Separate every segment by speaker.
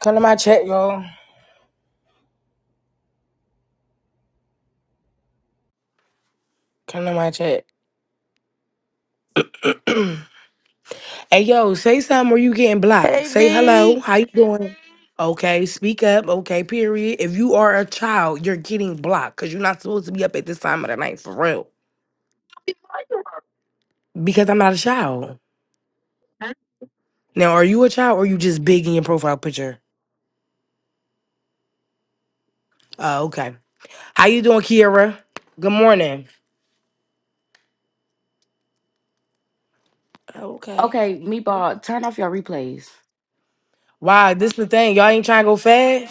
Speaker 1: Come to my chat, y'all. Come to my chat. hey, yo, say something or you getting blocked.
Speaker 2: Hey,
Speaker 1: Say
Speaker 2: B.
Speaker 1: hello. How you doing? Okay, speak up. Okay, period. If you are a child, you're getting blocked because you're not supposed to be up at this time of the night for real. Because I'm not a child. Now, are you a child or you just big in your profile picture? Uh, okay. How you doing, Kiera? Good morning. Okay.
Speaker 3: Okay, meatball, turn off your replays.
Speaker 1: Wow, this the thing. Y'all ain't trying to go fad?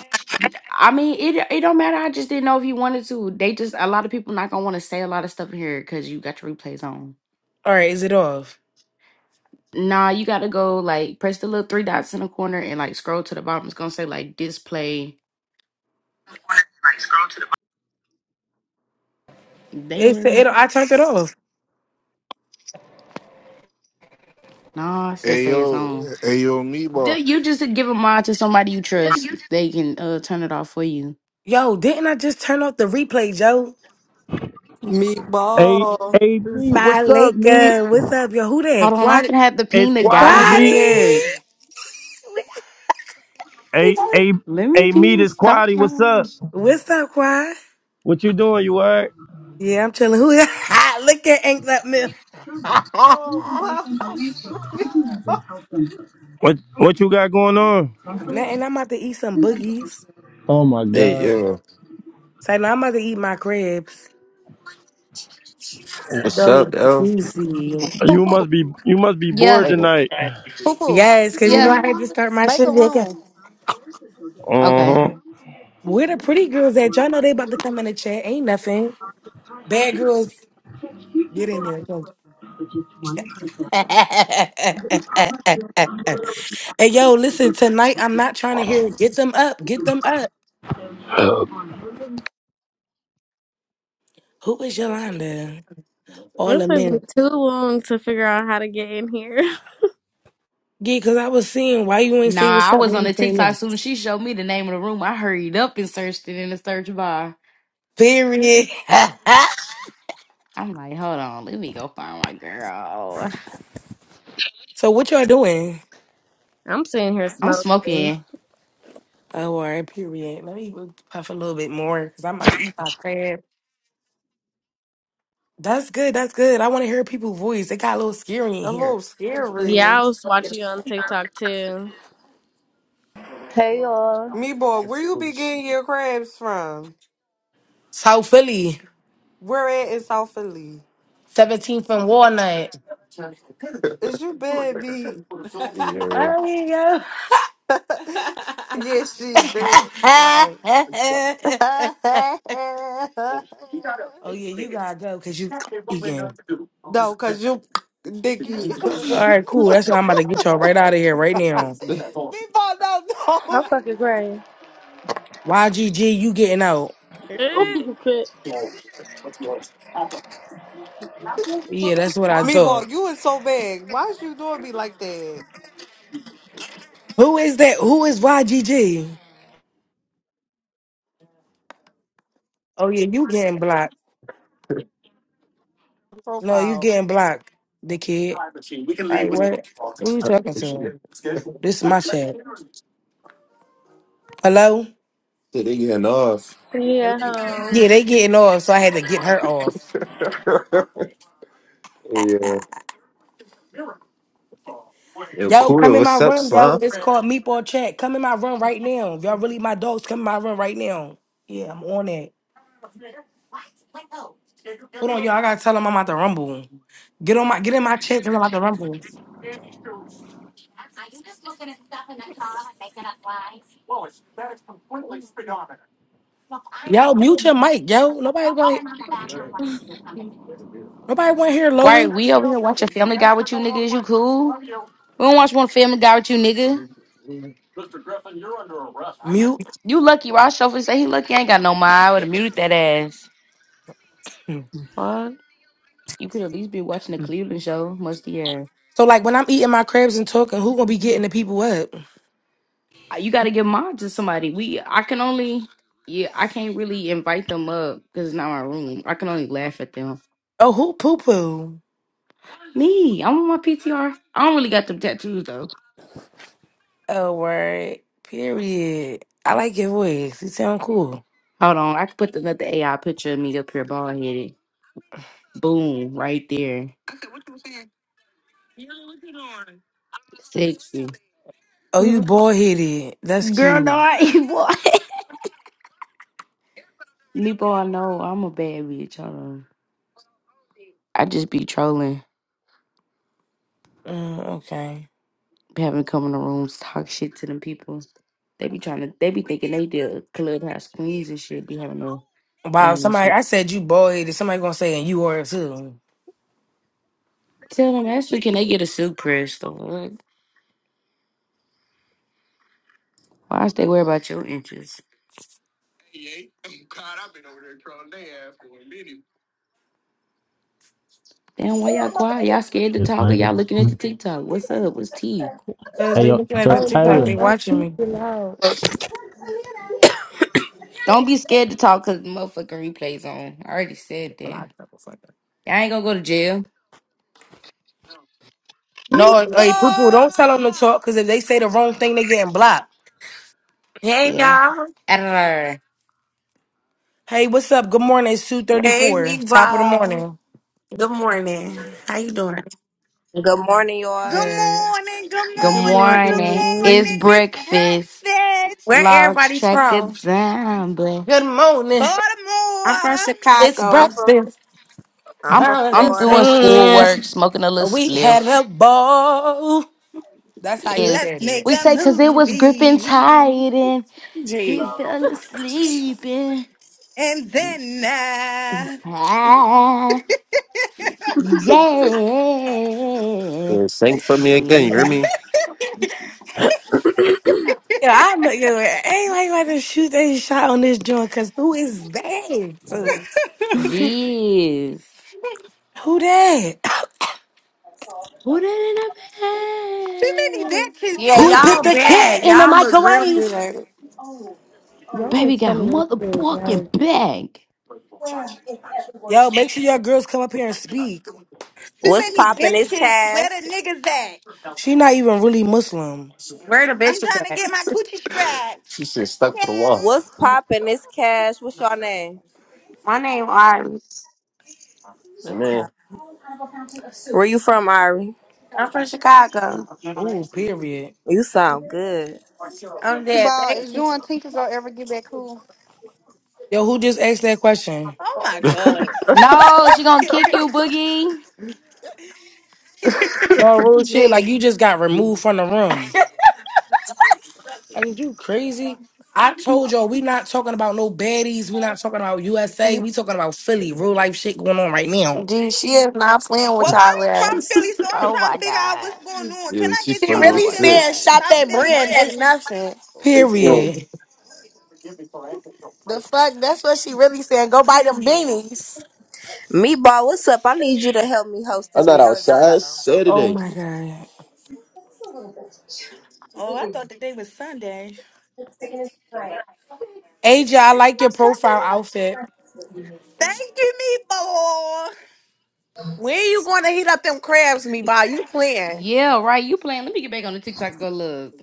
Speaker 3: I mean, it it don't matter. I just didn't know if you wanted to. They just a lot of people not gonna want to say a lot of stuff in here because you got your replays on.
Speaker 1: All right, is it off?
Speaker 3: Nah, you gotta go like press the little three dots in the corner and like scroll to the bottom. It's gonna say like display.
Speaker 4: Right, scroll to the
Speaker 3: They
Speaker 1: It's it.
Speaker 3: on.
Speaker 1: I turned it off.
Speaker 3: Nah, I still
Speaker 5: Hey
Speaker 3: say it's
Speaker 5: yo,
Speaker 3: on.
Speaker 5: hey yo, meatball.
Speaker 3: Do you just give a mod to somebody you trust? They can uh turn it off for you.
Speaker 1: Yo, didn't I just turn off the replay, Joe?
Speaker 6: Hey,
Speaker 7: Meatball.
Speaker 6: hey, what's up, me?
Speaker 1: Salika, what's up, yo? Who that?
Speaker 3: Hold on, I'm
Speaker 1: Quad,
Speaker 3: gonna have to
Speaker 6: It's
Speaker 3: ping the
Speaker 6: Squatty,
Speaker 3: guys in
Speaker 6: me.
Speaker 3: here.
Speaker 1: Quaddy.
Speaker 6: Hey, hey,
Speaker 3: Let me
Speaker 6: hey, me,
Speaker 3: ping.
Speaker 6: this
Speaker 3: Stop.
Speaker 6: Squatty, what's up?
Speaker 1: What's up, Quad?
Speaker 6: What you doing? You alright?
Speaker 1: Yeah, I'm chilling. Who? Look at Ink That Mill.
Speaker 7: Oh, Clubhouse. Meatball.
Speaker 6: What, what you got going on?
Speaker 1: Nah, and I'm about to eat some boogies.
Speaker 6: Oh my
Speaker 8: Hey,
Speaker 6: God,
Speaker 8: yo.
Speaker 1: So now I'm about to eat my crabs.
Speaker 8: What's up,
Speaker 1: So
Speaker 8: yo?
Speaker 1: juicy.
Speaker 6: you
Speaker 9: Poo poo.
Speaker 6: must be, you must be
Speaker 3: Yeah,
Speaker 6: bored
Speaker 8: I ain't
Speaker 6: tonight.
Speaker 9: poo. poo.
Speaker 1: Yes, because you know
Speaker 3: yeah.
Speaker 1: I had to start my
Speaker 9: Make
Speaker 1: shit.
Speaker 9: a
Speaker 1: nigga.
Speaker 9: room.
Speaker 6: Uh
Speaker 3: Okay.
Speaker 6: huh.
Speaker 1: Where the pretty girls at? Y'all know they about to come in the chat. Ain't nothing. Bad girls, get in there. Go. Hey, yo, listen, tonight I'm not trying to hear get them up, get them up. Who is
Speaker 10: Thank
Speaker 1: Yolanda? All
Speaker 11: It
Speaker 1: a
Speaker 11: took me
Speaker 1: minute.
Speaker 11: too
Speaker 10: you.
Speaker 11: long to figure out how to get in here.
Speaker 1: Yeah, because I was seeing why you ain't say
Speaker 3: Nah,
Speaker 1: what's
Speaker 3: I
Speaker 1: up
Speaker 3: was
Speaker 1: when
Speaker 3: on
Speaker 1: you
Speaker 3: the
Speaker 1: came
Speaker 3: TikTok
Speaker 1: in.
Speaker 3: soon. She showed me the name of the room. I hurried up and searched it in the search bar.
Speaker 1: Period.
Speaker 3: I'm like, hold on, let me go find my girl.
Speaker 1: so, what y'all doing?
Speaker 11: I'm sitting here
Speaker 3: I'm
Speaker 11: smoking.
Speaker 3: smoking.
Speaker 1: Oh, all right, period. Let me puff a little bit more because I'm about to eat my crab. That's good. That's good. I want to hear people's voice. It got a little scary in
Speaker 7: A
Speaker 1: here.
Speaker 7: little scary.
Speaker 11: Yeah, I was watching you on TikTok too.
Speaker 12: Hey y'all.
Speaker 7: Meatball, where you
Speaker 8: gonna
Speaker 7: be
Speaker 8: shit.
Speaker 7: getting your crabs from?
Speaker 1: South Philly,
Speaker 7: Where at in South Philly?
Speaker 1: 17th and Walnut.
Speaker 7: Is you bad, B? yeah,
Speaker 1: There you
Speaker 7: she bad. Like,
Speaker 1: go. Oh yeah, you gotta go because you eating.
Speaker 7: no, cause you, Dicky. Meatball,
Speaker 1: All right, cool. That's why I'm about to get y'all right out of here right now.
Speaker 7: no,
Speaker 12: I'm
Speaker 7: no.
Speaker 12: fucking crying.
Speaker 1: YGG, you getting out?
Speaker 11: Eh,
Speaker 12: Shit.
Speaker 1: Yeah, that's what I
Speaker 7: Meatball,
Speaker 1: thought.
Speaker 7: you is so bad. Why is you doing me like that?
Speaker 1: Who is that? Who is YGG? Oh yeah, you getting blocked? No, you
Speaker 7: Profile.
Speaker 1: getting blocked, the kid. All right, what? Who you talking to? This is my chat. Hello?
Speaker 8: They getting off.
Speaker 12: Yeah.
Speaker 11: Hello.
Speaker 1: Yeah, they getting off, so I had to get her off.
Speaker 8: yeah. Yo,
Speaker 1: Yo, come
Speaker 8: cool.
Speaker 1: in my
Speaker 8: What's up,
Speaker 1: room, yo.
Speaker 8: Slum?
Speaker 1: It's called Meatball Chat. Come in my room right now. If y'all really my dogs, come in my room right now. Yeah, I'm on it. Hold on, y'all. I gotta tell them I'm about to rumble. Get on my get in my chat because I'm about rumble. Yo, mute your mic, yo. Nobody want nobody want to hear
Speaker 3: Why we
Speaker 1: Lois.
Speaker 3: over here watching Family Guy with you niggas? You cool? We don't watch one Family Guy with you nigga.
Speaker 1: Mute.
Speaker 3: You lucky, Ross Shuffle say he lucky. I ain't got no mind. I would have muted that ass.
Speaker 1: Hmm.
Speaker 3: Fuck. You could at least be watching the Cleveland show. Musty ass.
Speaker 1: So like when I'm eating my crabs and talking, who gonna be getting the people up?
Speaker 3: Uh, You got to give mine to somebody. We, I can only, yeah, I can't really invite them up because it's not my room. I can only laugh at them
Speaker 1: Oh, who poo poo?
Speaker 3: Me, I'm on my PTR. I don't really got them tattoos though.
Speaker 1: Oh, word. Period. I like your voice. You sound cool.
Speaker 3: Hold on, I can put another AI picture of me up here, bald headed. Boom, right there, sexy.
Speaker 1: Oh, you
Speaker 11: Mm,
Speaker 1: bald headed. That's cute.
Speaker 3: Girl, no, I ain't boy. Me boy, know I'm a bad bitch. Hold on, I just be trolling,
Speaker 1: Mm, okay.
Speaker 3: having to come in the rooms, talk shit to them people. They be trying to, they be thinking they did clubhouse queens and shit. Be having to
Speaker 1: Wow.
Speaker 3: run this
Speaker 1: Somebody,
Speaker 3: shit.
Speaker 1: I said you bald headed. Somebody gonna say and you are too.
Speaker 3: Tell them actually, can they get a suit press? The fuck? Why should they worry about your inches? Damn, why y'all quiet? Y'all scared to
Speaker 13: Hey,
Speaker 3: talk or y'all looking at the TikTok? What's up? What's tea?
Speaker 1: Cause they
Speaker 13: yo,
Speaker 1: looking at
Speaker 13: yo,
Speaker 1: the
Speaker 12: Oh
Speaker 1: TikTok.
Speaker 12: no,
Speaker 1: They
Speaker 13: Tyler.
Speaker 12: my
Speaker 1: watching
Speaker 12: feet
Speaker 1: me.
Speaker 12: are loud.
Speaker 3: Don't be scared to talk because the motherfucking replay's on. I already said that.
Speaker 1: Block The fucker.
Speaker 3: Y'all ain't gonna go to jail.
Speaker 1: No, hey, people,
Speaker 14: Mifa!
Speaker 1: don't tell them to talk because if they say the wrong thing, they getting blocked.
Speaker 15: Hey
Speaker 3: Yeah.
Speaker 15: y'all.
Speaker 3: Arr.
Speaker 1: Hey, what's up? Good morning. It's two thirty
Speaker 15: Hey
Speaker 1: four.
Speaker 15: Big
Speaker 1: Top of the
Speaker 15: Ball.
Speaker 1: morning.
Speaker 15: Good morning. How you doing?
Speaker 16: Good morning,
Speaker 14: Good
Speaker 16: y'all.
Speaker 1: Good.
Speaker 14: morning, good
Speaker 3: Good
Speaker 11: Good
Speaker 14: morning, good
Speaker 3: morning.
Speaker 11: morning.
Speaker 3: It's
Speaker 14: morning. It's
Speaker 3: breakfast.
Speaker 14: breakfast.
Speaker 15: Where
Speaker 3: Logs
Speaker 15: everybody
Speaker 3: track
Speaker 15: from?
Speaker 3: of time, but
Speaker 1: Good morning.
Speaker 15: I'm from
Speaker 14: Baltimore.
Speaker 1: It's
Speaker 16: I'm
Speaker 15: Chicago.
Speaker 16: from
Speaker 1: breakfast.
Speaker 16: I'm
Speaker 3: I'm
Speaker 16: from
Speaker 3: I'm
Speaker 1: Valentine's
Speaker 3: doing
Speaker 16: Florida.
Speaker 1: Day.
Speaker 3: schoolwork, smoking a little
Speaker 1: We had
Speaker 3: spliff.
Speaker 1: a ball. That's how he
Speaker 3: Yes.
Speaker 14: Let's
Speaker 1: said it.
Speaker 14: make
Speaker 3: We
Speaker 14: a
Speaker 3: say cause it was gripping
Speaker 14: movie.
Speaker 3: tight and he
Speaker 15: Gee.
Speaker 3: fell asleep
Speaker 14: And then, uh,
Speaker 3: and Yeah.
Speaker 8: Yeah, sing for me again. You hear
Speaker 3: hmm
Speaker 8: me?
Speaker 1: Yeah, I'm like, yo, ain't like about to shoot that shot on this joint because who is that?
Speaker 3: Yes.
Speaker 1: Who that?
Speaker 3: Put it
Speaker 14: too
Speaker 3: in
Speaker 14: many
Speaker 3: a bag.
Speaker 14: bitches.
Speaker 15: Yeah,
Speaker 14: Where
Speaker 1: Who
Speaker 14: the
Speaker 8: Fucking,
Speaker 15: y'all
Speaker 1: put the
Speaker 8: uh,
Speaker 14: niggas at?
Speaker 1: cat
Speaker 15: bad.
Speaker 1: in the
Speaker 15: Y'all look real
Speaker 1: microwave?
Speaker 15: good.
Speaker 12: Y'all are
Speaker 3: Baby got
Speaker 12: funny as shit. Like,
Speaker 3: motherfucking bag.
Speaker 1: Yo, make sure your girls come up here and speak.
Speaker 14: Too
Speaker 16: What's
Speaker 14: many
Speaker 16: poppin'? It's
Speaker 14: bitches. Where the
Speaker 16: Cash.
Speaker 14: niggas at?
Speaker 1: She not even really Muslim.
Speaker 15: Where the
Speaker 14: I'm
Speaker 15: bitches
Speaker 14: trying to
Speaker 15: at?
Speaker 14: get my coochie
Speaker 8: She said
Speaker 14: scratched.
Speaker 8: stuck
Speaker 14: Yeah.
Speaker 8: for the wall.
Speaker 16: What's poppin'? It's Cash. What's your name?
Speaker 15: My name Iris.
Speaker 8: And
Speaker 16: Okay.
Speaker 8: man,
Speaker 16: Where you from, Ari?
Speaker 15: I'm from Chicago.
Speaker 1: Ooh, period.
Speaker 16: You sound good.
Speaker 15: I'm
Speaker 9: You
Speaker 15: dead.
Speaker 9: Ball,
Speaker 15: Thank
Speaker 9: is you
Speaker 15: you.
Speaker 9: and Tinker gonna ever get back cool?
Speaker 1: Yo, who just asked that question?
Speaker 14: Oh my God.
Speaker 3: No, she gonna kick you, Boogie.
Speaker 1: No real shit. Like you
Speaker 15: Gee.
Speaker 1: just got removed from the room. Like you crazy? I told y'all we not talking about no baddies. We not talking about USA. We talking about Philly. Real life shit going on right now.
Speaker 15: Gee, she is not playing with
Speaker 14: Well,
Speaker 15: y'all
Speaker 14: I'm from
Speaker 15: ass.
Speaker 14: Philly, so I'm
Speaker 3: Oh
Speaker 14: trying to
Speaker 3: my
Speaker 14: figure out
Speaker 3: god.
Speaker 14: what's going on. Can
Speaker 8: yeah,
Speaker 14: I
Speaker 8: she
Speaker 14: get
Speaker 15: She
Speaker 14: tea
Speaker 8: funny
Speaker 3: Oh
Speaker 14: from
Speaker 15: really
Speaker 8: as
Speaker 3: my
Speaker 8: shit.
Speaker 14: Philly?
Speaker 15: said
Speaker 3: god.
Speaker 15: shop
Speaker 14: South
Speaker 15: that
Speaker 14: Philly?
Speaker 15: brand ain't nothing.
Speaker 8: Right there.
Speaker 1: Period.
Speaker 15: The fuck? That's what she really said. Go buy them beanies.
Speaker 16: Meatball, what's up? I need you to help me host
Speaker 8: I'm
Speaker 16: this
Speaker 8: not
Speaker 16: reality show.
Speaker 8: outside
Speaker 1: Oh
Speaker 8: Saturday.
Speaker 1: my god.
Speaker 14: Oh, I thought today was Sunday.
Speaker 1: AJ, I
Speaker 14: It's
Speaker 1: like your
Speaker 14: not Sunday.
Speaker 1: profile outfit.
Speaker 14: Thank you, me boy.
Speaker 15: When you going to heat up them crabs, me by you playing?
Speaker 3: Yeah, right. You playing. Let me get back on the TikTok and go look.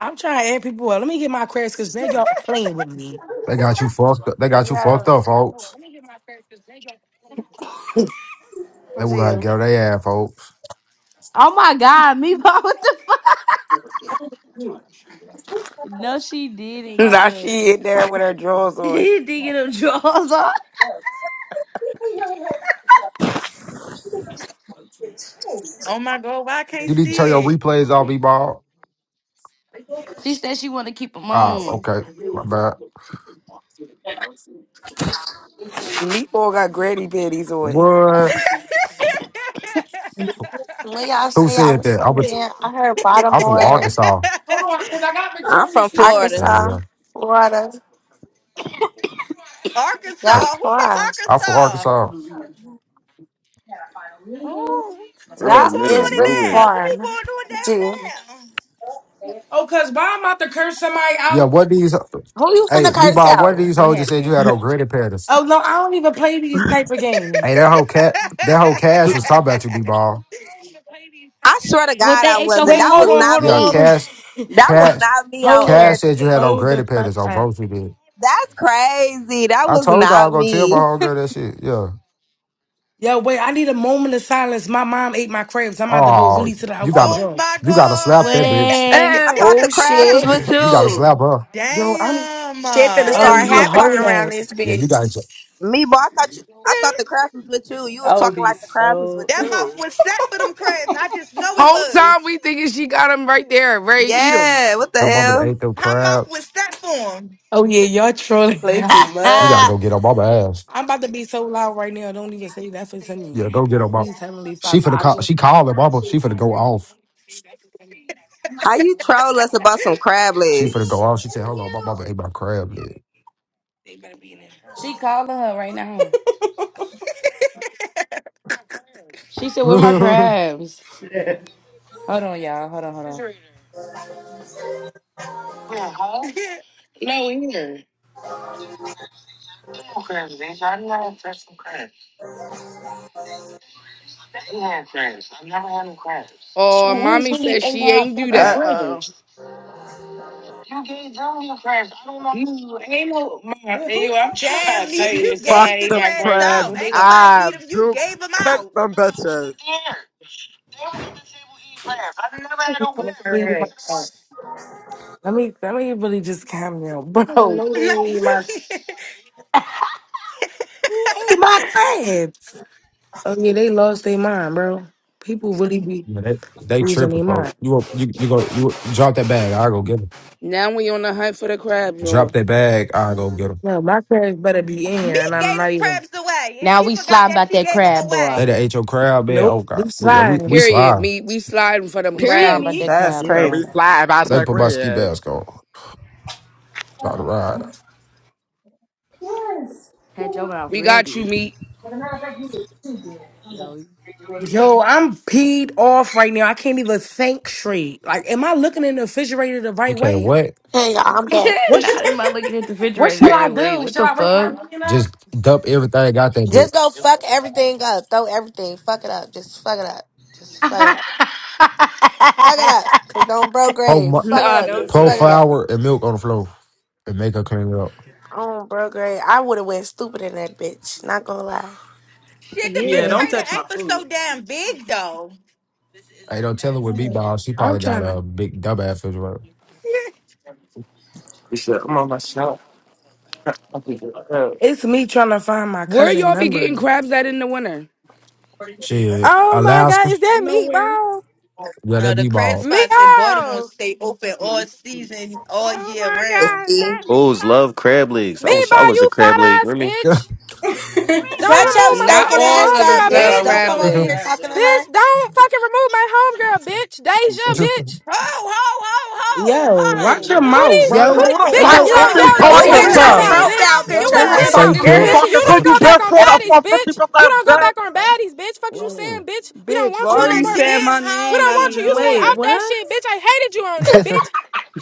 Speaker 1: I'm trying to add people up. Let me get my credits because now y'all playing with me.
Speaker 17: They got you fucked up. They got you
Speaker 15: Yeah,
Speaker 17: fucked up, folks. They will have to
Speaker 15: gee.
Speaker 17: get their ass, folks.
Speaker 3: Oh my god, me what the fuck? No, she didn't get
Speaker 18: Now
Speaker 3: up.
Speaker 18: she in there with her drawers on.
Speaker 3: didn't get her drawers on.
Speaker 14: Oh my God, why I can't
Speaker 17: You need to turn your
Speaker 14: see it?
Speaker 17: replays off, E-Ball.
Speaker 3: She said she wanted to keep them
Speaker 17: Ah,
Speaker 3: on.
Speaker 17: okay. My bad.
Speaker 18: Meatball got granny panties on.
Speaker 17: What?
Speaker 15: When y'all
Speaker 17: Who
Speaker 15: say y'all
Speaker 17: said
Speaker 15: was
Speaker 17: that? I'm, a
Speaker 15: from
Speaker 17: t-
Speaker 15: again, I heard
Speaker 17: I'm from
Speaker 15: Baltimore,
Speaker 17: Arkansas.
Speaker 1: Hold on, because I got
Speaker 16: I'm
Speaker 1: Victoria's
Speaker 16: from
Speaker 1: Secret for
Speaker 16: Florida.
Speaker 17: Yeah,
Speaker 1: them.
Speaker 15: Arkansas,
Speaker 17: yeah.
Speaker 15: Florida.
Speaker 17: Hey,
Speaker 15: Y'all
Speaker 14: Arkansas. Who from
Speaker 15: far.
Speaker 17: I'm from
Speaker 14: Arkansas?
Speaker 17: Arkansas.
Speaker 14: Oh, what
Speaker 8: We're in
Speaker 14: be
Speaker 8: the
Speaker 15: Y'all
Speaker 14: going
Speaker 8: middle of
Speaker 15: is
Speaker 14: on in
Speaker 15: really
Speaker 8: nowhere.
Speaker 14: there? What be
Speaker 15: far. Gee, who
Speaker 14: going on
Speaker 1: Oh, because why I'm about to curse somebody
Speaker 17: Yeah,
Speaker 1: out?
Speaker 17: what these...
Speaker 15: you
Speaker 17: Hey,
Speaker 15: finna curse
Speaker 17: B-Ball, what
Speaker 15: out?
Speaker 17: these
Speaker 3: What
Speaker 17: hoes just said
Speaker 3: happened?
Speaker 17: you had on granny panties?
Speaker 1: Oh, no, I don't even play these type of games.
Speaker 17: Hey, that whole cat... That whole Cash was talking about you,
Speaker 14: down there?
Speaker 17: B-Ball.
Speaker 16: I swear to
Speaker 3: What
Speaker 16: God,
Speaker 3: they
Speaker 16: I
Speaker 3: ate your
Speaker 16: wasn't.
Speaker 1: Wait,
Speaker 16: That
Speaker 1: hold
Speaker 16: was
Speaker 1: on,
Speaker 3: food?
Speaker 16: not
Speaker 1: hold
Speaker 17: Yeah,
Speaker 1: on, hold
Speaker 16: me.
Speaker 17: Cash...
Speaker 1: on.
Speaker 16: That was
Speaker 17: Cash...
Speaker 16: not me
Speaker 1: hold
Speaker 16: on
Speaker 17: Cash
Speaker 1: on.
Speaker 17: said you had
Speaker 16: everything.
Speaker 17: on
Speaker 1: Hold the
Speaker 17: granny
Speaker 1: fuck
Speaker 17: panties on
Speaker 1: up.
Speaker 17: both of you.
Speaker 16: That's crazy. That
Speaker 17: I
Speaker 16: was
Speaker 17: told y'all I was
Speaker 16: not
Speaker 17: gonna tell my
Speaker 16: me.
Speaker 17: whole girl that shit. Yeah.
Speaker 1: Yo, wait, I need a moment of silence. My mom ate my crabs. I'm about to go
Speaker 17: Oh,
Speaker 1: really to the
Speaker 17: you
Speaker 1: house and
Speaker 17: gotta,
Speaker 14: oh
Speaker 1: draw.
Speaker 14: my
Speaker 17: you gotta slap that bitch.
Speaker 3: When
Speaker 16: I
Speaker 19: Hey,
Speaker 16: thought
Speaker 15: Oh
Speaker 16: the crash
Speaker 14: God.
Speaker 16: was
Speaker 15: shit,
Speaker 16: with
Speaker 17: You gotta
Speaker 16: you.
Speaker 17: slap her.
Speaker 1: Yo, I'm.
Speaker 14: Damn.
Speaker 15: shit finna
Speaker 14: uh,
Speaker 1: Oh,
Speaker 16: Damn,
Speaker 15: start
Speaker 16: you
Speaker 1: yeah,
Speaker 16: was
Speaker 15: happening
Speaker 16: talking.
Speaker 1: hold
Speaker 15: around
Speaker 1: up.
Speaker 15: this
Speaker 17: Yeah, you gotta
Speaker 15: bitch.
Speaker 17: get
Speaker 16: Me, but I thought you, I thought the crabs was with you. You was
Speaker 20: I would
Speaker 16: talking
Speaker 20: be
Speaker 16: like the crabs was
Speaker 20: so
Speaker 16: with
Speaker 14: that mouth
Speaker 16: you.
Speaker 14: was set for them crabs. I just know it
Speaker 18: Whole time
Speaker 14: was.
Speaker 18: we thinking she got them right there, ready to eat them.
Speaker 16: Yeah, what the
Speaker 17: your mama to
Speaker 16: hell?
Speaker 17: ate them
Speaker 14: Her mouth
Speaker 17: crabs.
Speaker 14: was set for
Speaker 1: Oh, yeah, y'all trolling.
Speaker 20: play too
Speaker 17: You gotta
Speaker 1: I'm
Speaker 20: much.
Speaker 17: go get her mama ass.
Speaker 1: about to be so loud right now. Don't even say that for to
Speaker 17: Yeah,
Speaker 1: me.
Speaker 17: go get her mama.
Speaker 1: Please, Heavenly
Speaker 17: She
Speaker 1: Father,
Speaker 17: finna
Speaker 1: I
Speaker 17: call.
Speaker 1: just
Speaker 17: She called her mama. She finna go off.
Speaker 16: How you troll us about some crab
Speaker 17: She
Speaker 16: legs?
Speaker 17: finna go off. She said, "Hold on, my mama ate my crab leg."
Speaker 3: They better be in this house. she calling her right now. She said, "Where my crabs?" Hold on, y'all. Hold on, hold
Speaker 14: them.
Speaker 18: Oh, mommy says she ain't do
Speaker 20: Uh
Speaker 18: that.
Speaker 20: oh.
Speaker 3: on.
Speaker 20: Then who touched my
Speaker 14: Damn,
Speaker 20: apple
Speaker 14: Leach, you
Speaker 20: juice?
Speaker 21: Fuck
Speaker 14: gave the
Speaker 21: them
Speaker 14: crabs
Speaker 21: crabs.
Speaker 14: out. Ain't nobody
Speaker 21: I
Speaker 14: eat them. You
Speaker 21: do
Speaker 14: gave them
Speaker 21: cook
Speaker 14: out.
Speaker 21: them bitches.
Speaker 1: need my. Let me, let me really just calm down, bro.
Speaker 14: Let me really.
Speaker 1: Who ate my crabs? Oh, yeah, they lost their mind, bro. People really be
Speaker 17: yeah, they, they
Speaker 1: losing
Speaker 17: tripping,
Speaker 1: their mind.
Speaker 17: folk. You up- you you go you drop that bag. I go get him.
Speaker 18: Now we on the hunt for the crabs,
Speaker 17: Drop
Speaker 18: y'all.
Speaker 17: that bag. I go get him.
Speaker 1: No, my parents better be in here, and
Speaker 14: Big
Speaker 1: I'm
Speaker 14: gave
Speaker 1: not
Speaker 14: them
Speaker 1: even.
Speaker 14: crabs away, and
Speaker 3: Now
Speaker 14: she
Speaker 3: we
Speaker 14: forgot
Speaker 3: slime
Speaker 14: that
Speaker 3: about
Speaker 14: she
Speaker 3: that
Speaker 14: gave them
Speaker 3: crab boy.
Speaker 17: They
Speaker 14: away.
Speaker 17: done ate your crab man. Oh
Speaker 1: Nope,
Speaker 17: God,
Speaker 1: we
Speaker 17: we yeah, we
Speaker 1: sliding.
Speaker 17: we
Speaker 18: Period,
Speaker 17: slide.
Speaker 18: meat. We sliding for them
Speaker 3: We
Speaker 19: period
Speaker 3: slime about
Speaker 19: meat.
Speaker 18: crabs.
Speaker 3: that
Speaker 20: That's
Speaker 3: crab
Speaker 21: Yeah,
Speaker 3: boy.
Speaker 21: we
Speaker 20: crazy.
Speaker 21: slide about
Speaker 17: Let me
Speaker 21: your
Speaker 17: put my ski
Speaker 21: cribs.
Speaker 17: mask on. Try to ride.
Speaker 3: Had your mouth
Speaker 18: We got you,
Speaker 3: ready.
Speaker 18: meat.
Speaker 19: No,
Speaker 1: Yo, I'm peed off right now. I can't even think straight. Like, am I looking in the refrigerator the
Speaker 17: You
Speaker 1: right
Speaker 17: can't
Speaker 1: way?
Speaker 17: what?
Speaker 15: Hey y'all, I'm back.
Speaker 1: What should
Speaker 3: Not am I looking at the
Speaker 1: What
Speaker 3: refrigerator the
Speaker 1: should I
Speaker 3: right way?
Speaker 1: do?
Speaker 3: What
Speaker 1: Should
Speaker 3: the
Speaker 1: I wake my
Speaker 3: fuck?
Speaker 1: man up?
Speaker 17: Just dump everything I got that
Speaker 15: Just go
Speaker 17: bitch.
Speaker 15: fuck everything up. Throw everything. Fuck it up. Just fuck it up. Just fuck it up. Fuck it up. Cause don't bro
Speaker 17: Pour,
Speaker 15: grave. Fuck
Speaker 17: mu-
Speaker 15: it
Speaker 19: nah,
Speaker 15: up.
Speaker 19: don't
Speaker 20: That's
Speaker 15: Just
Speaker 19: do
Speaker 17: pour
Speaker 20: like
Speaker 15: fuck it
Speaker 19: that
Speaker 20: that.
Speaker 15: up.
Speaker 19: meat.
Speaker 17: flour and milk on the floor and make her clean it up.
Speaker 15: Oh, bro, great. I would have went stupid in that bitch. Not gonna lie.
Speaker 14: Shit, the
Speaker 20: Yeah,
Speaker 1: yeah,
Speaker 20: don't touch
Speaker 14: refrigerator
Speaker 20: my
Speaker 14: ain't but
Speaker 20: food.
Speaker 14: so damn big though.
Speaker 17: Hey, don't tell her with B-ball. She
Speaker 1: I'm
Speaker 17: probably got
Speaker 1: trying to.
Speaker 17: a big dumb ass refrigerator.
Speaker 1: It's me trying to find my
Speaker 18: Where
Speaker 1: cousin
Speaker 18: y'all be
Speaker 1: number.
Speaker 18: getting crabs at in the winter?
Speaker 17: Shit.
Speaker 22: Oh my god,
Speaker 17: Alaska.
Speaker 22: is that
Speaker 20: Nowhere.
Speaker 22: meatball?
Speaker 17: Yeah, that
Speaker 14: Uh, the crab
Speaker 17: B-ball.
Speaker 14: spots in Baltimore
Speaker 22: Meatball!
Speaker 14: stay open all season, all
Speaker 19: Oh
Speaker 14: year
Speaker 19: my
Speaker 16: The
Speaker 14: round.
Speaker 19: god,
Speaker 16: sea.
Speaker 19: that
Speaker 8: Bulls
Speaker 19: meatball,
Speaker 8: love crab legs. I wish I
Speaker 22: Meatball,
Speaker 8: was a
Speaker 22: you fat
Speaker 8: crab leg. You
Speaker 22: ass
Speaker 8: hear me?
Speaker 22: bitch! Don't
Speaker 15: Shut
Speaker 19: meatball,
Speaker 15: your
Speaker 22: remove my
Speaker 19: you
Speaker 18: Not
Speaker 15: stinking
Speaker 19: fat
Speaker 22: motherfucking
Speaker 18: all
Speaker 19: ass
Speaker 15: ass
Speaker 18: of
Speaker 15: up,
Speaker 18: us
Speaker 22: homegirl,
Speaker 20: Not
Speaker 18: love
Speaker 15: bitch.
Speaker 20: I
Speaker 22: bitch!
Speaker 15: Don't
Speaker 20: wish
Speaker 18: crab
Speaker 15: come
Speaker 20: I was
Speaker 15: over
Speaker 20: a
Speaker 15: here
Speaker 20: crab
Speaker 18: legs.
Speaker 15: talking to
Speaker 20: leg.
Speaker 15: her.
Speaker 22: Bitch, don't fucking remove my homegirl, bitch! Deja,
Speaker 17: Just
Speaker 22: bitch!
Speaker 14: Ho, ho, ho, ho,
Speaker 1: Yo,
Speaker 20: Wait,
Speaker 1: watch
Speaker 14: ho,
Speaker 1: your
Speaker 22: Who
Speaker 1: mouth,
Speaker 22: these,
Speaker 21: Wait,
Speaker 20: whoa.
Speaker 22: who
Speaker 1: yo.
Speaker 21: who
Speaker 22: these,
Speaker 21: the
Speaker 14: ho,
Speaker 19: man.
Speaker 1: Hey,
Speaker 22: bitch,
Speaker 21: fuck
Speaker 22: and
Speaker 1: yo,
Speaker 19: Bitch,
Speaker 14: ho,
Speaker 22: yo,
Speaker 21: is
Speaker 1: air,
Speaker 19: what
Speaker 22: yo,
Speaker 21: she
Speaker 19: the
Speaker 14: ho.
Speaker 19: fuck
Speaker 1: air,
Speaker 22: you
Speaker 20: What
Speaker 15: Look
Speaker 19: is
Speaker 21: talking
Speaker 22: watch
Speaker 15: at
Speaker 1: air,
Speaker 19: you
Speaker 14: On a
Speaker 22: your
Speaker 15: your
Speaker 14: dead
Speaker 22: mouth,
Speaker 19: talking
Speaker 21: to?
Speaker 20: happened?
Speaker 19: about,
Speaker 22: bitch!
Speaker 15: profile
Speaker 22: You
Speaker 21: Who
Speaker 15: picture,
Speaker 22: watch
Speaker 21: the
Speaker 14: homies,
Speaker 19: dumbass
Speaker 15: bitch.
Speaker 22: your
Speaker 14: cuz.
Speaker 21: fuck
Speaker 15: Is
Speaker 17: say
Speaker 22: mouth,
Speaker 21: is
Speaker 15: you
Speaker 21: she
Speaker 1: air.
Speaker 17: pimp.
Speaker 1: her.
Speaker 22: bitch, and
Speaker 21: talking
Speaker 15: cool?
Speaker 22: you
Speaker 21: to?
Speaker 22: don't
Speaker 19: bitch?
Speaker 21: You
Speaker 22: go back
Speaker 21: bitch
Speaker 22: on
Speaker 21: for the
Speaker 22: baddies,
Speaker 21: for fifty
Speaker 22: bitch! You
Speaker 21: percent
Speaker 22: don't go back
Speaker 21: bitch.
Speaker 22: on baddies, bitch! Fuck is you saying, bitch? We don't
Speaker 19: Bitch,
Speaker 22: want
Speaker 19: why
Speaker 22: you
Speaker 14: On
Speaker 19: are
Speaker 22: no
Speaker 19: you
Speaker 14: a
Speaker 22: more,
Speaker 19: saying my
Speaker 14: dead
Speaker 22: bitch! We
Speaker 19: name
Speaker 22: don't
Speaker 19: out of
Speaker 22: want you,
Speaker 14: homies.
Speaker 22: you stay
Speaker 20: Wait,
Speaker 22: off
Speaker 19: nowhere?
Speaker 22: that
Speaker 20: what?
Speaker 22: shit, bitch! I hated you on there, bitch!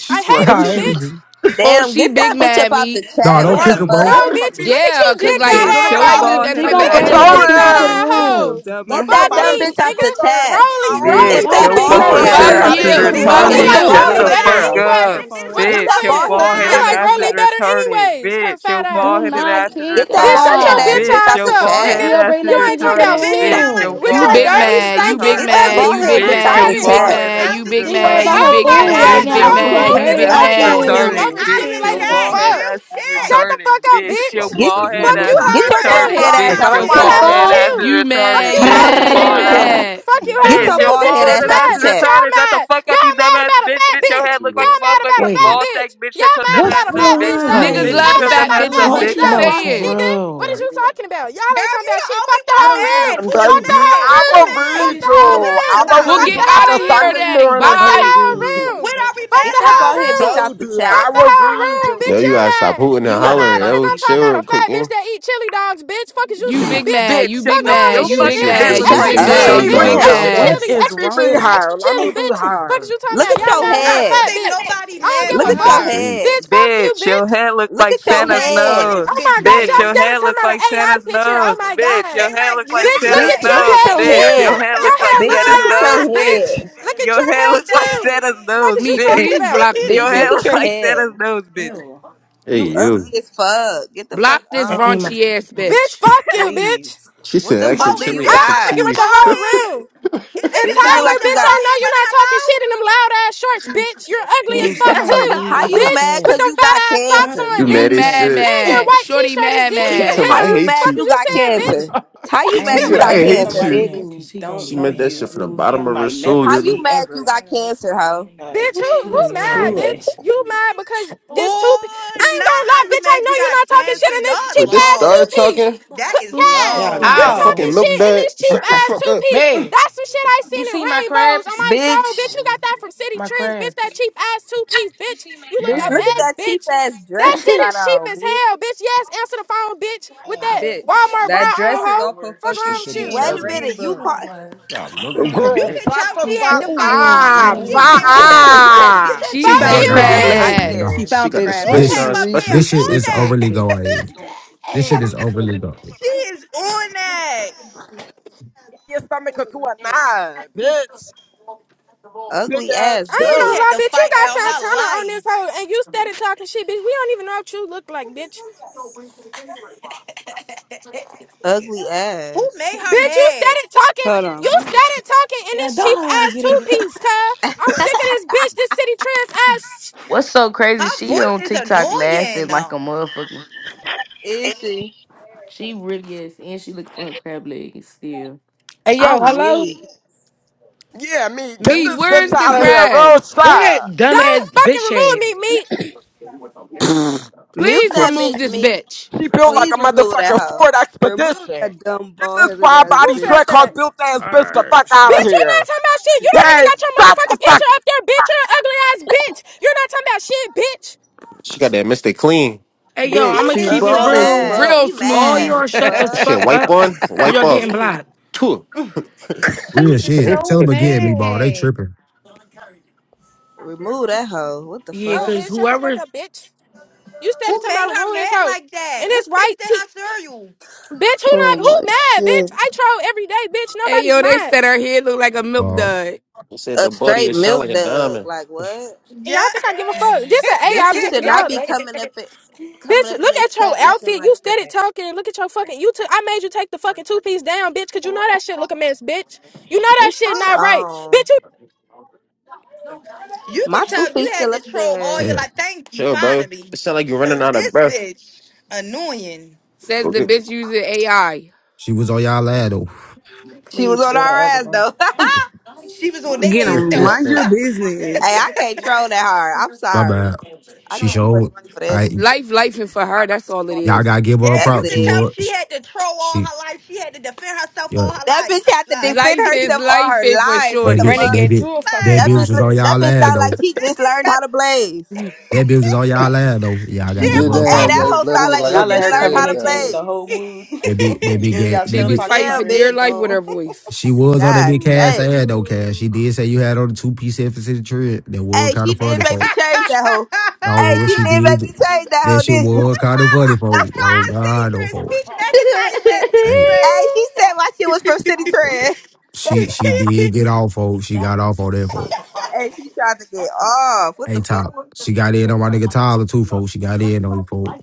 Speaker 22: I hated you,
Speaker 17: I hated you.
Speaker 22: bitch!
Speaker 18: Oh,
Speaker 16: Damn,
Speaker 18: she
Speaker 16: get
Speaker 18: big
Speaker 16: that bitch up
Speaker 18: mad,
Speaker 16: out the
Speaker 18: meat.
Speaker 17: No,
Speaker 16: chat.
Speaker 21: You
Speaker 17: don't
Speaker 16: What the
Speaker 17: kick
Speaker 21: ain't
Speaker 17: her,
Speaker 20: Damn,
Speaker 21: finna
Speaker 22: No,
Speaker 17: bro.
Speaker 21: come
Speaker 16: fuck?
Speaker 20: ew.
Speaker 21: for
Speaker 22: bitch,
Speaker 21: me.
Speaker 22: look at you
Speaker 18: Yeah, cause
Speaker 22: dicked out
Speaker 18: like
Speaker 21: One
Speaker 18: don't
Speaker 19: Bitch,
Speaker 21: thing
Speaker 22: ass
Speaker 19: your
Speaker 18: nobody
Speaker 21: about it,
Speaker 18: need
Speaker 22: hoes.
Speaker 19: bald
Speaker 21: two
Speaker 18: that
Speaker 3: She
Speaker 18: type
Speaker 19: headed
Speaker 21: things
Speaker 18: of
Speaker 3: gonna
Speaker 22: Look at
Speaker 19: ass
Speaker 21: for
Speaker 3: bring
Speaker 22: you
Speaker 19: is
Speaker 3: the
Speaker 18: energy.
Speaker 22: dicked
Speaker 3: attention
Speaker 22: out
Speaker 3: to the
Speaker 21: certain.
Speaker 22: ass
Speaker 19: retarded. Shut your
Speaker 3: room.
Speaker 22: hoes.
Speaker 19: dumb
Speaker 21: One
Speaker 16: Get
Speaker 21: thing
Speaker 19: ass
Speaker 16: that
Speaker 22: Fuck
Speaker 21: about
Speaker 19: up.
Speaker 16: dumb
Speaker 21: it, two
Speaker 22: me,
Speaker 16: bitch
Speaker 21: things
Speaker 16: out
Speaker 22: nigga.
Speaker 21: for
Speaker 16: the
Speaker 21: certain. Me
Speaker 16: chat.
Speaker 21: not
Speaker 22: Rolly, Rolly
Speaker 16: It's
Speaker 21: arguing
Speaker 19: Bitch,
Speaker 21: no
Speaker 16: that
Speaker 3: Don't
Speaker 19: your
Speaker 22: better
Speaker 21: bitch
Speaker 3: kick
Speaker 21: who
Speaker 16: bald
Speaker 3: her.
Speaker 19: bald
Speaker 3: She
Speaker 16: head
Speaker 21: mama
Speaker 3: gonna
Speaker 19: headed
Speaker 21: can
Speaker 18: Fuck
Speaker 3: bring the
Speaker 21: tie
Speaker 19: ass
Speaker 22: anyways.
Speaker 16: girl.
Speaker 21: they
Speaker 19: is
Speaker 3: attention
Speaker 14: Get
Speaker 3: to
Speaker 20: It's
Speaker 18: you.
Speaker 3: the
Speaker 21: titties
Speaker 14: this
Speaker 21: in
Speaker 22: Bro,
Speaker 20: no
Speaker 18: Fuck
Speaker 21: a
Speaker 22: we
Speaker 14: hoe
Speaker 16: It's
Speaker 19: retarded.
Speaker 16: the
Speaker 3: room.
Speaker 20: need
Speaker 22: like
Speaker 14: off
Speaker 20: to
Speaker 14: the
Speaker 19: Shut
Speaker 18: you.
Speaker 16: bald
Speaker 22: Rolly
Speaker 19: the
Speaker 20: yell,
Speaker 21: bazooka.
Speaker 16: head
Speaker 22: better
Speaker 14: spot.
Speaker 19: fuck
Speaker 20: baby.
Speaker 16: girl.
Speaker 20: Your
Speaker 19: up.
Speaker 14: Get
Speaker 22: anyways.
Speaker 20: microphone
Speaker 14: this
Speaker 22: Fuck is
Speaker 14: hoe
Speaker 16: Get
Speaker 20: work.
Speaker 14: up
Speaker 22: you
Speaker 19: Bitch,
Speaker 16: that
Speaker 14: off
Speaker 19: your
Speaker 14: the
Speaker 22: saying?
Speaker 16: bald
Speaker 20: It's
Speaker 16: head
Speaker 19: bald
Speaker 16: bitch
Speaker 22: We
Speaker 20: no
Speaker 16: out
Speaker 19: headed
Speaker 14: spot.
Speaker 16: the
Speaker 22: like
Speaker 20: need
Speaker 19: ass
Speaker 20: to
Speaker 19: is
Speaker 22: Rolly
Speaker 16: chat.
Speaker 20: yell.
Speaker 22: better
Speaker 19: retarded.
Speaker 22: anyways. Her
Speaker 19: Bitch,
Speaker 22: fat
Speaker 19: your
Speaker 22: ass.
Speaker 3: Do
Speaker 19: bald headed
Speaker 16: Get
Speaker 3: not
Speaker 19: ass is
Speaker 3: kick
Speaker 16: get that
Speaker 22: Bitch,
Speaker 16: bald
Speaker 22: shut
Speaker 19: retarded.
Speaker 16: head
Speaker 22: your
Speaker 16: ass
Speaker 3: her.
Speaker 22: bitch
Speaker 16: bitch
Speaker 19: Bitch,
Speaker 16: out
Speaker 22: ass
Speaker 19: your
Speaker 16: the
Speaker 22: up,
Speaker 19: bald
Speaker 16: chat.
Speaker 22: nigga.
Speaker 3: She
Speaker 19: headed
Speaker 3: gonna
Speaker 19: ass
Speaker 3: bring
Speaker 22: You
Speaker 19: is
Speaker 3: that
Speaker 22: ain't
Speaker 3: attention
Speaker 22: talking
Speaker 3: to the
Speaker 14: This
Speaker 22: about
Speaker 19: retarded.
Speaker 14: bitch
Speaker 22: shit.
Speaker 21: But
Speaker 19: Bitch,
Speaker 14: sound like
Speaker 19: your
Speaker 3: room.
Speaker 14: she
Speaker 22: With
Speaker 18: You
Speaker 14: got
Speaker 19: bald
Speaker 22: your
Speaker 14: an
Speaker 18: big
Speaker 19: headed ass
Speaker 22: dirty,
Speaker 14: apple
Speaker 19: is
Speaker 18: mad, you
Speaker 14: stuck in
Speaker 22: stinking,
Speaker 18: big
Speaker 14: her
Speaker 16: Get
Speaker 19: retarded.
Speaker 16: that
Speaker 14: throat
Speaker 18: mad,
Speaker 22: ugly,
Speaker 14: or
Speaker 16: bald
Speaker 18: you
Speaker 16: head
Speaker 18: big
Speaker 16: bitch
Speaker 14: something.
Speaker 19: Bitch,
Speaker 16: out
Speaker 18: mad,
Speaker 14: Like
Speaker 19: your
Speaker 16: the
Speaker 18: you
Speaker 14: she
Speaker 22: retarded.
Speaker 18: big
Speaker 19: bald
Speaker 14: talk
Speaker 16: chat.
Speaker 19: headed
Speaker 18: mad,
Speaker 19: ass
Speaker 18: you
Speaker 19: is
Speaker 14: childish
Speaker 18: big
Speaker 3: She
Speaker 14: as
Speaker 3: worried
Speaker 18: mad,
Speaker 14: shit.
Speaker 19: retarded.
Speaker 18: you
Speaker 14: I'm
Speaker 3: about
Speaker 22: Oh
Speaker 3: her
Speaker 18: big
Speaker 22: my
Speaker 3: food
Speaker 20: What
Speaker 18: mad,
Speaker 22: god,
Speaker 3: right
Speaker 18: you
Speaker 20: the
Speaker 19: Bitch,
Speaker 22: the
Speaker 14: irritated.
Speaker 3: now.
Speaker 18: big
Speaker 19: your
Speaker 3: She
Speaker 20: fuck?
Speaker 22: whole
Speaker 19: bald
Speaker 3: can't
Speaker 18: mad,
Speaker 22: room
Speaker 18: you
Speaker 19: headed
Speaker 22: is
Speaker 3: worry
Speaker 18: big
Speaker 19: ass
Speaker 14: On
Speaker 3: about
Speaker 19: is
Speaker 14: four
Speaker 22: arguing
Speaker 18: mad.
Speaker 22: with
Speaker 14: with
Speaker 1: Get
Speaker 22: me.
Speaker 1: it
Speaker 14: them,
Speaker 22: I'm
Speaker 14: get
Speaker 1: out.
Speaker 19: retarded.
Speaker 3: you.
Speaker 14: out of
Speaker 19: Bitch,
Speaker 14: the
Speaker 19: your
Speaker 22: overstimulated as
Speaker 14: chat.
Speaker 19: bald headed
Speaker 22: fuck.
Speaker 14: Real
Speaker 19: ass is
Speaker 14: shit.
Speaker 22: Shut the
Speaker 19: retarded.
Speaker 22: fuck up,
Speaker 19: Bitch, your
Speaker 22: bitch.
Speaker 16: Get
Speaker 21: Goosey
Speaker 19: bald headed
Speaker 22: Fuck
Speaker 21: Goosey
Speaker 19: ass
Speaker 22: you
Speaker 19: is
Speaker 14: She
Speaker 16: get
Speaker 22: hoes
Speaker 16: your
Speaker 14: ready
Speaker 21: dissected
Speaker 16: bald
Speaker 14: to
Speaker 19: retarded.
Speaker 22: too.
Speaker 16: head
Speaker 14: blow
Speaker 21: frog
Speaker 16: ass
Speaker 20: If
Speaker 19: Bitch,
Speaker 14: my
Speaker 20: I
Speaker 21: and I'm
Speaker 16: out
Speaker 22: Fuck
Speaker 19: your
Speaker 16: the
Speaker 20: was
Speaker 22: you
Speaker 14: shit.
Speaker 3: The
Speaker 16: chat.
Speaker 21: wanna
Speaker 20: ever
Speaker 19: bald
Speaker 22: hoes
Speaker 20: that
Speaker 19: headed
Speaker 21: go.
Speaker 3: fuck?
Speaker 19: ass
Speaker 22: too.
Speaker 20: mad,
Speaker 19: is
Speaker 18: You
Speaker 22: Fuck
Speaker 19: retarded.
Speaker 18: mad,
Speaker 22: you
Speaker 18: you
Speaker 19: Bitch,
Speaker 22: hoes
Speaker 19: your
Speaker 18: mad,
Speaker 19: bald
Speaker 18: you
Speaker 19: head ass is
Speaker 22: too.
Speaker 19: retarded.
Speaker 20: kill me.
Speaker 18: mad.
Speaker 22: Fuck you
Speaker 16: Get
Speaker 22: hoes
Speaker 19: Bitch,
Speaker 16: your
Speaker 22: too,
Speaker 19: your
Speaker 16: bald
Speaker 22: bitch.
Speaker 16: head
Speaker 19: bald
Speaker 22: Who's
Speaker 16: ass
Speaker 19: headed
Speaker 16: out
Speaker 19: ass
Speaker 16: the
Speaker 22: mad?
Speaker 19: is
Speaker 22: Bitch,
Speaker 16: chat.
Speaker 22: y'all
Speaker 19: retarded. Shut the
Speaker 22: mad.
Speaker 19: fuck up, you
Speaker 22: Y'all mad
Speaker 19: dumbass
Speaker 22: about a
Speaker 19: bitch.
Speaker 22: fat
Speaker 19: Bitch, your
Speaker 22: bitch.
Speaker 19: head look like a
Speaker 22: Y'all mad about a
Speaker 19: motherfucking
Speaker 22: fat
Speaker 1: Wait.
Speaker 19: ball sack.
Speaker 22: bitch.
Speaker 19: Bitch, shut
Speaker 22: Y'all
Speaker 19: your
Speaker 22: mad
Speaker 19: dumb
Speaker 1: What's
Speaker 22: about a
Speaker 19: ass
Speaker 22: fat
Speaker 19: up,
Speaker 1: going
Speaker 22: bitch
Speaker 19: bitch.
Speaker 1: on
Speaker 20: Why
Speaker 1: right
Speaker 22: though.
Speaker 18: Niggas
Speaker 19: Bitch, shut
Speaker 1: now?
Speaker 22: Y'all
Speaker 18: love
Speaker 19: your
Speaker 20: is
Speaker 22: mad
Speaker 20: she
Speaker 19: dumb
Speaker 18: fat
Speaker 22: about a
Speaker 19: ass
Speaker 20: yelling
Speaker 22: fat
Speaker 18: bitches.
Speaker 19: up,
Speaker 1: Oh
Speaker 18: What
Speaker 22: bitch
Speaker 20: like
Speaker 16: Get
Speaker 18: you
Speaker 19: bitch.
Speaker 16: that
Speaker 1: no,
Speaker 22: though.
Speaker 20: that?
Speaker 16: bald
Speaker 1: for
Speaker 16: head.
Speaker 18: saying?
Speaker 22: Nigga, what is
Speaker 1: real.
Speaker 22: you talking about? Y'all ain't
Speaker 14: Girl,
Speaker 22: talking
Speaker 14: you
Speaker 22: about
Speaker 14: the
Speaker 22: shit.
Speaker 14: only
Speaker 22: Fuck the
Speaker 20: I
Speaker 14: one
Speaker 22: whole
Speaker 20: don't have a
Speaker 14: mad.
Speaker 22: room.
Speaker 21: Baby,
Speaker 14: Who is
Speaker 22: Fuck the
Speaker 20: clue.
Speaker 22: whole
Speaker 14: mad? Who
Speaker 21: I'm a
Speaker 22: room.
Speaker 20: What
Speaker 22: Fuck
Speaker 14: mad?
Speaker 22: the
Speaker 20: is what
Speaker 22: whole
Speaker 14: What we
Speaker 21: reader.
Speaker 20: is
Speaker 14: mad
Speaker 22: room.
Speaker 21: I'm
Speaker 20: what's
Speaker 21: a
Speaker 18: Well,
Speaker 14: about?
Speaker 22: Fuck
Speaker 18: get
Speaker 21: reader
Speaker 22: the
Speaker 20: happening?
Speaker 21: like
Speaker 18: out of
Speaker 22: whole
Speaker 21: a
Speaker 18: here
Speaker 22: room.
Speaker 21: Sunday
Speaker 18: then.
Speaker 21: morning,
Speaker 22: Fuck the
Speaker 18: Bye.
Speaker 22: whole
Speaker 21: baby.
Speaker 22: room.
Speaker 14: What are we
Speaker 22: Fuck
Speaker 14: mad
Speaker 16: Get
Speaker 22: the
Speaker 16: that
Speaker 22: whole
Speaker 16: bald
Speaker 14: about?
Speaker 16: head bitch
Speaker 22: room.
Speaker 16: out the
Speaker 21: Baby,
Speaker 16: chat.
Speaker 22: Fuck the
Speaker 21: I'm a
Speaker 22: whole room,
Speaker 21: reader.
Speaker 8: Yo,
Speaker 22: bitch.
Speaker 8: you
Speaker 22: You're
Speaker 8: gotta stop
Speaker 22: mad.
Speaker 8: hooting and
Speaker 20: You
Speaker 22: You
Speaker 20: gotta
Speaker 22: mad
Speaker 8: hollering.
Speaker 22: because
Speaker 20: block
Speaker 8: Yo,
Speaker 22: I'm talking
Speaker 20: people.
Speaker 8: chill
Speaker 22: about a
Speaker 8: real
Speaker 22: fat
Speaker 8: quick. Yeah?
Speaker 22: bitch that eat chili dogs, bitch. Fuck is you
Speaker 18: You
Speaker 22: saying,
Speaker 18: big
Speaker 22: bitch?
Speaker 18: mad,
Speaker 19: Bitch,
Speaker 18: you
Speaker 19: shut
Speaker 22: Fuck
Speaker 18: big
Speaker 19: the,
Speaker 22: wrong
Speaker 18: mad,
Speaker 19: your
Speaker 22: with
Speaker 18: you
Speaker 22: you,
Speaker 18: big
Speaker 19: fucking
Speaker 22: bitch?
Speaker 19: head
Speaker 18: mad,
Speaker 16: Bitch,
Speaker 19: looks
Speaker 16: shut
Speaker 18: you
Speaker 8: Bitch,
Speaker 22: Extra
Speaker 19: like
Speaker 18: big
Speaker 8: they eat
Speaker 21: Let
Speaker 22: cheese,
Speaker 16: up.
Speaker 18: mad,
Speaker 8: chili
Speaker 21: me
Speaker 19: Rudolph's
Speaker 18: you
Speaker 22: bitch.
Speaker 21: read
Speaker 18: big
Speaker 19: nose,
Speaker 21: this,
Speaker 22: Extra
Speaker 8: dogs.
Speaker 16: Damn.
Speaker 18: mad.
Speaker 19: bitch.
Speaker 20: What
Speaker 21: this.
Speaker 22: chili,
Speaker 20: is
Speaker 21: Let
Speaker 22: extra
Speaker 21: me
Speaker 22: cheese,
Speaker 21: read
Speaker 22: and
Speaker 20: wrong?
Speaker 22: extra
Speaker 21: her. Let
Speaker 22: chili,
Speaker 21: me read
Speaker 22: bitch. Fuck is
Speaker 21: her.
Speaker 22: you talking
Speaker 16: Look
Speaker 22: about?
Speaker 16: at
Speaker 20: What
Speaker 22: Y'all
Speaker 16: your
Speaker 20: the
Speaker 22: mad about
Speaker 14: I
Speaker 22: a
Speaker 20: heck?
Speaker 14: don't
Speaker 22: fat
Speaker 16: head.
Speaker 14: think
Speaker 22: bitch? I
Speaker 14: nobody
Speaker 22: don't
Speaker 14: mad
Speaker 22: give
Speaker 16: Look
Speaker 22: a
Speaker 14: but
Speaker 16: at
Speaker 22: fuck,
Speaker 16: your
Speaker 14: her.
Speaker 22: bitch.
Speaker 16: head.
Speaker 22: Fuck you,
Speaker 19: Bitch, your
Speaker 22: bitch.
Speaker 19: head look
Speaker 16: Look
Speaker 19: like
Speaker 16: at
Speaker 14: She
Speaker 16: your
Speaker 19: Santa's
Speaker 14: came on
Speaker 16: head.
Speaker 14: this
Speaker 22: Oh
Speaker 19: nose.
Speaker 22: my
Speaker 14: bitch
Speaker 22: god,
Speaker 19: Bitch,
Speaker 22: Josh
Speaker 14: mad.
Speaker 22: all
Speaker 19: your
Speaker 22: started
Speaker 19: head
Speaker 22: talking
Speaker 19: look
Speaker 22: about an
Speaker 19: like
Speaker 22: AI
Speaker 19: Santa's
Speaker 22: picture. Oh
Speaker 19: nose.
Speaker 22: my
Speaker 19: Bitch,
Speaker 22: god,
Speaker 14: They
Speaker 19: your head
Speaker 14: like
Speaker 19: look like
Speaker 22: bitch.
Speaker 14: lip
Speaker 22: Look
Speaker 19: Santa's
Speaker 14: dud
Speaker 16: Bitch,
Speaker 22: at your
Speaker 16: look
Speaker 19: nose.
Speaker 16: at
Speaker 22: head
Speaker 14: head.
Speaker 16: your
Speaker 22: too.
Speaker 19: Bitch, your
Speaker 16: head.
Speaker 19: head
Speaker 22: Your
Speaker 19: look
Speaker 22: hair
Speaker 19: like
Speaker 22: look
Speaker 16: Bitch,
Speaker 19: Santa's
Speaker 16: look
Speaker 22: like
Speaker 16: at
Speaker 19: nose,
Speaker 16: your
Speaker 22: mine's, bitch.
Speaker 19: bitch.
Speaker 16: head.
Speaker 22: Look at
Speaker 19: Your
Speaker 22: your
Speaker 19: head
Speaker 22: head
Speaker 14: lip
Speaker 19: look like
Speaker 22: too.
Speaker 14: dud
Speaker 19: Santa's
Speaker 22: Fuck
Speaker 19: nose,
Speaker 22: is you
Speaker 14: head.
Speaker 18: Me,
Speaker 1: Eh,
Speaker 22: talking
Speaker 19: bitch.
Speaker 18: please
Speaker 22: about,
Speaker 18: block this
Speaker 19: Your
Speaker 16: Bitch,
Speaker 19: head
Speaker 16: look at
Speaker 19: look
Speaker 18: bitch.
Speaker 16: your
Speaker 19: like
Speaker 16: head.
Speaker 19: Santa's nose, bitch.
Speaker 20: Ew.
Speaker 8: Hey,
Speaker 16: You
Speaker 8: yo.
Speaker 16: ugly as fuck. Get the fuck
Speaker 18: Block this
Speaker 1: I need
Speaker 16: on.
Speaker 1: my
Speaker 18: raunchy ass
Speaker 1: crab.
Speaker 22: bitch?
Speaker 18: bitch.
Speaker 22: Fuck you, bitch.
Speaker 20: Please
Speaker 8: She
Speaker 16: What
Speaker 8: said
Speaker 16: the
Speaker 8: extra
Speaker 16: fuck
Speaker 14: oh,
Speaker 16: do
Speaker 14: is
Speaker 16: you
Speaker 8: chili,
Speaker 22: I
Speaker 14: this
Speaker 8: extra
Speaker 14: her with
Speaker 16: got?
Speaker 22: argue
Speaker 14: the
Speaker 22: with the
Speaker 8: cheese.
Speaker 14: bald
Speaker 22: whole
Speaker 14: head?
Speaker 22: room.
Speaker 14: Is it
Speaker 22: And
Speaker 14: the
Speaker 16: Bitch, you
Speaker 14: girl
Speaker 16: look
Speaker 22: Tyler,
Speaker 14: with
Speaker 16: like
Speaker 14: the
Speaker 16: you
Speaker 22: bitch,
Speaker 14: bald
Speaker 16: got.
Speaker 22: I know
Speaker 14: head
Speaker 22: you're
Speaker 14: running
Speaker 22: not
Speaker 14: her
Speaker 22: talking shit in
Speaker 14: mouth?
Speaker 22: them loud ass shorts, bitch. You're ugly as
Speaker 1: Yo,
Speaker 22: fuck
Speaker 1: somebody
Speaker 22: too,
Speaker 1: really
Speaker 16: How
Speaker 1: ate
Speaker 16: you
Speaker 1: my
Speaker 22: bitch.
Speaker 16: mad
Speaker 22: With
Speaker 1: crab.
Speaker 16: cause
Speaker 22: them
Speaker 16: you
Speaker 22: fat
Speaker 16: got
Speaker 22: ass socks
Speaker 20: stop
Speaker 16: cancer?
Speaker 8: You
Speaker 22: on,
Speaker 18: You
Speaker 8: mad
Speaker 22: bitch.
Speaker 8: as
Speaker 18: mad
Speaker 20: yelling.
Speaker 8: shit.
Speaker 22: And your
Speaker 18: mad.
Speaker 22: white
Speaker 18: Shorty
Speaker 22: t-shirt is
Speaker 18: mad
Speaker 8: She
Speaker 22: dingy,
Speaker 8: told
Speaker 18: mad.
Speaker 8: me
Speaker 16: How
Speaker 8: I
Speaker 22: bitch.
Speaker 16: you
Speaker 8: hate
Speaker 16: mad
Speaker 22: Fuck
Speaker 8: you.
Speaker 22: is
Speaker 16: you
Speaker 22: you
Speaker 16: got
Speaker 22: saying, bitch?
Speaker 16: cancer? How you
Speaker 1: I
Speaker 8: She
Speaker 1: don't
Speaker 20: You're
Speaker 16: mad
Speaker 1: want
Speaker 16: you
Speaker 8: said
Speaker 1: to
Speaker 16: got
Speaker 8: I
Speaker 20: yelling
Speaker 1: wake
Speaker 20: at
Speaker 1: my
Speaker 8: hate
Speaker 16: cancer,
Speaker 20: somebody
Speaker 1: man
Speaker 8: you.
Speaker 16: bitch?
Speaker 1: up
Speaker 20: who
Speaker 1: because he gonna
Speaker 20: don't
Speaker 8: She
Speaker 1: be
Speaker 20: know
Speaker 8: meant that
Speaker 1: mad
Speaker 20: you,
Speaker 8: shit
Speaker 1: at
Speaker 8: from the
Speaker 1: me.
Speaker 20: who
Speaker 8: bottom
Speaker 20: you
Speaker 8: of her
Speaker 20: might
Speaker 8: soul.
Speaker 20: never
Speaker 16: How you
Speaker 8: girl.
Speaker 20: see
Speaker 16: mad you
Speaker 20: ever.
Speaker 16: got cancer, hoe?
Speaker 20: Like,
Speaker 22: Bitch, who
Speaker 1: She
Speaker 22: who
Speaker 1: gonna be
Speaker 20: just
Speaker 1: mad
Speaker 22: mad,
Speaker 1: at
Speaker 20: cool it.
Speaker 1: me.
Speaker 22: bitch? You mad because this two piece?
Speaker 14: Oh,
Speaker 22: I ain't
Speaker 14: not
Speaker 22: gonna
Speaker 14: how
Speaker 22: lie,
Speaker 14: you
Speaker 22: bitch. I
Speaker 14: mad
Speaker 22: know
Speaker 14: you
Speaker 22: you're
Speaker 14: got
Speaker 22: not talking shit
Speaker 14: cancer.
Speaker 22: in
Speaker 14: Y'all
Speaker 22: this cheap
Speaker 8: Wait, this
Speaker 22: ass
Speaker 8: star
Speaker 22: two
Speaker 14: low.
Speaker 22: piece.
Speaker 8: talking?
Speaker 14: That is
Speaker 22: Cash,
Speaker 20: Y'all
Speaker 3: Ooh.
Speaker 14: low.
Speaker 8: That
Speaker 22: you're
Speaker 20: gotta
Speaker 1: Ow,
Speaker 22: talking
Speaker 8: fucking
Speaker 20: chill.
Speaker 8: milk
Speaker 22: shit in
Speaker 8: dud.
Speaker 22: this cheap
Speaker 8: Shut the
Speaker 22: ass
Speaker 8: fuck
Speaker 22: two
Speaker 8: up.
Speaker 22: piece.
Speaker 1: babe,
Speaker 22: That's some shit I
Speaker 1: you
Speaker 22: seen in
Speaker 1: see my
Speaker 22: rainbows on
Speaker 1: crabs?
Speaker 22: my soul,
Speaker 16: Bitch,
Speaker 22: bitch. You got that from City
Speaker 1: My
Speaker 22: Trends, bitch. That
Speaker 1: crabs.
Speaker 22: cheap ass two piece, bitch. You look
Speaker 16: Bitch,
Speaker 22: a
Speaker 16: look at
Speaker 22: mess,
Speaker 1: Um,
Speaker 16: that cheap
Speaker 22: bitch.
Speaker 16: ass
Speaker 22: That
Speaker 16: dress you
Speaker 22: shit
Speaker 16: got
Speaker 22: is cheap
Speaker 16: on,
Speaker 22: as
Speaker 16: bitch.
Speaker 22: hell, bitch. Yes, answer the phone, bitch, with
Speaker 1: I
Speaker 22: that
Speaker 1: was about
Speaker 19: Bitch,
Speaker 1: to
Speaker 22: Walmart bra
Speaker 19: that
Speaker 1: flip
Speaker 22: on,
Speaker 19: dress
Speaker 1: out.
Speaker 19: is
Speaker 1: I
Speaker 22: hoe.
Speaker 19: off a
Speaker 1: were.
Speaker 22: Fuck
Speaker 19: fucking
Speaker 22: wrong with you?
Speaker 19: Sheen or
Speaker 16: Wait a minute,
Speaker 1: You
Speaker 16: you
Speaker 19: Rainbow.
Speaker 1: know
Speaker 16: call
Speaker 1: I was.
Speaker 8: Nah, milk dud,
Speaker 14: You
Speaker 21: Girl,
Speaker 8: right?
Speaker 14: can
Speaker 21: shut
Speaker 14: tell
Speaker 21: the
Speaker 14: she had
Speaker 21: fuck
Speaker 23: What
Speaker 14: to
Speaker 23: is
Speaker 14: fight all
Speaker 23: going
Speaker 14: her life.
Speaker 21: up.
Speaker 14: She
Speaker 20: Oh
Speaker 23: on?
Speaker 21: Shut
Speaker 14: came up
Speaker 16: get
Speaker 20: my.
Speaker 16: that
Speaker 14: here
Speaker 16: cheap ass
Speaker 14: aggressive
Speaker 16: get
Speaker 14: as
Speaker 21: up.
Speaker 16: that
Speaker 20: She
Speaker 16: cheap
Speaker 22: Fuck
Speaker 18: She's
Speaker 17: Oh
Speaker 20: found
Speaker 14: shit.
Speaker 8: This
Speaker 17: my
Speaker 16: ass
Speaker 20: the
Speaker 18: big
Speaker 22: you,
Speaker 16: bitch
Speaker 8: shit-
Speaker 20: crab
Speaker 16: up
Speaker 22: bitch.
Speaker 17: God.
Speaker 16: out of
Speaker 20: legs.
Speaker 18: mad.
Speaker 20: She
Speaker 17: No.
Speaker 16: here.
Speaker 8: She
Speaker 20: found the
Speaker 8: got the
Speaker 19: Bitch,
Speaker 14: She
Speaker 20: crab
Speaker 8: spit
Speaker 19: let me
Speaker 20: legs
Speaker 17: This
Speaker 14: came
Speaker 8: shine
Speaker 14: up
Speaker 19: read
Speaker 14: here
Speaker 8: special.
Speaker 17: this
Speaker 19: this
Speaker 17: shit
Speaker 14: on
Speaker 17: is
Speaker 19: bitch right
Speaker 14: that.
Speaker 17: overly
Speaker 19: quick.
Speaker 17: going.
Speaker 1: Yes.
Speaker 17: This shit is overly going.
Speaker 14: She is on that.
Speaker 21: Your stomach could to a nine, bitch. Big
Speaker 16: Ugly
Speaker 21: ass
Speaker 16: ass
Speaker 22: I ain't
Speaker 21: bitch.
Speaker 14: Shorty
Speaker 16: bitch.
Speaker 22: gonna
Speaker 14: had
Speaker 22: lie,
Speaker 14: to
Speaker 22: bitch. You
Speaker 14: fight
Speaker 22: got
Speaker 14: all her
Speaker 22: Santana on
Speaker 14: life.
Speaker 22: this hoe, and you started talking shit, bitch. We don't even know what you look like, bitch.
Speaker 16: Ugly
Speaker 14: Who
Speaker 16: ass.
Speaker 14: made her
Speaker 22: Bitch, you
Speaker 14: mad?
Speaker 22: started talking.
Speaker 19: Hold on.
Speaker 22: You started talking in
Speaker 1: yeah, I don't
Speaker 22: this cheap
Speaker 1: know how to
Speaker 22: ass
Speaker 1: get
Speaker 22: two
Speaker 1: in there.
Speaker 22: piece, cuz. I'm sick of this bitch, this city trans ass. sh-
Speaker 3: What's so crazy?
Speaker 14: Her
Speaker 3: She
Speaker 14: voice
Speaker 3: on
Speaker 14: is
Speaker 3: TikTok laughing
Speaker 14: annoying.
Speaker 3: like a motherfucker.
Speaker 16: Is she?
Speaker 3: She really is, and she looking for her crab legs still.
Speaker 1: Hey, yo,
Speaker 16: I'm
Speaker 1: hello.
Speaker 16: weak.
Speaker 21: Yeah, me.
Speaker 19: How
Speaker 21: Get
Speaker 18: Me,
Speaker 19: you
Speaker 21: this bitch
Speaker 18: where's
Speaker 19: change
Speaker 18: the
Speaker 21: out of
Speaker 19: this
Speaker 21: here.
Speaker 19: shit?
Speaker 21: Real
Speaker 18: crabs?
Speaker 1: Where
Speaker 21: shit.
Speaker 1: that dumbass
Speaker 22: Don't fucking remove
Speaker 1: bitch at?
Speaker 22: me, me.
Speaker 16: Mute
Speaker 18: Please
Speaker 16: that
Speaker 18: remove
Speaker 16: bitch,
Speaker 18: this
Speaker 16: me.
Speaker 18: bitch.
Speaker 21: She built
Speaker 1: Oh.
Speaker 21: like a
Speaker 16: Please remove that
Speaker 21: motherfucking
Speaker 16: hoe.
Speaker 21: Ford
Speaker 19: Remove
Speaker 21: Expedition.
Speaker 19: that dumb
Speaker 21: Get
Speaker 19: bald
Speaker 21: this
Speaker 19: headed
Speaker 21: wide
Speaker 19: ass
Speaker 22: Who
Speaker 21: body
Speaker 22: said
Speaker 21: Shrek
Speaker 19: bitch.
Speaker 22: that?
Speaker 21: Hawk built ass bitch the
Speaker 1: Alright,
Speaker 21: fuck out of
Speaker 22: Bitch,
Speaker 1: so
Speaker 22: you're not
Speaker 21: here.
Speaker 22: talking about shit. You don't even
Speaker 21: Hey,
Speaker 22: got your
Speaker 21: shut the
Speaker 22: motherfucking
Speaker 21: fuck
Speaker 22: picture up there, bitch. You're an ugly ass bitch. You're not talking about shit, bitch.
Speaker 8: She got that Mr. Clean.
Speaker 1: hey yo,
Speaker 14: She
Speaker 19: Bitch,
Speaker 1: I'ma
Speaker 19: you
Speaker 14: is
Speaker 1: keep it
Speaker 16: Ugly
Speaker 19: bald as
Speaker 14: so
Speaker 1: real.
Speaker 16: ass.
Speaker 19: fuck.
Speaker 18: Real
Speaker 16: She
Speaker 1: All
Speaker 16: mad.
Speaker 18: smooth.
Speaker 1: y'all
Speaker 16: What the
Speaker 1: shut the
Speaker 8: That
Speaker 16: fuck?
Speaker 18: hey
Speaker 8: shit
Speaker 1: fuck
Speaker 8: wipe
Speaker 1: up
Speaker 8: on,
Speaker 1: or
Speaker 8: wipe
Speaker 1: y'all
Speaker 20: on
Speaker 8: off.
Speaker 1: getting
Speaker 20: me.
Speaker 1: blocked.
Speaker 8: Two.
Speaker 14: she
Speaker 17: Real
Speaker 14: is
Speaker 17: shit.
Speaker 14: so
Speaker 17: Tell them again, me ball. They
Speaker 14: mad.
Speaker 17: tripping,
Speaker 16: Remove that hoe. What the
Speaker 1: Yeah,
Speaker 22: No,
Speaker 16: fuck?
Speaker 1: cause
Speaker 22: bitch. Shut the fuck
Speaker 1: whoever
Speaker 22: up, bitch. You started
Speaker 14: Who
Speaker 22: talking
Speaker 14: made
Speaker 22: about
Speaker 14: her
Speaker 22: rude as
Speaker 14: mad
Speaker 22: hoe.
Speaker 14: like that?
Speaker 22: And
Speaker 14: Who
Speaker 22: this white
Speaker 14: pissed in
Speaker 22: tee.
Speaker 14: her cereal?
Speaker 22: Bitch, who not
Speaker 19: Oh
Speaker 22: who
Speaker 19: my
Speaker 22: mad, bitch?
Speaker 19: shit.
Speaker 22: I troll every day, bitch. Nobody's
Speaker 18: yo, they
Speaker 22: mad.
Speaker 18: said her hair look like a milk
Speaker 17: ball.
Speaker 18: dud.
Speaker 8: He said
Speaker 16: A
Speaker 8: the body
Speaker 16: straight
Speaker 8: is shine
Speaker 16: milk
Speaker 8: like a
Speaker 16: dug.
Speaker 8: diamond.
Speaker 16: Like what?
Speaker 22: And y'all
Speaker 14: Yeah.
Speaker 22: think I give a fuck. This an AI
Speaker 16: Bitches
Speaker 22: picture,
Speaker 16: should not
Speaker 22: y'all
Speaker 16: be
Speaker 22: lazy.
Speaker 16: coming up in, coming
Speaker 22: Bitch,
Speaker 16: up in
Speaker 22: look
Speaker 16: this
Speaker 22: at your
Speaker 16: chat looking
Speaker 22: outfit.
Speaker 16: like
Speaker 22: You
Speaker 16: that.
Speaker 22: steady talking. Look at your fucking you took I made you take the fucking two piece down, bitch, cause you know that shit look a mess, bitch. You know that
Speaker 16: Bitch,
Speaker 22: shit
Speaker 16: hold
Speaker 22: not right. Bitch, you
Speaker 16: on.
Speaker 14: you
Speaker 16: My
Speaker 14: can
Speaker 16: two
Speaker 14: tell
Speaker 16: feet
Speaker 14: you had
Speaker 16: still
Speaker 14: to
Speaker 16: up
Speaker 14: troll all
Speaker 16: there.
Speaker 14: your
Speaker 17: Damn,
Speaker 14: life. Thank you,
Speaker 8: Sure, bro. It
Speaker 14: finally.
Speaker 8: sound like you're running
Speaker 14: Cause
Speaker 8: out of
Speaker 14: this
Speaker 8: breath.
Speaker 14: bitch annoying.
Speaker 8: Go
Speaker 18: Says the
Speaker 8: get
Speaker 18: bitch using AI.
Speaker 17: she was on y'all ad though.
Speaker 16: She was
Speaker 20: Please
Speaker 16: on
Speaker 20: do the
Speaker 16: our
Speaker 20: other
Speaker 16: ass
Speaker 20: one.
Speaker 16: though. hey,
Speaker 14: She was on
Speaker 24: Get
Speaker 14: their ass
Speaker 25: Get
Speaker 24: them.
Speaker 14: though.
Speaker 24: Mind your business.
Speaker 16: I can't troll that hard. I'm
Speaker 17: My
Speaker 16: sorry.
Speaker 17: bad.
Speaker 16: I
Speaker 17: She
Speaker 16: get too much
Speaker 17: showed.
Speaker 16: money for that
Speaker 17: I
Speaker 16: shit.
Speaker 18: Life, life, and for her, that's all it
Speaker 17: y'all
Speaker 18: is.
Speaker 17: gotta give her a
Speaker 14: yeah,
Speaker 16: That's
Speaker 14: you
Speaker 17: prop. She
Speaker 14: can
Speaker 16: it.
Speaker 14: tell she
Speaker 17: was.
Speaker 14: had to troll all
Speaker 17: She
Speaker 14: her life. She had to defend herself
Speaker 17: yeah.
Speaker 14: all her
Speaker 16: That bitch
Speaker 14: life.
Speaker 16: had to
Speaker 14: Like,
Speaker 16: defend
Speaker 18: Life is
Speaker 16: herself all
Speaker 18: life,
Speaker 16: her
Speaker 18: and for
Speaker 16: life. What
Speaker 17: That
Speaker 16: the
Speaker 17: bit.
Speaker 18: shorty.
Speaker 16: fuck?
Speaker 17: That
Speaker 26: Renegade,
Speaker 17: bit.
Speaker 26: you a
Speaker 17: That
Speaker 26: fucking
Speaker 16: That
Speaker 14: like
Speaker 17: bitch
Speaker 16: bitch
Speaker 17: was
Speaker 16: look-
Speaker 17: on
Speaker 26: liar.
Speaker 16: that
Speaker 17: y'all
Speaker 16: bitch
Speaker 17: ad
Speaker 16: sound like
Speaker 17: though.
Speaker 16: she
Speaker 14: this
Speaker 16: just
Speaker 14: bitch
Speaker 16: learned
Speaker 14: got
Speaker 16: how to blaze.
Speaker 17: That bitch was on y'all ad though. Y'all
Speaker 14: She
Speaker 17: gotta
Speaker 14: a
Speaker 17: give her a
Speaker 25: down,
Speaker 16: Hey,
Speaker 17: prop
Speaker 16: that
Speaker 17: though.
Speaker 25: yeah,
Speaker 14: professional
Speaker 16: hoe
Speaker 25: blood. It
Speaker 16: sound
Speaker 25: look
Speaker 16: like
Speaker 25: like
Speaker 14: troller,
Speaker 25: I
Speaker 16: she
Speaker 20: Y'all let
Speaker 16: just
Speaker 25: missed
Speaker 20: her
Speaker 16: learned
Speaker 20: come
Speaker 16: how
Speaker 20: in
Speaker 16: to
Speaker 20: and
Speaker 14: literally.
Speaker 20: change
Speaker 25: everything.
Speaker 20: the
Speaker 16: blaze.
Speaker 20: whole mood.
Speaker 17: That
Speaker 14: what's,
Speaker 17: big. That big.
Speaker 20: and
Speaker 17: ga-
Speaker 20: y'all
Speaker 18: She
Speaker 17: That
Speaker 20: still
Speaker 17: big.
Speaker 18: was
Speaker 20: talking
Speaker 18: fighting
Speaker 20: about
Speaker 18: for
Speaker 16: Damn,
Speaker 20: her and
Speaker 18: dear
Speaker 20: she
Speaker 16: bitch.
Speaker 18: life with
Speaker 20: gone.
Speaker 18: her voice.
Speaker 17: She was on that
Speaker 16: God
Speaker 17: big cash
Speaker 16: damn.
Speaker 17: ad though. Cash. She did say you had on a two piece emphasis trip. That was
Speaker 16: Hey,
Speaker 17: kind
Speaker 16: she
Speaker 17: of
Speaker 16: did
Speaker 17: funny,
Speaker 16: make me
Speaker 17: folk.
Speaker 16: change that hoe.
Speaker 17: No,
Speaker 16: Hey,
Speaker 17: what
Speaker 16: she
Speaker 17: she
Speaker 16: did make me
Speaker 17: did.
Speaker 16: change that
Speaker 17: That
Speaker 16: hoe,
Speaker 17: shit
Speaker 16: didn't she?
Speaker 17: was kind of
Speaker 14: wrong
Speaker 17: funny,
Speaker 14: with,
Speaker 17: folk.
Speaker 14: what's wrong
Speaker 17: Oh
Speaker 14: with city
Speaker 17: God, no,
Speaker 14: trends?
Speaker 17: folk.
Speaker 14: Peach McIntyre wears city
Speaker 16: Hey, she said my shit was from City Trend.
Speaker 17: She she did
Speaker 14: trends.
Speaker 17: get off, folks. She got off on that, folks.
Speaker 16: Hey, she tried to get off. What
Speaker 17: Hey,
Speaker 16: the fuck?
Speaker 17: top. She got in on my nigga Tyler too, folks. She got in on you, folks.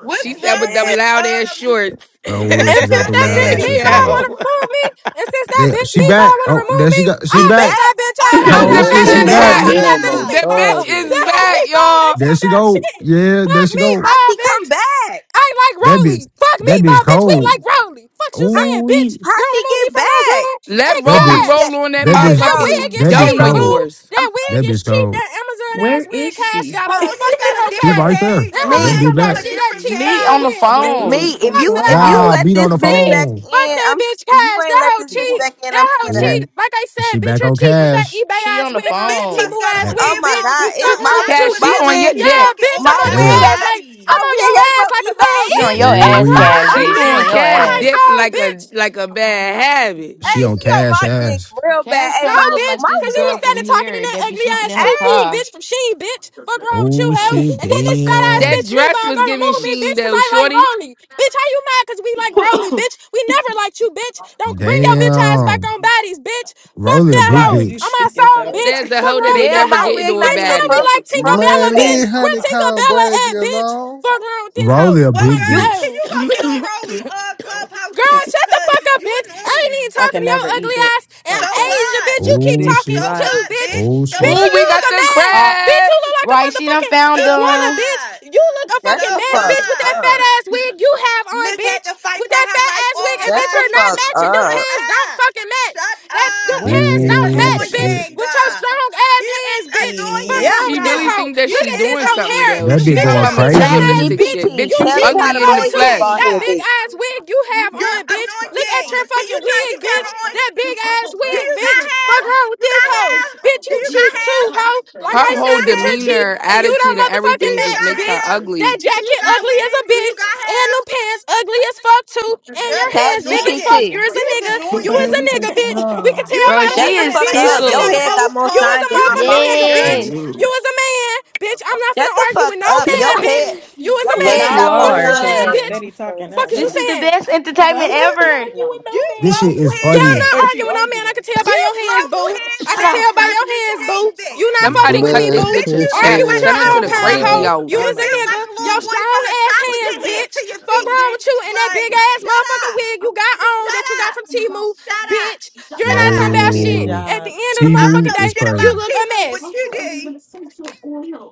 Speaker 14: what's
Speaker 18: She said
Speaker 14: wrong
Speaker 18: with them
Speaker 16: Damn,
Speaker 14: with
Speaker 18: loud ass
Speaker 14: um?
Speaker 18: shorts.
Speaker 17: Oh,
Speaker 14: What's
Speaker 27: And
Speaker 17: she's ever
Speaker 27: since
Speaker 17: throw
Speaker 14: wrong
Speaker 27: that
Speaker 14: with
Speaker 17: loud
Speaker 27: bitch
Speaker 17: and
Speaker 14: city
Speaker 16: damn.
Speaker 17: shit. She got
Speaker 27: meatball
Speaker 17: off.
Speaker 27: wanna
Speaker 18: yo,
Speaker 14: trends?
Speaker 27: remove me, and since that
Speaker 17: There,
Speaker 27: bitch
Speaker 17: she back.
Speaker 27: meatball wanna
Speaker 17: Oh,
Speaker 27: remove
Speaker 17: there she
Speaker 27: me,
Speaker 17: got. She
Speaker 16: She
Speaker 27: I'll beat
Speaker 17: back.
Speaker 16: back?
Speaker 27: that bitch
Speaker 14: Oh
Speaker 27: ass to
Speaker 14: my
Speaker 18: look,
Speaker 17: Oh,
Speaker 27: that
Speaker 18: the
Speaker 25: Blood,
Speaker 27: fat
Speaker 17: shit.
Speaker 16: She
Speaker 18: bitch
Speaker 25: they
Speaker 14: fucking
Speaker 17: She
Speaker 18: is
Speaker 25: done
Speaker 27: ass bitch.
Speaker 17: back.
Speaker 14: god!
Speaker 25: got
Speaker 16: back?
Speaker 18: back.
Speaker 27: Fuck that
Speaker 25: Elmo
Speaker 27: bitch
Speaker 14: y'all.
Speaker 18: The
Speaker 27: meatball.
Speaker 18: bitch
Speaker 25: started.
Speaker 18: is
Speaker 27: That hoe
Speaker 18: back,
Speaker 27: meatball
Speaker 18: y'all.
Speaker 27: ain't
Speaker 17: There
Speaker 27: talking
Speaker 17: she
Speaker 27: about
Speaker 17: go.
Speaker 27: shit.
Speaker 17: Yeah, there
Speaker 27: Fuck
Speaker 17: she go.
Speaker 16: How
Speaker 27: meatball,
Speaker 16: she
Speaker 27: bitch.
Speaker 16: come back?
Speaker 27: I like
Speaker 17: That bitch.
Speaker 27: Rolly. Fuck me,
Speaker 17: That
Speaker 27: my
Speaker 17: bitch
Speaker 27: bitch. We
Speaker 17: cold.
Speaker 27: like Rolly. Fuck you
Speaker 16: How
Speaker 17: Ooh,
Speaker 27: saying,
Speaker 17: wee.
Speaker 27: bitch.
Speaker 16: how
Speaker 27: Don't
Speaker 16: she
Speaker 27: remove me
Speaker 16: get
Speaker 27: from no
Speaker 16: back?
Speaker 27: room.
Speaker 18: Let
Speaker 27: And
Speaker 17: that
Speaker 16: Bitch,
Speaker 18: Roly
Speaker 16: I'm
Speaker 17: bitch.
Speaker 27: cash.
Speaker 16: scared.
Speaker 18: roll on that
Speaker 17: That
Speaker 27: Cash,
Speaker 16: Hey,
Speaker 17: bitch.
Speaker 27: that
Speaker 16: Rolly.
Speaker 27: wig
Speaker 18: motherfucking
Speaker 27: is
Speaker 17: That
Speaker 16: Hey,
Speaker 17: bitch
Speaker 27: cheap,
Speaker 18: dome of
Speaker 16: Rolly.
Speaker 27: boo.
Speaker 17: cold.
Speaker 18: yours.
Speaker 16: I'm
Speaker 27: That wig
Speaker 17: That
Speaker 27: is
Speaker 17: bitch
Speaker 27: cheap.
Speaker 17: cold.
Speaker 27: That Amazon
Speaker 20: Where
Speaker 27: ass wig
Speaker 20: is
Speaker 27: cash
Speaker 20: she?
Speaker 27: got
Speaker 14: Hold
Speaker 27: on.
Speaker 14: on, she
Speaker 27: Fuck that
Speaker 14: got a
Speaker 27: hoe
Speaker 17: She
Speaker 14: different
Speaker 17: right
Speaker 27: cash.
Speaker 17: there.
Speaker 14: page.
Speaker 27: That
Speaker 14: She
Speaker 27: hoe
Speaker 17: That
Speaker 20: Like,
Speaker 27: ain't
Speaker 16: me.
Speaker 14: came
Speaker 17: bitch
Speaker 27: talking
Speaker 14: from
Speaker 27: about
Speaker 14: a
Speaker 17: back.
Speaker 20: where
Speaker 27: shit.
Speaker 20: is
Speaker 27: That
Speaker 14: different
Speaker 20: she?
Speaker 27: cheap
Speaker 3: Me
Speaker 27: buy
Speaker 3: on the
Speaker 14: page.
Speaker 27: wig,
Speaker 23: Girl,
Speaker 27: bitch.
Speaker 23: you
Speaker 3: phone.
Speaker 23: need
Speaker 16: Me. If
Speaker 23: to
Speaker 27: Fuck
Speaker 16: you
Speaker 27: that
Speaker 16: if you
Speaker 23: go.
Speaker 17: Nah,
Speaker 27: hoe.
Speaker 16: let
Speaker 17: beat on
Speaker 16: this
Speaker 17: the
Speaker 16: bitch
Speaker 27: E.
Speaker 16: back
Speaker 17: phone.
Speaker 27: Fuck
Speaker 16: in,
Speaker 27: that
Speaker 16: I'm
Speaker 27: bitch
Speaker 16: if you
Speaker 27: cash.
Speaker 16: ain't
Speaker 27: That
Speaker 16: let
Speaker 27: hoe
Speaker 16: this bitch
Speaker 27: cheap.
Speaker 16: back in, I'm
Speaker 27: That hoe
Speaker 16: scared of her.
Speaker 27: cheap.
Speaker 17: Ooh,
Speaker 27: Like I
Speaker 17: she
Speaker 27: said, bitch,
Speaker 17: back
Speaker 27: you're
Speaker 17: on
Speaker 27: cheap with that
Speaker 17: cash.
Speaker 27: eBay
Speaker 3: She on
Speaker 27: ass
Speaker 3: the
Speaker 27: wig
Speaker 14: This
Speaker 27: on. That
Speaker 14: bitch
Speaker 3: phone.
Speaker 14: must
Speaker 27: T-Boo
Speaker 14: got
Speaker 27: ass
Speaker 17: I,
Speaker 14: on
Speaker 16: Oh
Speaker 27: wig,
Speaker 16: my
Speaker 27: bitch.
Speaker 14: earphones
Speaker 16: god,
Speaker 14: or
Speaker 16: it
Speaker 27: Fuck
Speaker 14: something.
Speaker 16: my
Speaker 27: wrong
Speaker 14: Why
Speaker 27: with
Speaker 14: do
Speaker 27: you,
Speaker 18: Cash,
Speaker 14: it
Speaker 18: she
Speaker 16: my
Speaker 14: feel
Speaker 27: bitch.
Speaker 18: on
Speaker 14: like
Speaker 18: your
Speaker 16: wig.
Speaker 14: she
Speaker 27: Yeah,
Speaker 18: dick.
Speaker 14: talking
Speaker 27: bitch,
Speaker 14: over
Speaker 27: I'm
Speaker 16: My
Speaker 27: on your
Speaker 16: wig
Speaker 17: damn.
Speaker 16: ain't
Speaker 27: ass like
Speaker 14: everybody?
Speaker 27: I'm
Speaker 16: my
Speaker 27: on
Speaker 16: wig
Speaker 27: your
Speaker 16: ain't
Speaker 27: ass like a thong,
Speaker 3: She
Speaker 16: from eBay.
Speaker 3: on
Speaker 27: bitch.
Speaker 3: your
Speaker 17: Oh,
Speaker 27: Fuck
Speaker 3: ass,
Speaker 17: we.
Speaker 27: wrong
Speaker 3: Cash,
Speaker 27: with you,
Speaker 18: She
Speaker 3: bitch. She
Speaker 18: on
Speaker 3: on
Speaker 27: bitch.
Speaker 3: your
Speaker 27: On
Speaker 18: cash
Speaker 27: my
Speaker 3: ass.
Speaker 18: dick
Speaker 27: soul,
Speaker 18: like a
Speaker 27: bitch.
Speaker 18: like a bad habit.
Speaker 17: She
Speaker 16: hey,
Speaker 17: on
Speaker 16: she on
Speaker 17: cash
Speaker 16: my dick
Speaker 17: ass.
Speaker 16: real bad.
Speaker 3: Cash
Speaker 16: Hey,
Speaker 27: No,
Speaker 3: kind
Speaker 16: my
Speaker 3: of look
Speaker 27: bitch,
Speaker 3: like
Speaker 16: my
Speaker 3: this
Speaker 27: cause you was
Speaker 3: girl
Speaker 16: wig.
Speaker 3: from
Speaker 27: standing talking in
Speaker 3: here
Speaker 27: that
Speaker 3: that be
Speaker 27: ugly
Speaker 3: sleeping in
Speaker 27: ass
Speaker 3: her
Speaker 27: two piece
Speaker 16: Hey,
Speaker 3: car.
Speaker 27: bitch from Sheen, bitch. Fuck wrong with you,
Speaker 17: Oh
Speaker 27: hoe.
Speaker 17: shit.
Speaker 27: And then this fat ass
Speaker 18: That
Speaker 17: Damn.
Speaker 27: bitch
Speaker 18: dress
Speaker 27: meatball
Speaker 18: was
Speaker 27: gonna
Speaker 18: giving
Speaker 27: remove me,
Speaker 18: Sheen
Speaker 27: bitch, cause
Speaker 18: though.
Speaker 27: I like
Speaker 18: Shorty
Speaker 27: Rolly. Bitch, how you mad cause we like Rolly, bitch? We never liked you, bitch. Don't bring your bitch ass back
Speaker 17: Damn.
Speaker 27: on bodies, bitch. Fuck
Speaker 17: Rolly a
Speaker 27: that
Speaker 17: big
Speaker 20: Why
Speaker 27: hoe.
Speaker 20: is you
Speaker 27: On
Speaker 17: bitch.
Speaker 27: my
Speaker 20: speaking for
Speaker 27: soul, bitch.
Speaker 18: says
Speaker 20: everybody?
Speaker 18: a
Speaker 27: Fuck
Speaker 18: hoe that
Speaker 27: wrong
Speaker 18: they
Speaker 27: with
Speaker 16: damn,
Speaker 27: that
Speaker 18: never
Speaker 16: my
Speaker 18: get
Speaker 27: hoe.
Speaker 16: wig
Speaker 18: into a
Speaker 16: not
Speaker 27: Bitch,
Speaker 16: even
Speaker 27: and we
Speaker 18: baddies.
Speaker 16: from
Speaker 27: like
Speaker 16: from
Speaker 27: Tinkerbella,
Speaker 25: Man,
Speaker 16: eBay.
Speaker 27: bitch.
Speaker 25: leave
Speaker 27: Where
Speaker 25: Honeycomb
Speaker 27: Tinkerbella at,
Speaker 25: Brazy
Speaker 27: bitch?
Speaker 25: alone.
Speaker 27: Fuck wrong with this
Speaker 17: Rolly
Speaker 27: hoe.
Speaker 17: a
Speaker 27: I'm
Speaker 14: Well,
Speaker 17: big
Speaker 27: like
Speaker 16: You
Speaker 14: girl, can
Speaker 27: so.
Speaker 17: bitch.
Speaker 14: you go get on Rolly uh clubhouse
Speaker 27: Girl,
Speaker 14: shit
Speaker 27: shut the
Speaker 14: because
Speaker 27: fuck up,
Speaker 14: you
Speaker 27: bitch. I ain't
Speaker 14: annoying.
Speaker 27: even
Speaker 20: I
Speaker 27: talking
Speaker 20: can
Speaker 27: to your
Speaker 20: never eat
Speaker 27: ugly
Speaker 20: dick
Speaker 27: ass. And
Speaker 14: So
Speaker 20: like that.
Speaker 27: Asia,
Speaker 14: what?
Speaker 27: bitch, you
Speaker 20: You
Speaker 27: keep
Speaker 17: Oh
Speaker 20: dick
Speaker 14: So
Speaker 27: talking
Speaker 17: shit.
Speaker 27: sh- too,
Speaker 20: riding.
Speaker 14: what,
Speaker 27: bitch.
Speaker 14: bitch?
Speaker 17: Oh
Speaker 14: So
Speaker 27: Bitch,
Speaker 17: shit.
Speaker 18: oh,
Speaker 27: and you
Speaker 18: we
Speaker 27: look
Speaker 18: got
Speaker 27: a
Speaker 14: what?
Speaker 18: the
Speaker 27: mess.
Speaker 3: uh,
Speaker 27: Bitch, you
Speaker 18: crabs.
Speaker 27: look like a
Speaker 3: right, she done
Speaker 27: motherfucking
Speaker 14: So
Speaker 3: found
Speaker 27: iguana,
Speaker 3: them.
Speaker 27: bitch.
Speaker 14: what?
Speaker 27: You look a
Speaker 16: shut
Speaker 27: fucking
Speaker 16: the
Speaker 14: So
Speaker 27: mess,
Speaker 16: fuck
Speaker 27: bitch, with that
Speaker 14: what?
Speaker 27: fat
Speaker 16: up.
Speaker 27: ass wig you have on,
Speaker 14: Miss had to
Speaker 27: bitch.
Speaker 14: fight
Speaker 27: With
Speaker 14: for
Speaker 27: that
Speaker 14: her
Speaker 27: fat
Speaker 14: life
Speaker 27: ass
Speaker 14: all
Speaker 27: wig,
Speaker 14: her
Speaker 27: and
Speaker 16: Shut
Speaker 27: bitch,
Speaker 16: the
Speaker 27: you're
Speaker 14: life.
Speaker 27: not
Speaker 16: fuck
Speaker 27: matching. Them
Speaker 14: Shut
Speaker 16: up.
Speaker 27: pants don't
Speaker 14: up.
Speaker 27: fucking match.
Speaker 14: Shut
Speaker 27: That them
Speaker 14: up.
Speaker 20: What
Speaker 27: pants
Speaker 14: You
Speaker 20: is
Speaker 27: don't
Speaker 17: Oh
Speaker 27: match,
Speaker 20: happening?
Speaker 27: bitch.
Speaker 17: shit.
Speaker 14: annoying
Speaker 27: With your
Speaker 14: guy.
Speaker 27: strong ass
Speaker 14: You
Speaker 27: hands,
Speaker 14: is
Speaker 27: bitch. Fuck
Speaker 20: Yeah.
Speaker 14: annoying
Speaker 27: wrong
Speaker 18: She
Speaker 27: with this
Speaker 18: really
Speaker 14: guy.
Speaker 27: hoe.
Speaker 18: think that
Speaker 14: You
Speaker 27: Look
Speaker 18: she
Speaker 27: at
Speaker 14: is
Speaker 27: this
Speaker 18: doing
Speaker 27: hoe
Speaker 18: something
Speaker 27: hair.
Speaker 14: annoying
Speaker 18: though.
Speaker 17: That
Speaker 14: little
Speaker 18: She
Speaker 17: bitch
Speaker 27: Bitch,
Speaker 18: talking
Speaker 27: you
Speaker 17: going
Speaker 18: about
Speaker 27: cheap
Speaker 14: girl. uh.
Speaker 27: looking
Speaker 16: Chat
Speaker 27: ass
Speaker 17: crazy.
Speaker 18: materialistic
Speaker 27: bitch.
Speaker 18: shit.
Speaker 16: GPT,
Speaker 18: Bitch,
Speaker 27: You
Speaker 18: you
Speaker 16: tell
Speaker 14: You
Speaker 27: cheap
Speaker 16: me how
Speaker 27: as
Speaker 16: to
Speaker 18: ugly in
Speaker 27: fuck
Speaker 18: the
Speaker 16: blaze this
Speaker 27: too.
Speaker 14: annoying.
Speaker 16: bald
Speaker 18: flesh.
Speaker 27: That
Speaker 16: head,
Speaker 14: uh.
Speaker 27: big
Speaker 16: bitch.
Speaker 27: ass wig you have
Speaker 14: You're
Speaker 27: on, bitch. Look at
Speaker 14: annoying.
Speaker 27: your
Speaker 14: Can you
Speaker 27: fucking
Speaker 14: turn
Speaker 27: wig,
Speaker 14: your camera
Speaker 27: bitch.
Speaker 14: on?
Speaker 27: That big ass
Speaker 14: Do
Speaker 27: wig,
Speaker 14: you
Speaker 27: bitch.
Speaker 14: got hair?
Speaker 27: Fuck around with
Speaker 14: You
Speaker 27: this
Speaker 14: got
Speaker 27: hoe.
Speaker 14: hair?
Speaker 27: Bitch,
Speaker 14: Do
Speaker 27: you
Speaker 14: you
Speaker 27: cheap
Speaker 14: got hair?
Speaker 27: too, hoe.
Speaker 14: Do
Speaker 27: Like
Speaker 18: Her
Speaker 27: I
Speaker 14: you
Speaker 18: whole
Speaker 27: said,
Speaker 14: got
Speaker 27: bitch, you're
Speaker 14: hair?
Speaker 27: cheap
Speaker 18: demeanor,
Speaker 27: and you don't
Speaker 18: attitude, and
Speaker 14: Do
Speaker 27: motherfucking
Speaker 18: everything
Speaker 14: you
Speaker 18: just
Speaker 27: match,
Speaker 14: got
Speaker 18: makes her
Speaker 27: bitch.
Speaker 14: hair?
Speaker 27: That
Speaker 18: ugly.
Speaker 14: Do you
Speaker 27: jacket
Speaker 14: got a
Speaker 27: ugly as a
Speaker 14: wig? Do you
Speaker 27: bitch.
Speaker 14: got
Speaker 27: And them pants ugly as fuck too.
Speaker 14: hair?
Speaker 27: And
Speaker 14: Girl,
Speaker 27: your
Speaker 14: you
Speaker 16: Chat
Speaker 27: hands big as fuck.
Speaker 14: annoying.
Speaker 27: You're
Speaker 16: GPT,
Speaker 27: a
Speaker 14: You is
Speaker 27: nigga. You
Speaker 23: Girl,
Speaker 27: is
Speaker 14: annoying.
Speaker 27: a
Speaker 23: you
Speaker 27: nigga,
Speaker 23: need
Speaker 27: bitch. We can
Speaker 23: some
Speaker 14: You
Speaker 27: tell by
Speaker 3: Bro,
Speaker 27: the
Speaker 16: shut
Speaker 3: she
Speaker 16: the
Speaker 27: hands,
Speaker 3: is
Speaker 14: annoying.
Speaker 16: fuck
Speaker 27: bitch.
Speaker 14: Like
Speaker 27: You
Speaker 14: let
Speaker 27: is
Speaker 16: up.
Speaker 27: a
Speaker 16: Your
Speaker 14: somebody
Speaker 27: nigga,
Speaker 3: tickled.
Speaker 16: head
Speaker 27: boo.
Speaker 16: got
Speaker 14: else
Speaker 16: more
Speaker 27: You is
Speaker 16: shine
Speaker 14: talk.
Speaker 27: a
Speaker 16: than
Speaker 14: You
Speaker 16: my
Speaker 27: motherfucking
Speaker 16: phone
Speaker 14: annoying,
Speaker 27: nigga,
Speaker 16: screen.
Speaker 8: Hey,
Speaker 14: girl.
Speaker 27: bitch.
Speaker 3: Yes.
Speaker 27: You
Speaker 8: you.
Speaker 27: was a man, bitch. I'm not
Speaker 16: Shut
Speaker 27: finna
Speaker 16: the
Speaker 27: argue
Speaker 16: fuck
Speaker 27: with no
Speaker 16: up.
Speaker 27: man,
Speaker 16: Your
Speaker 23: go.
Speaker 27: bitch.
Speaker 16: head,
Speaker 27: You was a
Speaker 16: your
Speaker 20: but
Speaker 16: head
Speaker 27: man.
Speaker 20: you
Speaker 16: got more
Speaker 27: Fuck
Speaker 16: shine
Speaker 27: is
Speaker 3: No.
Speaker 20: are,
Speaker 27: you
Speaker 20: because
Speaker 16: than
Speaker 27: saying,
Speaker 20: you
Speaker 16: my
Speaker 3: Uh,
Speaker 27: bitch?
Speaker 16: phone
Speaker 20: steady
Speaker 16: screen.
Speaker 20: talking.
Speaker 16: bitch.
Speaker 20: That's
Speaker 27: Fuck is you
Speaker 3: this is
Speaker 20: crazy.
Speaker 3: the
Speaker 27: saying?
Speaker 3: best
Speaker 20: So
Speaker 3: entertainment
Speaker 20: I'm
Speaker 14: And you
Speaker 20: not finna
Speaker 3: ever.
Speaker 20: argue with no
Speaker 14: you
Speaker 17: This
Speaker 20: man.
Speaker 17: shit
Speaker 14: global
Speaker 17: is
Speaker 14: head
Speaker 27: Yeah, I'm
Speaker 17: funny.
Speaker 27: not
Speaker 14: bitch.
Speaker 20: but you
Speaker 27: arguing with no man. I can
Speaker 20: arguing.
Speaker 27: tell by
Speaker 14: You
Speaker 27: your hands,
Speaker 14: global
Speaker 27: boo.
Speaker 14: head
Speaker 27: I
Speaker 3: Shut
Speaker 27: can
Speaker 14: wear
Speaker 3: up.
Speaker 27: tell by
Speaker 14: dress
Speaker 27: your
Speaker 14: and
Speaker 27: hands, boo.
Speaker 14: shame
Speaker 27: You
Speaker 14: bitch.
Speaker 27: not fucking
Speaker 18: Somebody
Speaker 27: with
Speaker 18: cut
Speaker 27: me,
Speaker 25: Blood,
Speaker 18: this
Speaker 27: boo.
Speaker 18: bitch
Speaker 14: Bitch,
Speaker 18: a
Speaker 14: you built
Speaker 27: Argue
Speaker 18: check.
Speaker 27: with
Speaker 14: like
Speaker 27: your
Speaker 18: Send
Speaker 14: a
Speaker 18: her to
Speaker 14: little
Speaker 27: own
Speaker 18: the
Speaker 27: kind,
Speaker 14: boy.
Speaker 18: crazy
Speaker 25: nah.
Speaker 27: hoe. You
Speaker 18: house.
Speaker 14: You
Speaker 27: was a
Speaker 14: built
Speaker 20: Somebody.
Speaker 27: nigga.
Speaker 14: like a
Speaker 27: Your
Speaker 14: little boy
Speaker 27: strong
Speaker 14: from the
Speaker 27: ass
Speaker 14: top of
Speaker 27: hands,
Speaker 14: your head
Speaker 27: bitch.
Speaker 14: to your
Speaker 27: Fuck
Speaker 14: feet,
Speaker 27: wrong with you
Speaker 14: bitch.
Speaker 27: and that
Speaker 14: Like,
Speaker 27: big ass
Speaker 14: shut
Speaker 27: motherfucking
Speaker 14: up.
Speaker 27: wig you got on that
Speaker 14: Shut
Speaker 27: you got
Speaker 14: up.
Speaker 27: from Timu,
Speaker 14: Shut up.
Speaker 27: bitch. You're
Speaker 14: Shut
Speaker 27: not talking
Speaker 14: up.
Speaker 20: She
Speaker 27: about
Speaker 20: need a
Speaker 27: shit.
Speaker 17: No.
Speaker 27: At the
Speaker 20: job.
Speaker 27: end of the
Speaker 14: I don't
Speaker 27: motherfucking
Speaker 17: Timu
Speaker 14: know
Speaker 27: day,
Speaker 17: is
Speaker 14: shit
Speaker 27: you
Speaker 17: crazy.
Speaker 14: about
Speaker 27: look a
Speaker 14: T-Move, but
Speaker 27: mess.
Speaker 14: you did.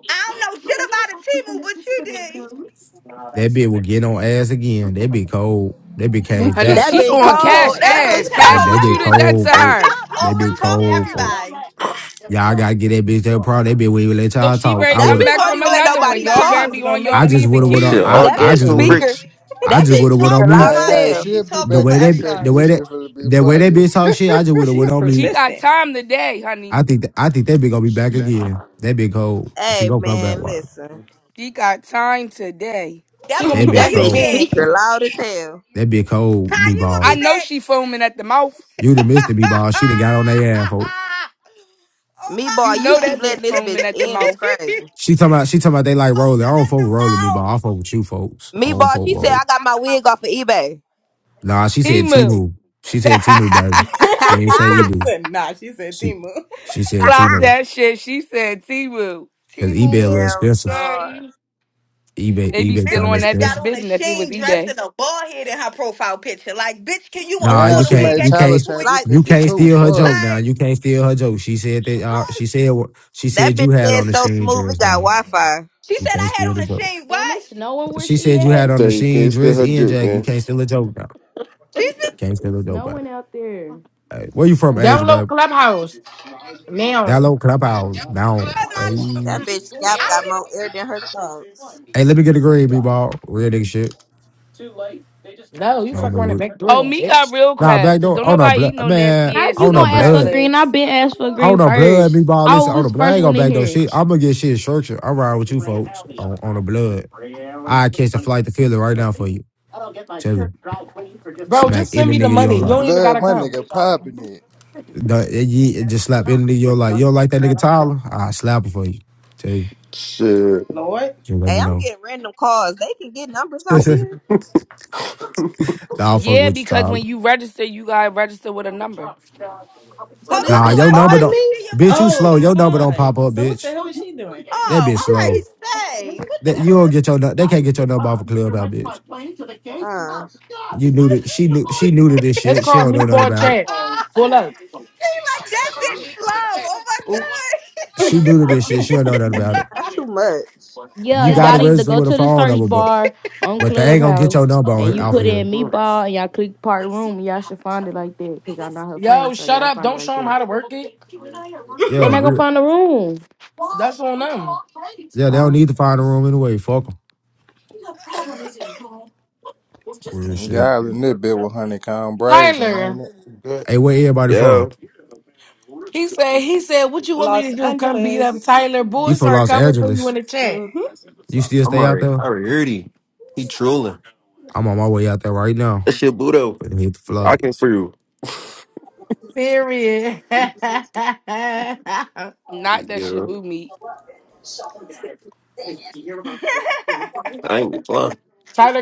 Speaker 14: I don't know shit about a T-Move, but you did.
Speaker 17: That bitch will get on ass again. That bitch cold. That bitch came
Speaker 18: Honey,
Speaker 20: How
Speaker 17: back.
Speaker 16: That
Speaker 20: did
Speaker 18: she
Speaker 16: bitch
Speaker 20: she
Speaker 18: on
Speaker 20: come
Speaker 16: cold.
Speaker 18: cash
Speaker 20: back?
Speaker 16: That
Speaker 14: That
Speaker 20: That was
Speaker 18: ass.
Speaker 16: bitch
Speaker 14: bitch ain't
Speaker 17: And
Speaker 18: Cash,
Speaker 14: cold.
Speaker 17: that
Speaker 20: crazy.
Speaker 14: That
Speaker 18: what you
Speaker 17: bitch
Speaker 18: done
Speaker 14: bitch,
Speaker 16: cold.
Speaker 18: done to
Speaker 17: cold,
Speaker 14: that
Speaker 17: folk.
Speaker 18: her?
Speaker 14: bitch
Speaker 28: up.
Speaker 17: That
Speaker 14: over
Speaker 17: bitch
Speaker 14: talk
Speaker 17: cold, folk.
Speaker 28: Y'all loud as hell.
Speaker 14: everybody.
Speaker 17: Y'all gotta get that bitch that problem. That bitch wouldn't even let
Speaker 18: Look,
Speaker 17: y'all
Speaker 18: she
Speaker 17: talk.
Speaker 18: ready
Speaker 17: I
Speaker 18: to
Speaker 16: That
Speaker 17: would
Speaker 14: She
Speaker 18: come
Speaker 17: have
Speaker 16: bitch
Speaker 18: back
Speaker 16: won't
Speaker 14: talk
Speaker 18: from
Speaker 16: even let
Speaker 14: over
Speaker 18: another one.
Speaker 16: nobody
Speaker 18: Y'all
Speaker 20: She's
Speaker 16: talk.
Speaker 18: better
Speaker 20: just
Speaker 14: everybody.
Speaker 18: be
Speaker 20: gonna
Speaker 18: on your
Speaker 20: make
Speaker 17: I just
Speaker 18: P's
Speaker 20: another
Speaker 17: would
Speaker 18: and
Speaker 17: have
Speaker 8: That
Speaker 20: one
Speaker 17: went on
Speaker 8: shit
Speaker 18: Q's.
Speaker 20: and
Speaker 17: I,
Speaker 8: all
Speaker 20: pop
Speaker 16: That
Speaker 17: I
Speaker 16: bitch
Speaker 20: back
Speaker 8: gas,
Speaker 17: just
Speaker 8: no
Speaker 20: up.
Speaker 17: would have
Speaker 8: bricks.
Speaker 16: speaker.
Speaker 17: I
Speaker 16: That
Speaker 17: just
Speaker 14: She
Speaker 16: bitch
Speaker 17: would have went
Speaker 16: speaker
Speaker 17: on
Speaker 14: talk too
Speaker 17: mute.
Speaker 16: loud
Speaker 25: Hey,
Speaker 16: as
Speaker 14: much
Speaker 25: hey,
Speaker 14: and
Speaker 16: hell.
Speaker 14: she
Speaker 25: she'll be
Speaker 14: talk
Speaker 17: The
Speaker 25: back
Speaker 14: over
Speaker 17: way
Speaker 25: in a
Speaker 17: that
Speaker 25: second.
Speaker 17: the
Speaker 14: everybody.
Speaker 17: way
Speaker 25: This shit
Speaker 17: that
Speaker 25: finna be
Speaker 17: the way that
Speaker 25: funny.
Speaker 17: bitch talk shit, I just would have went
Speaker 20: She's
Speaker 17: on
Speaker 18: She
Speaker 17: mute.
Speaker 18: got
Speaker 20: persistent.
Speaker 18: time today,
Speaker 17: I
Speaker 18: honey.
Speaker 17: think that I think that bitch gonna be back again. That bitch cold. She
Speaker 16: Hey
Speaker 17: gonna come back.
Speaker 16: man,
Speaker 17: Why?
Speaker 16: listen.
Speaker 18: She got time today.
Speaker 1: she
Speaker 14: That
Speaker 20: he
Speaker 1: gonna
Speaker 14: little
Speaker 17: That
Speaker 1: be
Speaker 14: boy,
Speaker 16: That
Speaker 17: bitch
Speaker 1: back
Speaker 14: you
Speaker 1: to
Speaker 16: bitch
Speaker 14: be
Speaker 17: cold.
Speaker 14: back.
Speaker 1: bed.
Speaker 16: speaker loud as hell.
Speaker 17: That bitch cold,
Speaker 14: Kai,
Speaker 17: B
Speaker 14: you will
Speaker 18: I
Speaker 14: be
Speaker 17: ball.
Speaker 18: know
Speaker 14: back.
Speaker 18: she foaming at the mouth.
Speaker 17: You done missed the B ball. She done got on their ass, folks.
Speaker 14: oh
Speaker 16: Me
Speaker 14: my
Speaker 16: boy,
Speaker 18: You
Speaker 16: you
Speaker 18: know
Speaker 16: keep
Speaker 18: that
Speaker 14: god.
Speaker 16: letting
Speaker 18: bitch
Speaker 16: this
Speaker 18: foaming
Speaker 16: bitch
Speaker 18: at the
Speaker 16: in. It's
Speaker 18: mouth.
Speaker 16: crazy.
Speaker 17: She talking about she talking about they like rolling. I
Speaker 14: Over
Speaker 17: don't
Speaker 14: at
Speaker 17: fuck with
Speaker 14: the
Speaker 17: rolling B ball. I
Speaker 14: bottom.
Speaker 17: fuck with you folks. I
Speaker 16: Me
Speaker 17: don't
Speaker 16: boy,
Speaker 17: fuck with
Speaker 16: she said
Speaker 17: rolling.
Speaker 16: I got my wig off of eBay.
Speaker 17: Nah, she said T
Speaker 18: T-Moo.
Speaker 17: move. She said T move, baby. She
Speaker 16: Ha
Speaker 17: ain't say E
Speaker 16: ha.
Speaker 17: move.
Speaker 20: said, nah, she said
Speaker 17: She
Speaker 20: Timu.
Speaker 17: she said
Speaker 18: Clock
Speaker 17: Tino
Speaker 18: that shit. She said T-Moo.
Speaker 17: because eBay a little
Speaker 14: T-Moon,
Speaker 16: Hell
Speaker 17: expensive.
Speaker 16: no.
Speaker 14: girl.
Speaker 17: eBay
Speaker 18: They be
Speaker 17: eBay
Speaker 14: This
Speaker 18: still
Speaker 17: kind of
Speaker 18: on
Speaker 14: bitch
Speaker 18: that
Speaker 14: got
Speaker 18: bitch
Speaker 17: expensive.
Speaker 14: on a
Speaker 18: bidding if it was
Speaker 14: sheen dress
Speaker 18: eBay.
Speaker 14: and a bald head in her profile picture. Like, bitch, can you
Speaker 17: Nah,
Speaker 25: Damn,
Speaker 17: you
Speaker 14: afford a
Speaker 25: she
Speaker 17: can't
Speaker 14: wig
Speaker 25: made
Speaker 17: you
Speaker 14: at this
Speaker 25: Tyler
Speaker 17: can't
Speaker 25: change
Speaker 14: point?
Speaker 25: his
Speaker 16: Like
Speaker 17: you
Speaker 25: picture
Speaker 17: can't
Speaker 25: too.
Speaker 17: steal her joke
Speaker 25: Fuck.
Speaker 17: now.
Speaker 14: Like,
Speaker 17: You can't steal her joke. She said that uh,
Speaker 14: huh?
Speaker 17: she said what she
Speaker 16: that
Speaker 17: said
Speaker 16: bitch
Speaker 17: you had
Speaker 16: head
Speaker 17: on the
Speaker 16: so
Speaker 17: sheen
Speaker 16: smooth. It
Speaker 17: dress
Speaker 16: got
Speaker 17: now.
Speaker 16: Wi Fi.
Speaker 14: she
Speaker 17: You
Speaker 14: said
Speaker 17: can't
Speaker 14: I had
Speaker 17: steal the
Speaker 14: on a
Speaker 17: joke.
Speaker 14: sheen.
Speaker 3: Damn,
Speaker 14: What?
Speaker 3: it's snowing where
Speaker 17: She
Speaker 3: she
Speaker 17: said you had
Speaker 3: at.
Speaker 17: on
Speaker 8: So
Speaker 17: the
Speaker 8: you
Speaker 17: sheen
Speaker 8: can't steal
Speaker 17: dress
Speaker 8: her
Speaker 17: and
Speaker 8: juke,
Speaker 17: jack. You
Speaker 8: man.
Speaker 17: can't steal a joke now.
Speaker 14: She said
Speaker 17: Can't steal a
Speaker 3: It's
Speaker 17: joke, babe.
Speaker 3: snowing out there.
Speaker 17: Hey, where you from, Asia,
Speaker 1: Download
Speaker 17: babe?
Speaker 1: Clubhouse. Now.
Speaker 17: Download Clubhouse now.
Speaker 14: my. I
Speaker 17: Hey,
Speaker 16: That bitch scalp got
Speaker 14: don't even
Speaker 16: more air than her thoughts.
Speaker 17: hey, let me get a green, me ball. Real nigga shit.
Speaker 1: No, you
Speaker 17: No,
Speaker 1: fuck
Speaker 17: I'm a
Speaker 1: around and
Speaker 17: real.
Speaker 1: backdoor
Speaker 18: Oh,
Speaker 1: me,
Speaker 18: me got
Speaker 1: bitch.
Speaker 18: real
Speaker 17: Nah,
Speaker 18: crabs,
Speaker 17: back
Speaker 18: because
Speaker 17: door.
Speaker 18: don't
Speaker 17: On a
Speaker 18: nobody
Speaker 17: blood,
Speaker 18: eat no nasty
Speaker 17: man.
Speaker 3: How
Speaker 18: ass
Speaker 3: you
Speaker 17: On a
Speaker 18: snow
Speaker 3: gonna ask
Speaker 18: crab
Speaker 3: for
Speaker 17: blood.
Speaker 3: green? I've
Speaker 18: legs.
Speaker 3: been asked for
Speaker 17: On
Speaker 3: green
Speaker 17: the blood,
Speaker 3: first.
Speaker 17: big ball.
Speaker 3: I
Speaker 17: Listen, on
Speaker 3: was
Speaker 17: the
Speaker 3: the
Speaker 17: blood, I
Speaker 3: first
Speaker 17: ain't gonna
Speaker 3: one in
Speaker 17: back no
Speaker 3: here.
Speaker 17: shit. I'm gonna get shit in Shropshire. I'm riding with you folks on, on the blood. I catch a flight to Philly right now for you. Tell you,
Speaker 1: Bro,
Speaker 17: smack
Speaker 1: just send
Speaker 17: any
Speaker 1: me the
Speaker 17: nigga you
Speaker 1: money.
Speaker 17: don't
Speaker 1: You
Speaker 17: like.
Speaker 1: don't even
Speaker 25: Blood,
Speaker 1: gotta
Speaker 25: my
Speaker 1: come.
Speaker 25: nigga popping it.
Speaker 17: The, you, you just slap any nigga you don't like. You don't like that nigga Tyler? I slap him for you. Tell you,
Speaker 8: Shit.
Speaker 20: Lord.
Speaker 17: you let
Speaker 16: Hey,
Speaker 17: me
Speaker 16: I'm
Speaker 17: know.
Speaker 16: getting random calls. They can get numbers off
Speaker 17: nah,
Speaker 16: here.
Speaker 17: I'll fuck
Speaker 18: Yeah,
Speaker 17: with you,
Speaker 18: because
Speaker 17: Tyler.
Speaker 18: when you register, you gotta register with a number.
Speaker 16: So
Speaker 14: hold
Speaker 16: this
Speaker 14: on
Speaker 17: Nah,
Speaker 14: so
Speaker 16: bitch
Speaker 17: your number
Speaker 14: everybody
Speaker 16: calling
Speaker 17: don't.
Speaker 14: can
Speaker 16: me?
Speaker 14: see your
Speaker 17: Bitch, you
Speaker 14: phone
Speaker 20: Oh,
Speaker 17: slow.
Speaker 14: number.
Speaker 17: Your number don't
Speaker 20: right.
Speaker 17: pop up,
Speaker 20: So what the
Speaker 17: bitch.
Speaker 20: hell is she doing?
Speaker 17: That
Speaker 14: Oh,
Speaker 17: bitch
Speaker 16: This
Speaker 14: I'm ready
Speaker 17: slow.
Speaker 14: to say what the
Speaker 17: That you don't
Speaker 14: fuck.
Speaker 17: get your. nu- They can't get your number off a club out, bitch.
Speaker 16: uh,
Speaker 17: You knew that she
Speaker 14: Like,
Speaker 17: knew she knew to this
Speaker 1: It's
Speaker 17: shit. She
Speaker 1: called
Speaker 17: don't know nothing
Speaker 1: meatball
Speaker 17: about
Speaker 1: chat.
Speaker 14: oh,
Speaker 1: Pull up.
Speaker 14: he
Speaker 17: it.
Speaker 14: like that
Speaker 20: It's called
Speaker 14: bitch
Speaker 20: Meatball
Speaker 14: slow.
Speaker 20: Jack.
Speaker 14: Oh my
Speaker 20: Oop.
Speaker 14: god.
Speaker 17: She new to this shit. She don't know nothing about it.
Speaker 16: not too much.
Speaker 3: Yeah,
Speaker 17: You got to
Speaker 3: y'all need to
Speaker 17: register
Speaker 3: go
Speaker 17: with a
Speaker 3: to the
Speaker 17: phone
Speaker 3: search
Speaker 17: number, but
Speaker 3: bar on
Speaker 17: but they ain't gonna get
Speaker 3: Clubhouse
Speaker 17: your number on,
Speaker 3: and you
Speaker 17: off of
Speaker 3: put
Speaker 17: here.
Speaker 3: in meatball and y'all click part room. Y'all should find it like that because y'all not her friend,
Speaker 1: Yo,
Speaker 3: so
Speaker 1: shut
Speaker 3: y'all
Speaker 1: up.
Speaker 3: find it
Speaker 1: Don't
Speaker 3: like
Speaker 1: show him
Speaker 3: that.
Speaker 1: how to work it.
Speaker 3: They
Speaker 17: Yeah,
Speaker 3: not gonna
Speaker 17: real.
Speaker 3: find the room.
Speaker 1: That's on them.
Speaker 17: Yeah, they don't
Speaker 3: Huh?
Speaker 17: need to find a room anyway. Fuck them. Real shit.
Speaker 25: Y'all in this bit with Honeycomb Brazy,
Speaker 1: Tyler.
Speaker 25: ain't it?
Speaker 8: Good.
Speaker 17: Hey, where everybody
Speaker 8: Yeah.
Speaker 17: from?
Speaker 1: He said, he said, what you want me
Speaker 20: Los
Speaker 1: to do? Come beat up
Speaker 20: Angeles.
Speaker 1: Tyler.
Speaker 17: You
Speaker 1: Bulls
Speaker 17: from
Speaker 1: are
Speaker 17: Los
Speaker 1: coming for you in
Speaker 17: Angeles?
Speaker 1: the chat.
Speaker 20: Mm-hmm.
Speaker 17: You still
Speaker 8: I'm
Speaker 17: stay out
Speaker 8: already,
Speaker 17: there?
Speaker 8: I already heard he. He trolling.
Speaker 17: I'm on my way out there right now.
Speaker 8: That shit Budo.
Speaker 17: Finna hit the flight.
Speaker 8: Rocking for you.
Speaker 1: Period. Tyler,
Speaker 18: Not that should
Speaker 8: Yeah.
Speaker 18: move me.
Speaker 8: I ain't gonna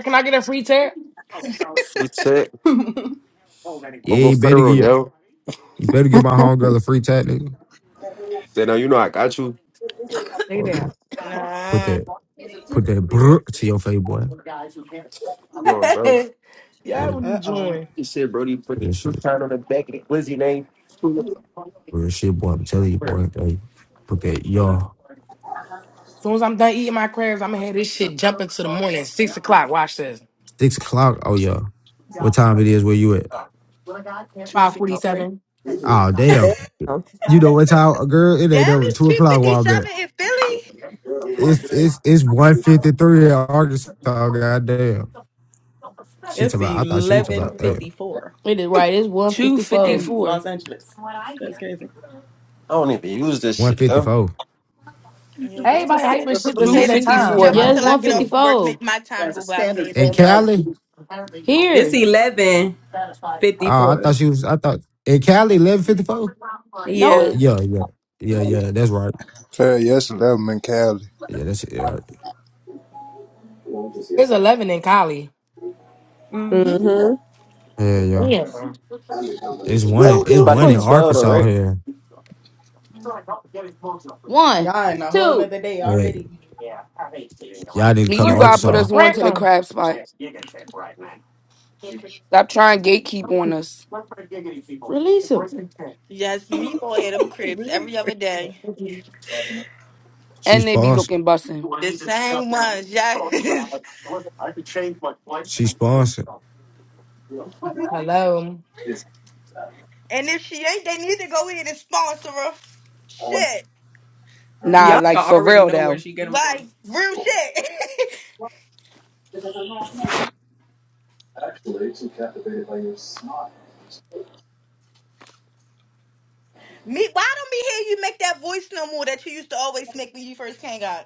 Speaker 1: can I get a free tip?
Speaker 8: Free tech.
Speaker 17: Yeah,
Speaker 8: Don't go
Speaker 17: you better
Speaker 8: federal,
Speaker 17: get
Speaker 8: yo.
Speaker 17: you better get my homegirl a free tat, nigga.
Speaker 8: Say no, you know I got you.
Speaker 1: Say
Speaker 17: Fuck,
Speaker 1: that.
Speaker 17: nigga. Put
Speaker 14: nah.
Speaker 17: that put that brr to your face, boy.
Speaker 8: Come on, bro.
Speaker 1: Yeah, what
Speaker 17: Real,
Speaker 1: you
Speaker 20: Uh-oh.
Speaker 1: doing? As
Speaker 8: He said, Brody, put the
Speaker 17: real
Speaker 8: two
Speaker 17: shit.
Speaker 8: sign on the back of the Glizzy name.
Speaker 17: Real shit, boy. I'm telling you, boy. Hey, put that yo.
Speaker 1: soon as I'm done eating my crabs, I'm gonna have this shit jumping to the morning. Six o'clock. Watch this.
Speaker 17: Six o'clock. Oh yeah. What time it is? Where you at?
Speaker 1: Five
Speaker 18: 253.
Speaker 1: forty-seven.
Speaker 17: Oh damn.
Speaker 16: Damn.
Speaker 17: You know what time, girl? It ain't
Speaker 14: Damn,
Speaker 17: over
Speaker 14: it's
Speaker 17: two
Speaker 14: three
Speaker 17: o'clock
Speaker 14: fifty
Speaker 17: while I'm at.
Speaker 14: seven in Philly.
Speaker 17: It's it's it's one fifty three in Arkansas. Goddamn. She
Speaker 20: It's
Speaker 17: talking about. I thought she was talking about damn
Speaker 20: 11.54
Speaker 3: It is right. It's one fifty four.
Speaker 20: in
Speaker 18: 254.
Speaker 20: Los Angeles. That's crazy.
Speaker 8: I don't even use this
Speaker 17: one
Speaker 8: shit,
Speaker 17: fifty
Speaker 8: yo.
Speaker 17: four.
Speaker 14: Yeah, go
Speaker 1: Everybody
Speaker 14: ahead and
Speaker 1: hyping shit to say
Speaker 14: have
Speaker 1: the
Speaker 14: this bitch
Speaker 1: time.
Speaker 14: jump
Speaker 18: 254.
Speaker 20: 11.
Speaker 1: Like
Speaker 3: Yes,
Speaker 14: until I
Speaker 1: we
Speaker 3: one
Speaker 14: get
Speaker 1: get
Speaker 3: fifty
Speaker 14: off
Speaker 1: it.
Speaker 14: of work.
Speaker 3: four.
Speaker 14: Make my time go by
Speaker 17: In
Speaker 14: faster.
Speaker 17: Cali?
Speaker 20: It's
Speaker 3: Here.
Speaker 20: eleven fifty
Speaker 17: Oh, I
Speaker 20: four.
Speaker 17: thought she was. I thought in Cali eleven fifty four.
Speaker 3: No,
Speaker 20: Yeah.
Speaker 3: it,
Speaker 17: Yeah, yeah, yeah, yeah. That's right.
Speaker 25: Tell yes, 11 and Cali.
Speaker 17: Yeah, that's it, right.
Speaker 1: It's eleven in Cali.
Speaker 20: Mm-hmm.
Speaker 16: Mm-hmm.
Speaker 17: Yeah, yeah.
Speaker 1: Damn.
Speaker 17: It's
Speaker 3: we
Speaker 17: one.
Speaker 8: But
Speaker 17: In,
Speaker 3: don't
Speaker 8: it's
Speaker 3: give
Speaker 17: it's
Speaker 3: a
Speaker 8: about to
Speaker 17: one
Speaker 8: be
Speaker 17: in
Speaker 3: fuck.
Speaker 8: 12, though,
Speaker 17: Arkansas
Speaker 8: right?
Speaker 17: here.
Speaker 3: One,
Speaker 20: Y'all in a whole
Speaker 3: two,
Speaker 20: nother day
Speaker 17: Yeah,
Speaker 20: already.
Speaker 17: y'all need to
Speaker 18: Me,
Speaker 17: come to
Speaker 18: you
Speaker 1: Three.
Speaker 18: gotta put
Speaker 17: Arkansas.
Speaker 18: us on
Speaker 1: Crack
Speaker 18: to the
Speaker 1: 'em.
Speaker 18: crab spot. Stop trying gatekeep on us.
Speaker 3: release him.
Speaker 14: Yes, meatball at them cribs
Speaker 20: Really?
Speaker 14: every other day.
Speaker 17: She
Speaker 18: And they be
Speaker 17: sponsored.
Speaker 18: looking bussin'.
Speaker 14: The same ones, yes. and
Speaker 17: She sponsored.
Speaker 1: Hello.
Speaker 14: if she ain't, they need to go in and sponsor her. Shit.
Speaker 18: Nah,
Speaker 20: Y'all should
Speaker 18: like for
Speaker 20: already
Speaker 18: real
Speaker 20: know where
Speaker 18: though.
Speaker 20: she get them from.
Speaker 14: Like real shit. Me why don't me hear you make that voice no more that you used to always make when you first came out?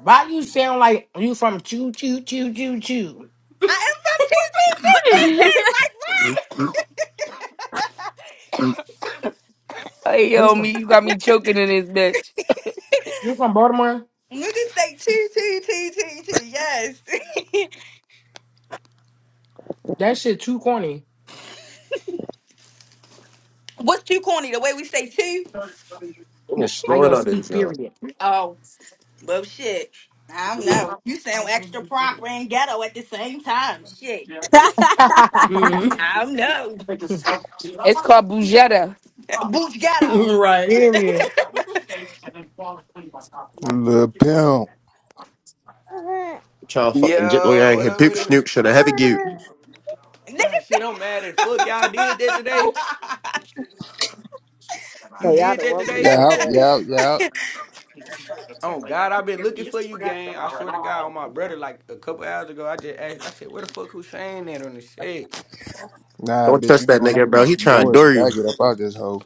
Speaker 1: Why you sound like you from choo choo choo choo choo?
Speaker 14: I am from T T T T T like what?
Speaker 18: Hey
Speaker 1: You
Speaker 18: yo, me,
Speaker 1: from
Speaker 18: you got me choking in this bitch.
Speaker 1: you from Baltimore?
Speaker 14: Niggas say T T T T T yes.
Speaker 1: That shit too corny.
Speaker 14: What's too corny? The way we say T?
Speaker 8: I'm just
Speaker 1: How
Speaker 8: snowing
Speaker 1: y'all
Speaker 8: out
Speaker 1: speak?
Speaker 8: this, yo.
Speaker 1: Period.
Speaker 14: Oh, well, shit. I don't know. You sound extra proper and ghetto at the same time. Shit.
Speaker 20: Mm,
Speaker 14: I don't know.
Speaker 18: It's called Bujetta.
Speaker 14: Boots ghetto.
Speaker 20: right.
Speaker 1: Period.
Speaker 25: Little pimp.
Speaker 8: Trying to fucking jet way I
Speaker 29: Yo,
Speaker 8: ain't
Speaker 29: what
Speaker 8: hit
Speaker 29: up
Speaker 8: peep
Speaker 29: with it?
Speaker 8: snook. Should I have it
Speaker 14: Nigga
Speaker 29: Nah, shit,
Speaker 14: say-
Speaker 29: I'm mad as fuck. Y'all did that today?
Speaker 16: But
Speaker 29: You
Speaker 16: y'all
Speaker 29: did
Speaker 16: done
Speaker 29: that
Speaker 16: woke the
Speaker 29: today?
Speaker 25: Yeah,
Speaker 16: baby up.
Speaker 25: yeah, yeah.
Speaker 29: Oh God, I've been looking for you, gang. I swear to God, on my brother, like a couple hours ago, I just asked. I said, "Where the fuck Hussein at on this shit?"
Speaker 25: Nah,
Speaker 8: Don't
Speaker 25: bitch,
Speaker 8: touch
Speaker 25: you know
Speaker 8: that
Speaker 25: when I
Speaker 8: nigga,
Speaker 25: get on
Speaker 8: bro. He
Speaker 25: some
Speaker 8: trying to door
Speaker 25: bullshit,
Speaker 8: you.
Speaker 25: I get up out this hoe.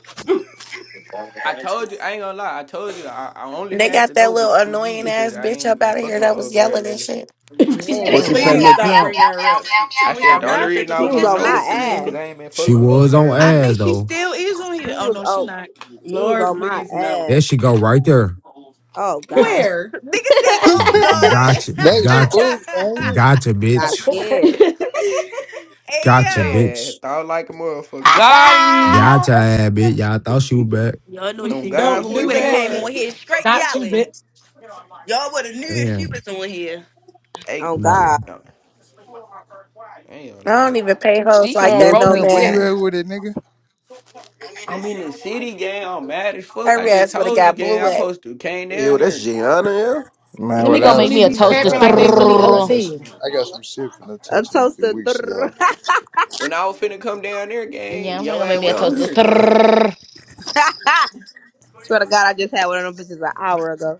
Speaker 29: I told you, I ain't gonna lie. I told you, I, I only
Speaker 15: They
Speaker 29: had
Speaker 15: got
Speaker 29: to
Speaker 15: that
Speaker 29: know
Speaker 15: little
Speaker 29: be- through you
Speaker 15: annoying
Speaker 29: because
Speaker 15: ass
Speaker 29: I
Speaker 15: bitch up
Speaker 29: ain't been
Speaker 15: out of here
Speaker 29: fucking with
Speaker 15: that was
Speaker 29: old girl
Speaker 15: yelling and
Speaker 29: lately.
Speaker 15: shit.
Speaker 18: She said
Speaker 16: Man,
Speaker 8: He
Speaker 25: What
Speaker 18: it.
Speaker 25: you
Speaker 8: said,
Speaker 25: say,
Speaker 1: Mhm.
Speaker 16: yeah.
Speaker 20: Please
Speaker 25: Lil
Speaker 20: stop
Speaker 25: Pimp?
Speaker 20: bringing her up.
Speaker 29: I
Speaker 20: We
Speaker 29: said
Speaker 20: got
Speaker 29: the
Speaker 14: no,
Speaker 20: better
Speaker 29: only
Speaker 14: I
Speaker 20: shit
Speaker 14: think
Speaker 29: reason
Speaker 20: to
Speaker 29: I
Speaker 14: she
Speaker 16: She
Speaker 29: was
Speaker 20: talk
Speaker 16: was
Speaker 29: gonna
Speaker 14: just
Speaker 16: on my
Speaker 20: about.
Speaker 29: know is through you because
Speaker 16: ass.
Speaker 14: listening.
Speaker 29: I ain't been
Speaker 17: She
Speaker 29: fucking with old
Speaker 17: was
Speaker 29: girl
Speaker 17: on
Speaker 14: I
Speaker 29: lately.
Speaker 17: ass
Speaker 14: think she
Speaker 17: though.
Speaker 14: still is on here.
Speaker 16: She
Speaker 14: Oh,
Speaker 16: was
Speaker 14: no, she
Speaker 16: on
Speaker 14: not.
Speaker 16: she was
Speaker 20: Lord,
Speaker 16: on my
Speaker 20: please no.
Speaker 16: ass.
Speaker 17: There she go right there.
Speaker 16: Oh God.
Speaker 20: Where?
Speaker 14: Nigga say, oh,
Speaker 17: G-
Speaker 14: God.
Speaker 17: Gotcha,
Speaker 25: They
Speaker 17: gotcha,
Speaker 25: spooks, ain't it?
Speaker 17: gotcha,
Speaker 16: Got
Speaker 17: bitch.
Speaker 16: scared.
Speaker 14: hey,
Speaker 17: Gotcha,
Speaker 14: yo.
Speaker 29: They
Speaker 17: bitch.
Speaker 29: had thought like a motherfucker.
Speaker 18: Got him.
Speaker 17: Gotcha, ass bitch. Y'all thought she was back.
Speaker 14: Y'all know
Speaker 29: On
Speaker 14: she knew
Speaker 29: God,
Speaker 14: it.
Speaker 20: Don't
Speaker 29: who
Speaker 14: She
Speaker 1: he
Speaker 29: it
Speaker 20: do
Speaker 14: would have
Speaker 1: said,
Speaker 14: came
Speaker 20: that.
Speaker 14: on
Speaker 29: Dior?
Speaker 14: here straight
Speaker 1: "Got two
Speaker 14: yelling.
Speaker 1: bits."
Speaker 14: Y'all would have knew if she
Speaker 17: Damn.
Speaker 14: was on here.
Speaker 29: Hey,
Speaker 16: Oh
Speaker 17: somebody.
Speaker 16: God.
Speaker 29: uh, I ain't gonna
Speaker 15: I
Speaker 29: lie.
Speaker 15: don't even pay hoes
Speaker 18: She
Speaker 15: like
Speaker 18: on
Speaker 25: Lil
Speaker 15: that, no
Speaker 18: Rolly
Speaker 25: Pimp, where you
Speaker 18: Dick.
Speaker 15: man.
Speaker 25: at with it, nigga?
Speaker 29: I'm in the city, gang. I'm mad as fuck. I
Speaker 15: Her
Speaker 29: just
Speaker 15: ass would have
Speaker 29: told you,
Speaker 15: got
Speaker 29: gang.
Speaker 15: blue
Speaker 29: I
Speaker 15: at.
Speaker 29: supposed to came
Speaker 8: Ew,
Speaker 29: down
Speaker 8: that's
Speaker 29: here.
Speaker 8: Gianna, yeah?
Speaker 25: Man,
Speaker 3: Let me
Speaker 25: what
Speaker 3: go
Speaker 25: I
Speaker 1: Niggas
Speaker 3: make
Speaker 25: was
Speaker 1: really
Speaker 3: me a
Speaker 25: gonna
Speaker 1: be
Speaker 20: This is
Speaker 25: say,
Speaker 20: a
Speaker 3: toaster.
Speaker 1: camping
Speaker 25: look,
Speaker 1: like they
Speaker 25: look,
Speaker 20: fire.
Speaker 25: look,
Speaker 1: really
Speaker 25: blood, I
Speaker 3: Stirrrr.
Speaker 25: got
Speaker 1: OT.
Speaker 25: some, I got some shit for no
Speaker 16: A
Speaker 25: touch in a few
Speaker 16: toaster.
Speaker 25: weeks, y'all.
Speaker 29: When I was finna come down there, gang,
Speaker 3: Yeah, I'm gonna
Speaker 29: yo
Speaker 3: go
Speaker 8: He
Speaker 3: make
Speaker 29: ass
Speaker 3: me a
Speaker 29: went
Speaker 8: gone
Speaker 29: on
Speaker 3: toaster.
Speaker 8: and
Speaker 29: here.
Speaker 8: done.
Speaker 3: Stirrrr.
Speaker 16: Swear to God, I just had one of them bitches an hour ago.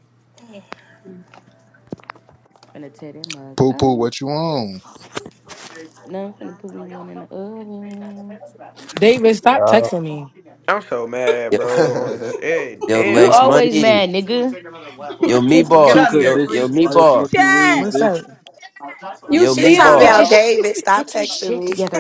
Speaker 3: Finna tear that mug
Speaker 25: Poo poo,
Speaker 3: up.
Speaker 25: what you on?
Speaker 3: Now I'm finna put me one in the oven.
Speaker 1: David, stop
Speaker 25: Yeah.
Speaker 1: texting me.
Speaker 29: I'm so mad,
Speaker 30: Yo,
Speaker 29: bro. On the shit.
Speaker 30: yo,
Speaker 3: You
Speaker 30: Lex
Speaker 29: Damn.
Speaker 3: always
Speaker 30: Money.
Speaker 3: mad, nigga.
Speaker 30: Yo, me
Speaker 20: Get
Speaker 30: bar.
Speaker 20: out of
Speaker 31: Tuka,
Speaker 20: there,
Speaker 30: Yo, yo,
Speaker 20: creep.
Speaker 31: bitch,
Speaker 30: me
Speaker 31: why the
Speaker 30: bar.
Speaker 31: fuck you leave,
Speaker 28: Chat.
Speaker 1: What's
Speaker 31: bitch?
Speaker 1: up?
Speaker 26: you
Speaker 30: Yo,
Speaker 15: She
Speaker 30: me
Speaker 26: see him
Speaker 15: talking
Speaker 30: bar.
Speaker 15: about
Speaker 26: though?
Speaker 15: David. Stop texting me.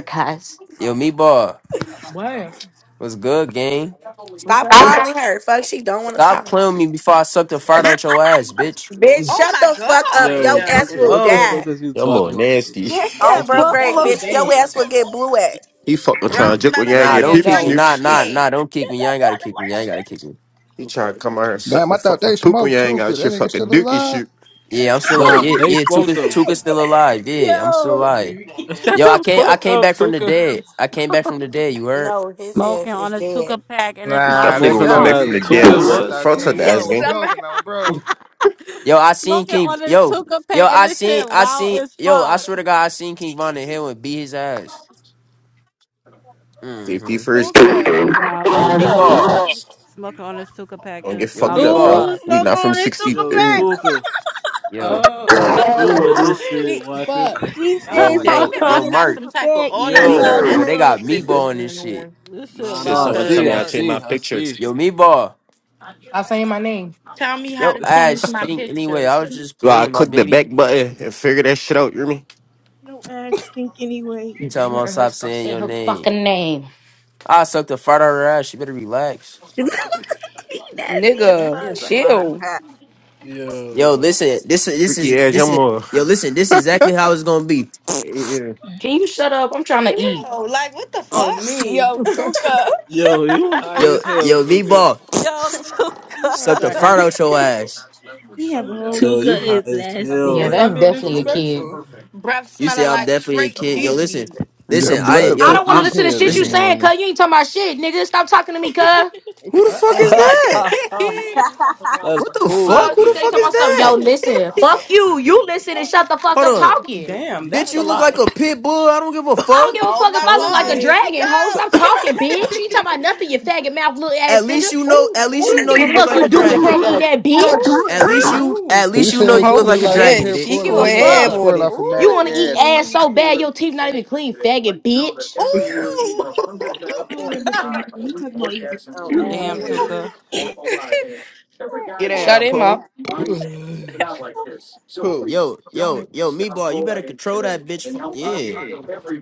Speaker 30: Yo, me bar.
Speaker 1: What?
Speaker 30: What's good, gang?
Speaker 1: What's
Speaker 15: Stop
Speaker 1: up?
Speaker 16: oh,
Speaker 15: calling her. Fuck, she don't want to
Speaker 30: Stop
Speaker 15: talk.
Speaker 30: playing with me before I suck the fart out your ass, bitch.
Speaker 15: Bitch,
Speaker 14: Oh
Speaker 15: shut
Speaker 14: my
Speaker 15: the fuck up.
Speaker 14: God.
Speaker 31: Yo,
Speaker 15: Your ass
Speaker 31: Tuka,
Speaker 15: will
Speaker 31: what the
Speaker 20: Whoa.
Speaker 31: fuck
Speaker 15: die.
Speaker 31: is you
Speaker 8: Y'all more
Speaker 31: talking about,
Speaker 8: nasty.
Speaker 31: Tuka?
Speaker 28: That's
Speaker 15: Oh,
Speaker 28: that
Speaker 15: bro,
Speaker 20: That
Speaker 15: great,
Speaker 28: buffalo
Speaker 20: is
Speaker 15: bitch. Your
Speaker 28: shit.
Speaker 15: ass
Speaker 20: dangerous,
Speaker 15: will get blue at.
Speaker 8: He fucking
Speaker 14: Bruh,
Speaker 8: trying to jickle
Speaker 14: smelling
Speaker 8: yang
Speaker 30: nah,
Speaker 8: your
Speaker 14: like
Speaker 30: don't
Speaker 18: Fanned
Speaker 8: peep
Speaker 30: kick me.
Speaker 14: straight
Speaker 18: out.
Speaker 30: Nah,
Speaker 8: snoops.
Speaker 30: nah,
Speaker 14: shit.
Speaker 30: nah, don't kick
Speaker 28: That's
Speaker 30: me. You
Speaker 28: that
Speaker 30: ain't gotta kick me. You
Speaker 28: Baltimore
Speaker 30: ain't
Speaker 28: shit.
Speaker 30: gotta kick me.
Speaker 8: He trying to come out here and suck
Speaker 25: Damn,
Speaker 8: the
Speaker 25: I thought
Speaker 8: fucking
Speaker 25: they
Speaker 8: pooper
Speaker 25: smoked
Speaker 8: yang
Speaker 25: too,
Speaker 8: out
Speaker 25: cause that
Speaker 8: your
Speaker 25: nigga still
Speaker 8: fucking dookie
Speaker 25: alive.
Speaker 8: shoot.
Speaker 30: Yeah, I'm still a,
Speaker 31: Nah,
Speaker 30: yeah,
Speaker 31: they
Speaker 30: yeah,
Speaker 31: smoked
Speaker 30: Tuka
Speaker 31: them.
Speaker 30: Tuka's still alive. Yeah, I'm still
Speaker 28: Yo.
Speaker 30: alive.
Speaker 20: dude.
Speaker 31: Shut
Speaker 30: Yo, I
Speaker 31: the
Speaker 30: came I
Speaker 31: fuck
Speaker 30: came
Speaker 31: up,
Speaker 30: back from the
Speaker 31: Tuka.
Speaker 30: dead. I came back from the dead, you heard?
Speaker 15: No, his
Speaker 32: Smoking
Speaker 15: ass
Speaker 32: on
Speaker 15: is
Speaker 32: this
Speaker 15: dead.
Speaker 32: Tuka pack and it's
Speaker 8: You
Speaker 32: loud
Speaker 25: Nah,
Speaker 32: as
Speaker 8: definitely
Speaker 25: that
Speaker 8: gonna
Speaker 31: Smoking
Speaker 8: come
Speaker 31: all
Speaker 25: gotta
Speaker 8: back
Speaker 32: fuck.
Speaker 31: that.
Speaker 25: be
Speaker 8: from the
Speaker 25: a
Speaker 8: dead.
Speaker 31: Tuka,
Speaker 25: ghost.
Speaker 8: That's
Speaker 25: I
Speaker 31: what?
Speaker 25: thought
Speaker 8: front of
Speaker 25: Cam
Speaker 8: the
Speaker 25: Von
Speaker 8: ass
Speaker 25: was
Speaker 8: game.
Speaker 26: Summer
Speaker 25: smoking on, bro.
Speaker 30: Yo, I seen
Speaker 32: smoking
Speaker 30: King
Speaker 32: on this
Speaker 30: Yo,
Speaker 32: Tuka
Speaker 30: yo,
Speaker 32: pack and
Speaker 30: I
Speaker 32: this
Speaker 30: seen
Speaker 32: shit
Speaker 30: I
Speaker 32: loud
Speaker 30: seen
Speaker 32: as
Speaker 30: yo, I
Speaker 32: fuck.
Speaker 30: swear to God, I seen King Von in Hill and beat his ass. Mm-hmm.
Speaker 8: 51st game.
Speaker 26: Tuka.
Speaker 32: Nah, we
Speaker 30: Yo,
Speaker 32: smoking
Speaker 30: meatball.
Speaker 32: smoking on this Tuka pack
Speaker 8: Don't
Speaker 32: and
Speaker 8: get
Speaker 32: it's
Speaker 30: Yo,
Speaker 32: loud
Speaker 8: fucked
Speaker 32: as
Speaker 8: up, bro.
Speaker 30: meatball.
Speaker 32: fuck.
Speaker 8: We not from
Speaker 31: Yo,
Speaker 8: 63rd.
Speaker 31: Tuka,
Speaker 30: Yo,
Speaker 20: Oh, I don't
Speaker 31: you
Speaker 20: even
Speaker 31: with this shit,
Speaker 28: She,
Speaker 31: what the
Speaker 26: Fuck.
Speaker 28: she said
Speaker 30: yo, yo,
Speaker 28: smoking
Speaker 14: David
Speaker 28: on
Speaker 31: crazy.
Speaker 30: yo,
Speaker 14: must
Speaker 28: this
Speaker 14: got
Speaker 30: Mark.
Speaker 14: some
Speaker 28: super
Speaker 14: type of
Speaker 28: bag. Yeah, it's
Speaker 31: Yo,
Speaker 14: automated
Speaker 28: loud as
Speaker 30: Yo, they
Speaker 14: message
Speaker 28: fuck.
Speaker 30: got
Speaker 14: system
Speaker 30: meatball in this
Speaker 14: going
Speaker 30: shit.
Speaker 14: on.
Speaker 32: this shit
Speaker 8: She
Speaker 31: nah, no,
Speaker 8: said,
Speaker 31: I
Speaker 32: loud
Speaker 8: someone
Speaker 32: as
Speaker 8: tell
Speaker 31: see,
Speaker 8: me
Speaker 31: I
Speaker 8: I
Speaker 32: fuck.
Speaker 14: Cause
Speaker 8: changed
Speaker 31: see,
Speaker 8: my
Speaker 31: I
Speaker 8: pictures.
Speaker 31: see.
Speaker 30: Yo, meatball.
Speaker 1: Stop saying my name.
Speaker 14: tell me how
Speaker 30: Yo,
Speaker 14: to
Speaker 30: ass
Speaker 14: change my
Speaker 30: stink. Anyway,
Speaker 14: picture.
Speaker 30: I was just
Speaker 8: Well, I
Speaker 30: playing my
Speaker 8: click the
Speaker 30: baby.
Speaker 8: back button and figure that shit out, you hear me?
Speaker 28: No ass stink anyway.
Speaker 30: You tell
Speaker 3: You
Speaker 30: me I'll
Speaker 3: heard her
Speaker 30: stop
Speaker 3: stop
Speaker 30: saying
Speaker 3: saying
Speaker 30: your
Speaker 3: her
Speaker 30: name.
Speaker 3: fucking name.
Speaker 30: I sucked the fart out of her ass. You better relax.
Speaker 28: he nasty as
Speaker 20: that
Speaker 18: Nigga,
Speaker 28: fuck.
Speaker 20: is a lot.
Speaker 18: chill.
Speaker 16: ass.
Speaker 30: Yo,
Speaker 31: Yo,
Speaker 30: listen. This is this
Speaker 8: Freaky
Speaker 30: is
Speaker 8: ass, y'all
Speaker 30: this is.
Speaker 8: more.
Speaker 30: Yo, listen. This is exactly how it's gonna be.
Speaker 8: Yeah.
Speaker 3: Can you shut up? I'm trying to eat.
Speaker 14: Ew, like what the
Speaker 20: on
Speaker 14: fuck?
Speaker 20: me.
Speaker 26: Yo, Tuka.
Speaker 31: yo, you high
Speaker 30: Yo,
Speaker 31: as hell,
Speaker 30: yo,
Speaker 31: Tuka.
Speaker 30: meatball.
Speaker 32: Yo,
Speaker 20: I'm
Speaker 30: Suck
Speaker 32: Tuka.
Speaker 30: the
Speaker 20: trying.
Speaker 30: fart out your
Speaker 20: That's
Speaker 30: ass.
Speaker 28: Oh
Speaker 20: too funny.
Speaker 31: Yo,
Speaker 28: Tuka yeah.
Speaker 31: you high
Speaker 28: is
Speaker 31: as hell
Speaker 28: nasty.
Speaker 3: Yeah,
Speaker 20: and
Speaker 31: right
Speaker 20: stop
Speaker 3: that's
Speaker 20: being
Speaker 31: now,
Speaker 3: definitely a
Speaker 31: Tuka.
Speaker 3: kid.
Speaker 20: disrespectful.
Speaker 14: Breath
Speaker 30: You say
Speaker 14: smelling
Speaker 30: I'm
Speaker 14: like
Speaker 30: definitely a
Speaker 14: straight
Speaker 30: kid. Yo, listen,
Speaker 14: dookie.
Speaker 25: Your
Speaker 30: listen. I
Speaker 25: blood
Speaker 3: I
Speaker 30: yo,
Speaker 3: don't
Speaker 25: freaky
Speaker 3: want to
Speaker 25: as
Speaker 30: I'm
Speaker 3: listen to
Speaker 25: hell
Speaker 3: shit
Speaker 25: this
Speaker 3: you
Speaker 30: listen.
Speaker 3: saying, cuz
Speaker 25: morning.
Speaker 3: you ain't talking about shit, nigga. Stop talking to me, cuz.
Speaker 30: Who
Speaker 28: I
Speaker 30: the
Speaker 20: Uh
Speaker 30: fuck is
Speaker 20: oh.
Speaker 30: that?
Speaker 31: That's
Speaker 30: What the
Speaker 3: The
Speaker 31: Pooh, I
Speaker 30: fuck?
Speaker 3: fuck?
Speaker 30: Who
Speaker 3: You
Speaker 30: the
Speaker 31: think.
Speaker 3: stay
Speaker 30: fuck
Speaker 3: talking
Speaker 30: is
Speaker 3: about stuff.
Speaker 30: that?
Speaker 3: Yo, listen. Fuck you. You listen and shut the fuck
Speaker 30: Hold
Speaker 3: up
Speaker 30: on.
Speaker 3: talking.
Speaker 20: Damn,
Speaker 30: Bitch,
Speaker 20: that's a
Speaker 30: you look
Speaker 20: lot.
Speaker 30: like a pit bull. I don't give a
Speaker 3: I don't
Speaker 30: fuck.
Speaker 3: give a
Speaker 14: oh
Speaker 3: fuck if
Speaker 14: my
Speaker 3: I look
Speaker 20: Hold
Speaker 3: like
Speaker 14: god,
Speaker 3: a
Speaker 14: here
Speaker 20: it.
Speaker 14: we
Speaker 3: dragon, ho.
Speaker 14: go.
Speaker 3: Stop talking, bitch. You ain't talking about nothing, you faggot mouth little ass
Speaker 30: At
Speaker 3: nigga.
Speaker 30: least you know at least you
Speaker 3: Don't
Speaker 30: know
Speaker 3: Give a
Speaker 30: you
Speaker 20: Ooh.
Speaker 30: look
Speaker 3: fuck,
Speaker 30: like
Speaker 3: you
Speaker 30: a
Speaker 3: dookie crumb
Speaker 30: dragon.
Speaker 3: eating that bitch.
Speaker 30: At
Speaker 14: ooh,
Speaker 30: least
Speaker 14: ooh, ooh,
Speaker 30: you at
Speaker 20: Ooh.
Speaker 25: He
Speaker 30: least you know
Speaker 25: said
Speaker 30: you
Speaker 25: you
Speaker 30: look
Speaker 18: Oh
Speaker 25: look
Speaker 30: like a
Speaker 25: like a
Speaker 20: No.
Speaker 30: dragon,
Speaker 18: shit.
Speaker 25: pit
Speaker 18: She
Speaker 3: Don't
Speaker 30: bitch.
Speaker 25: bull
Speaker 3: Give
Speaker 25: and
Speaker 18: go
Speaker 3: a
Speaker 25: he looked like the
Speaker 18: ahead
Speaker 3: fuck.
Speaker 18: with
Speaker 25: squirrel
Speaker 18: it.
Speaker 25: off of
Speaker 3: You wanna eat
Speaker 25: Madagascar.
Speaker 3: ass so bad
Speaker 14: ooh.
Speaker 3: your teeth not even clean, faggot bitch.
Speaker 14: Ooh!
Speaker 28: would defend him. He talking about you.
Speaker 32: Damn,
Speaker 16: huh?
Speaker 32: Tuka.
Speaker 29: Get
Speaker 18: Shut
Speaker 29: down,
Speaker 18: him up.
Speaker 29: Pooh. Pooh.
Speaker 30: Yo, yo, yo, meatball. you better control that bitch for, yeah.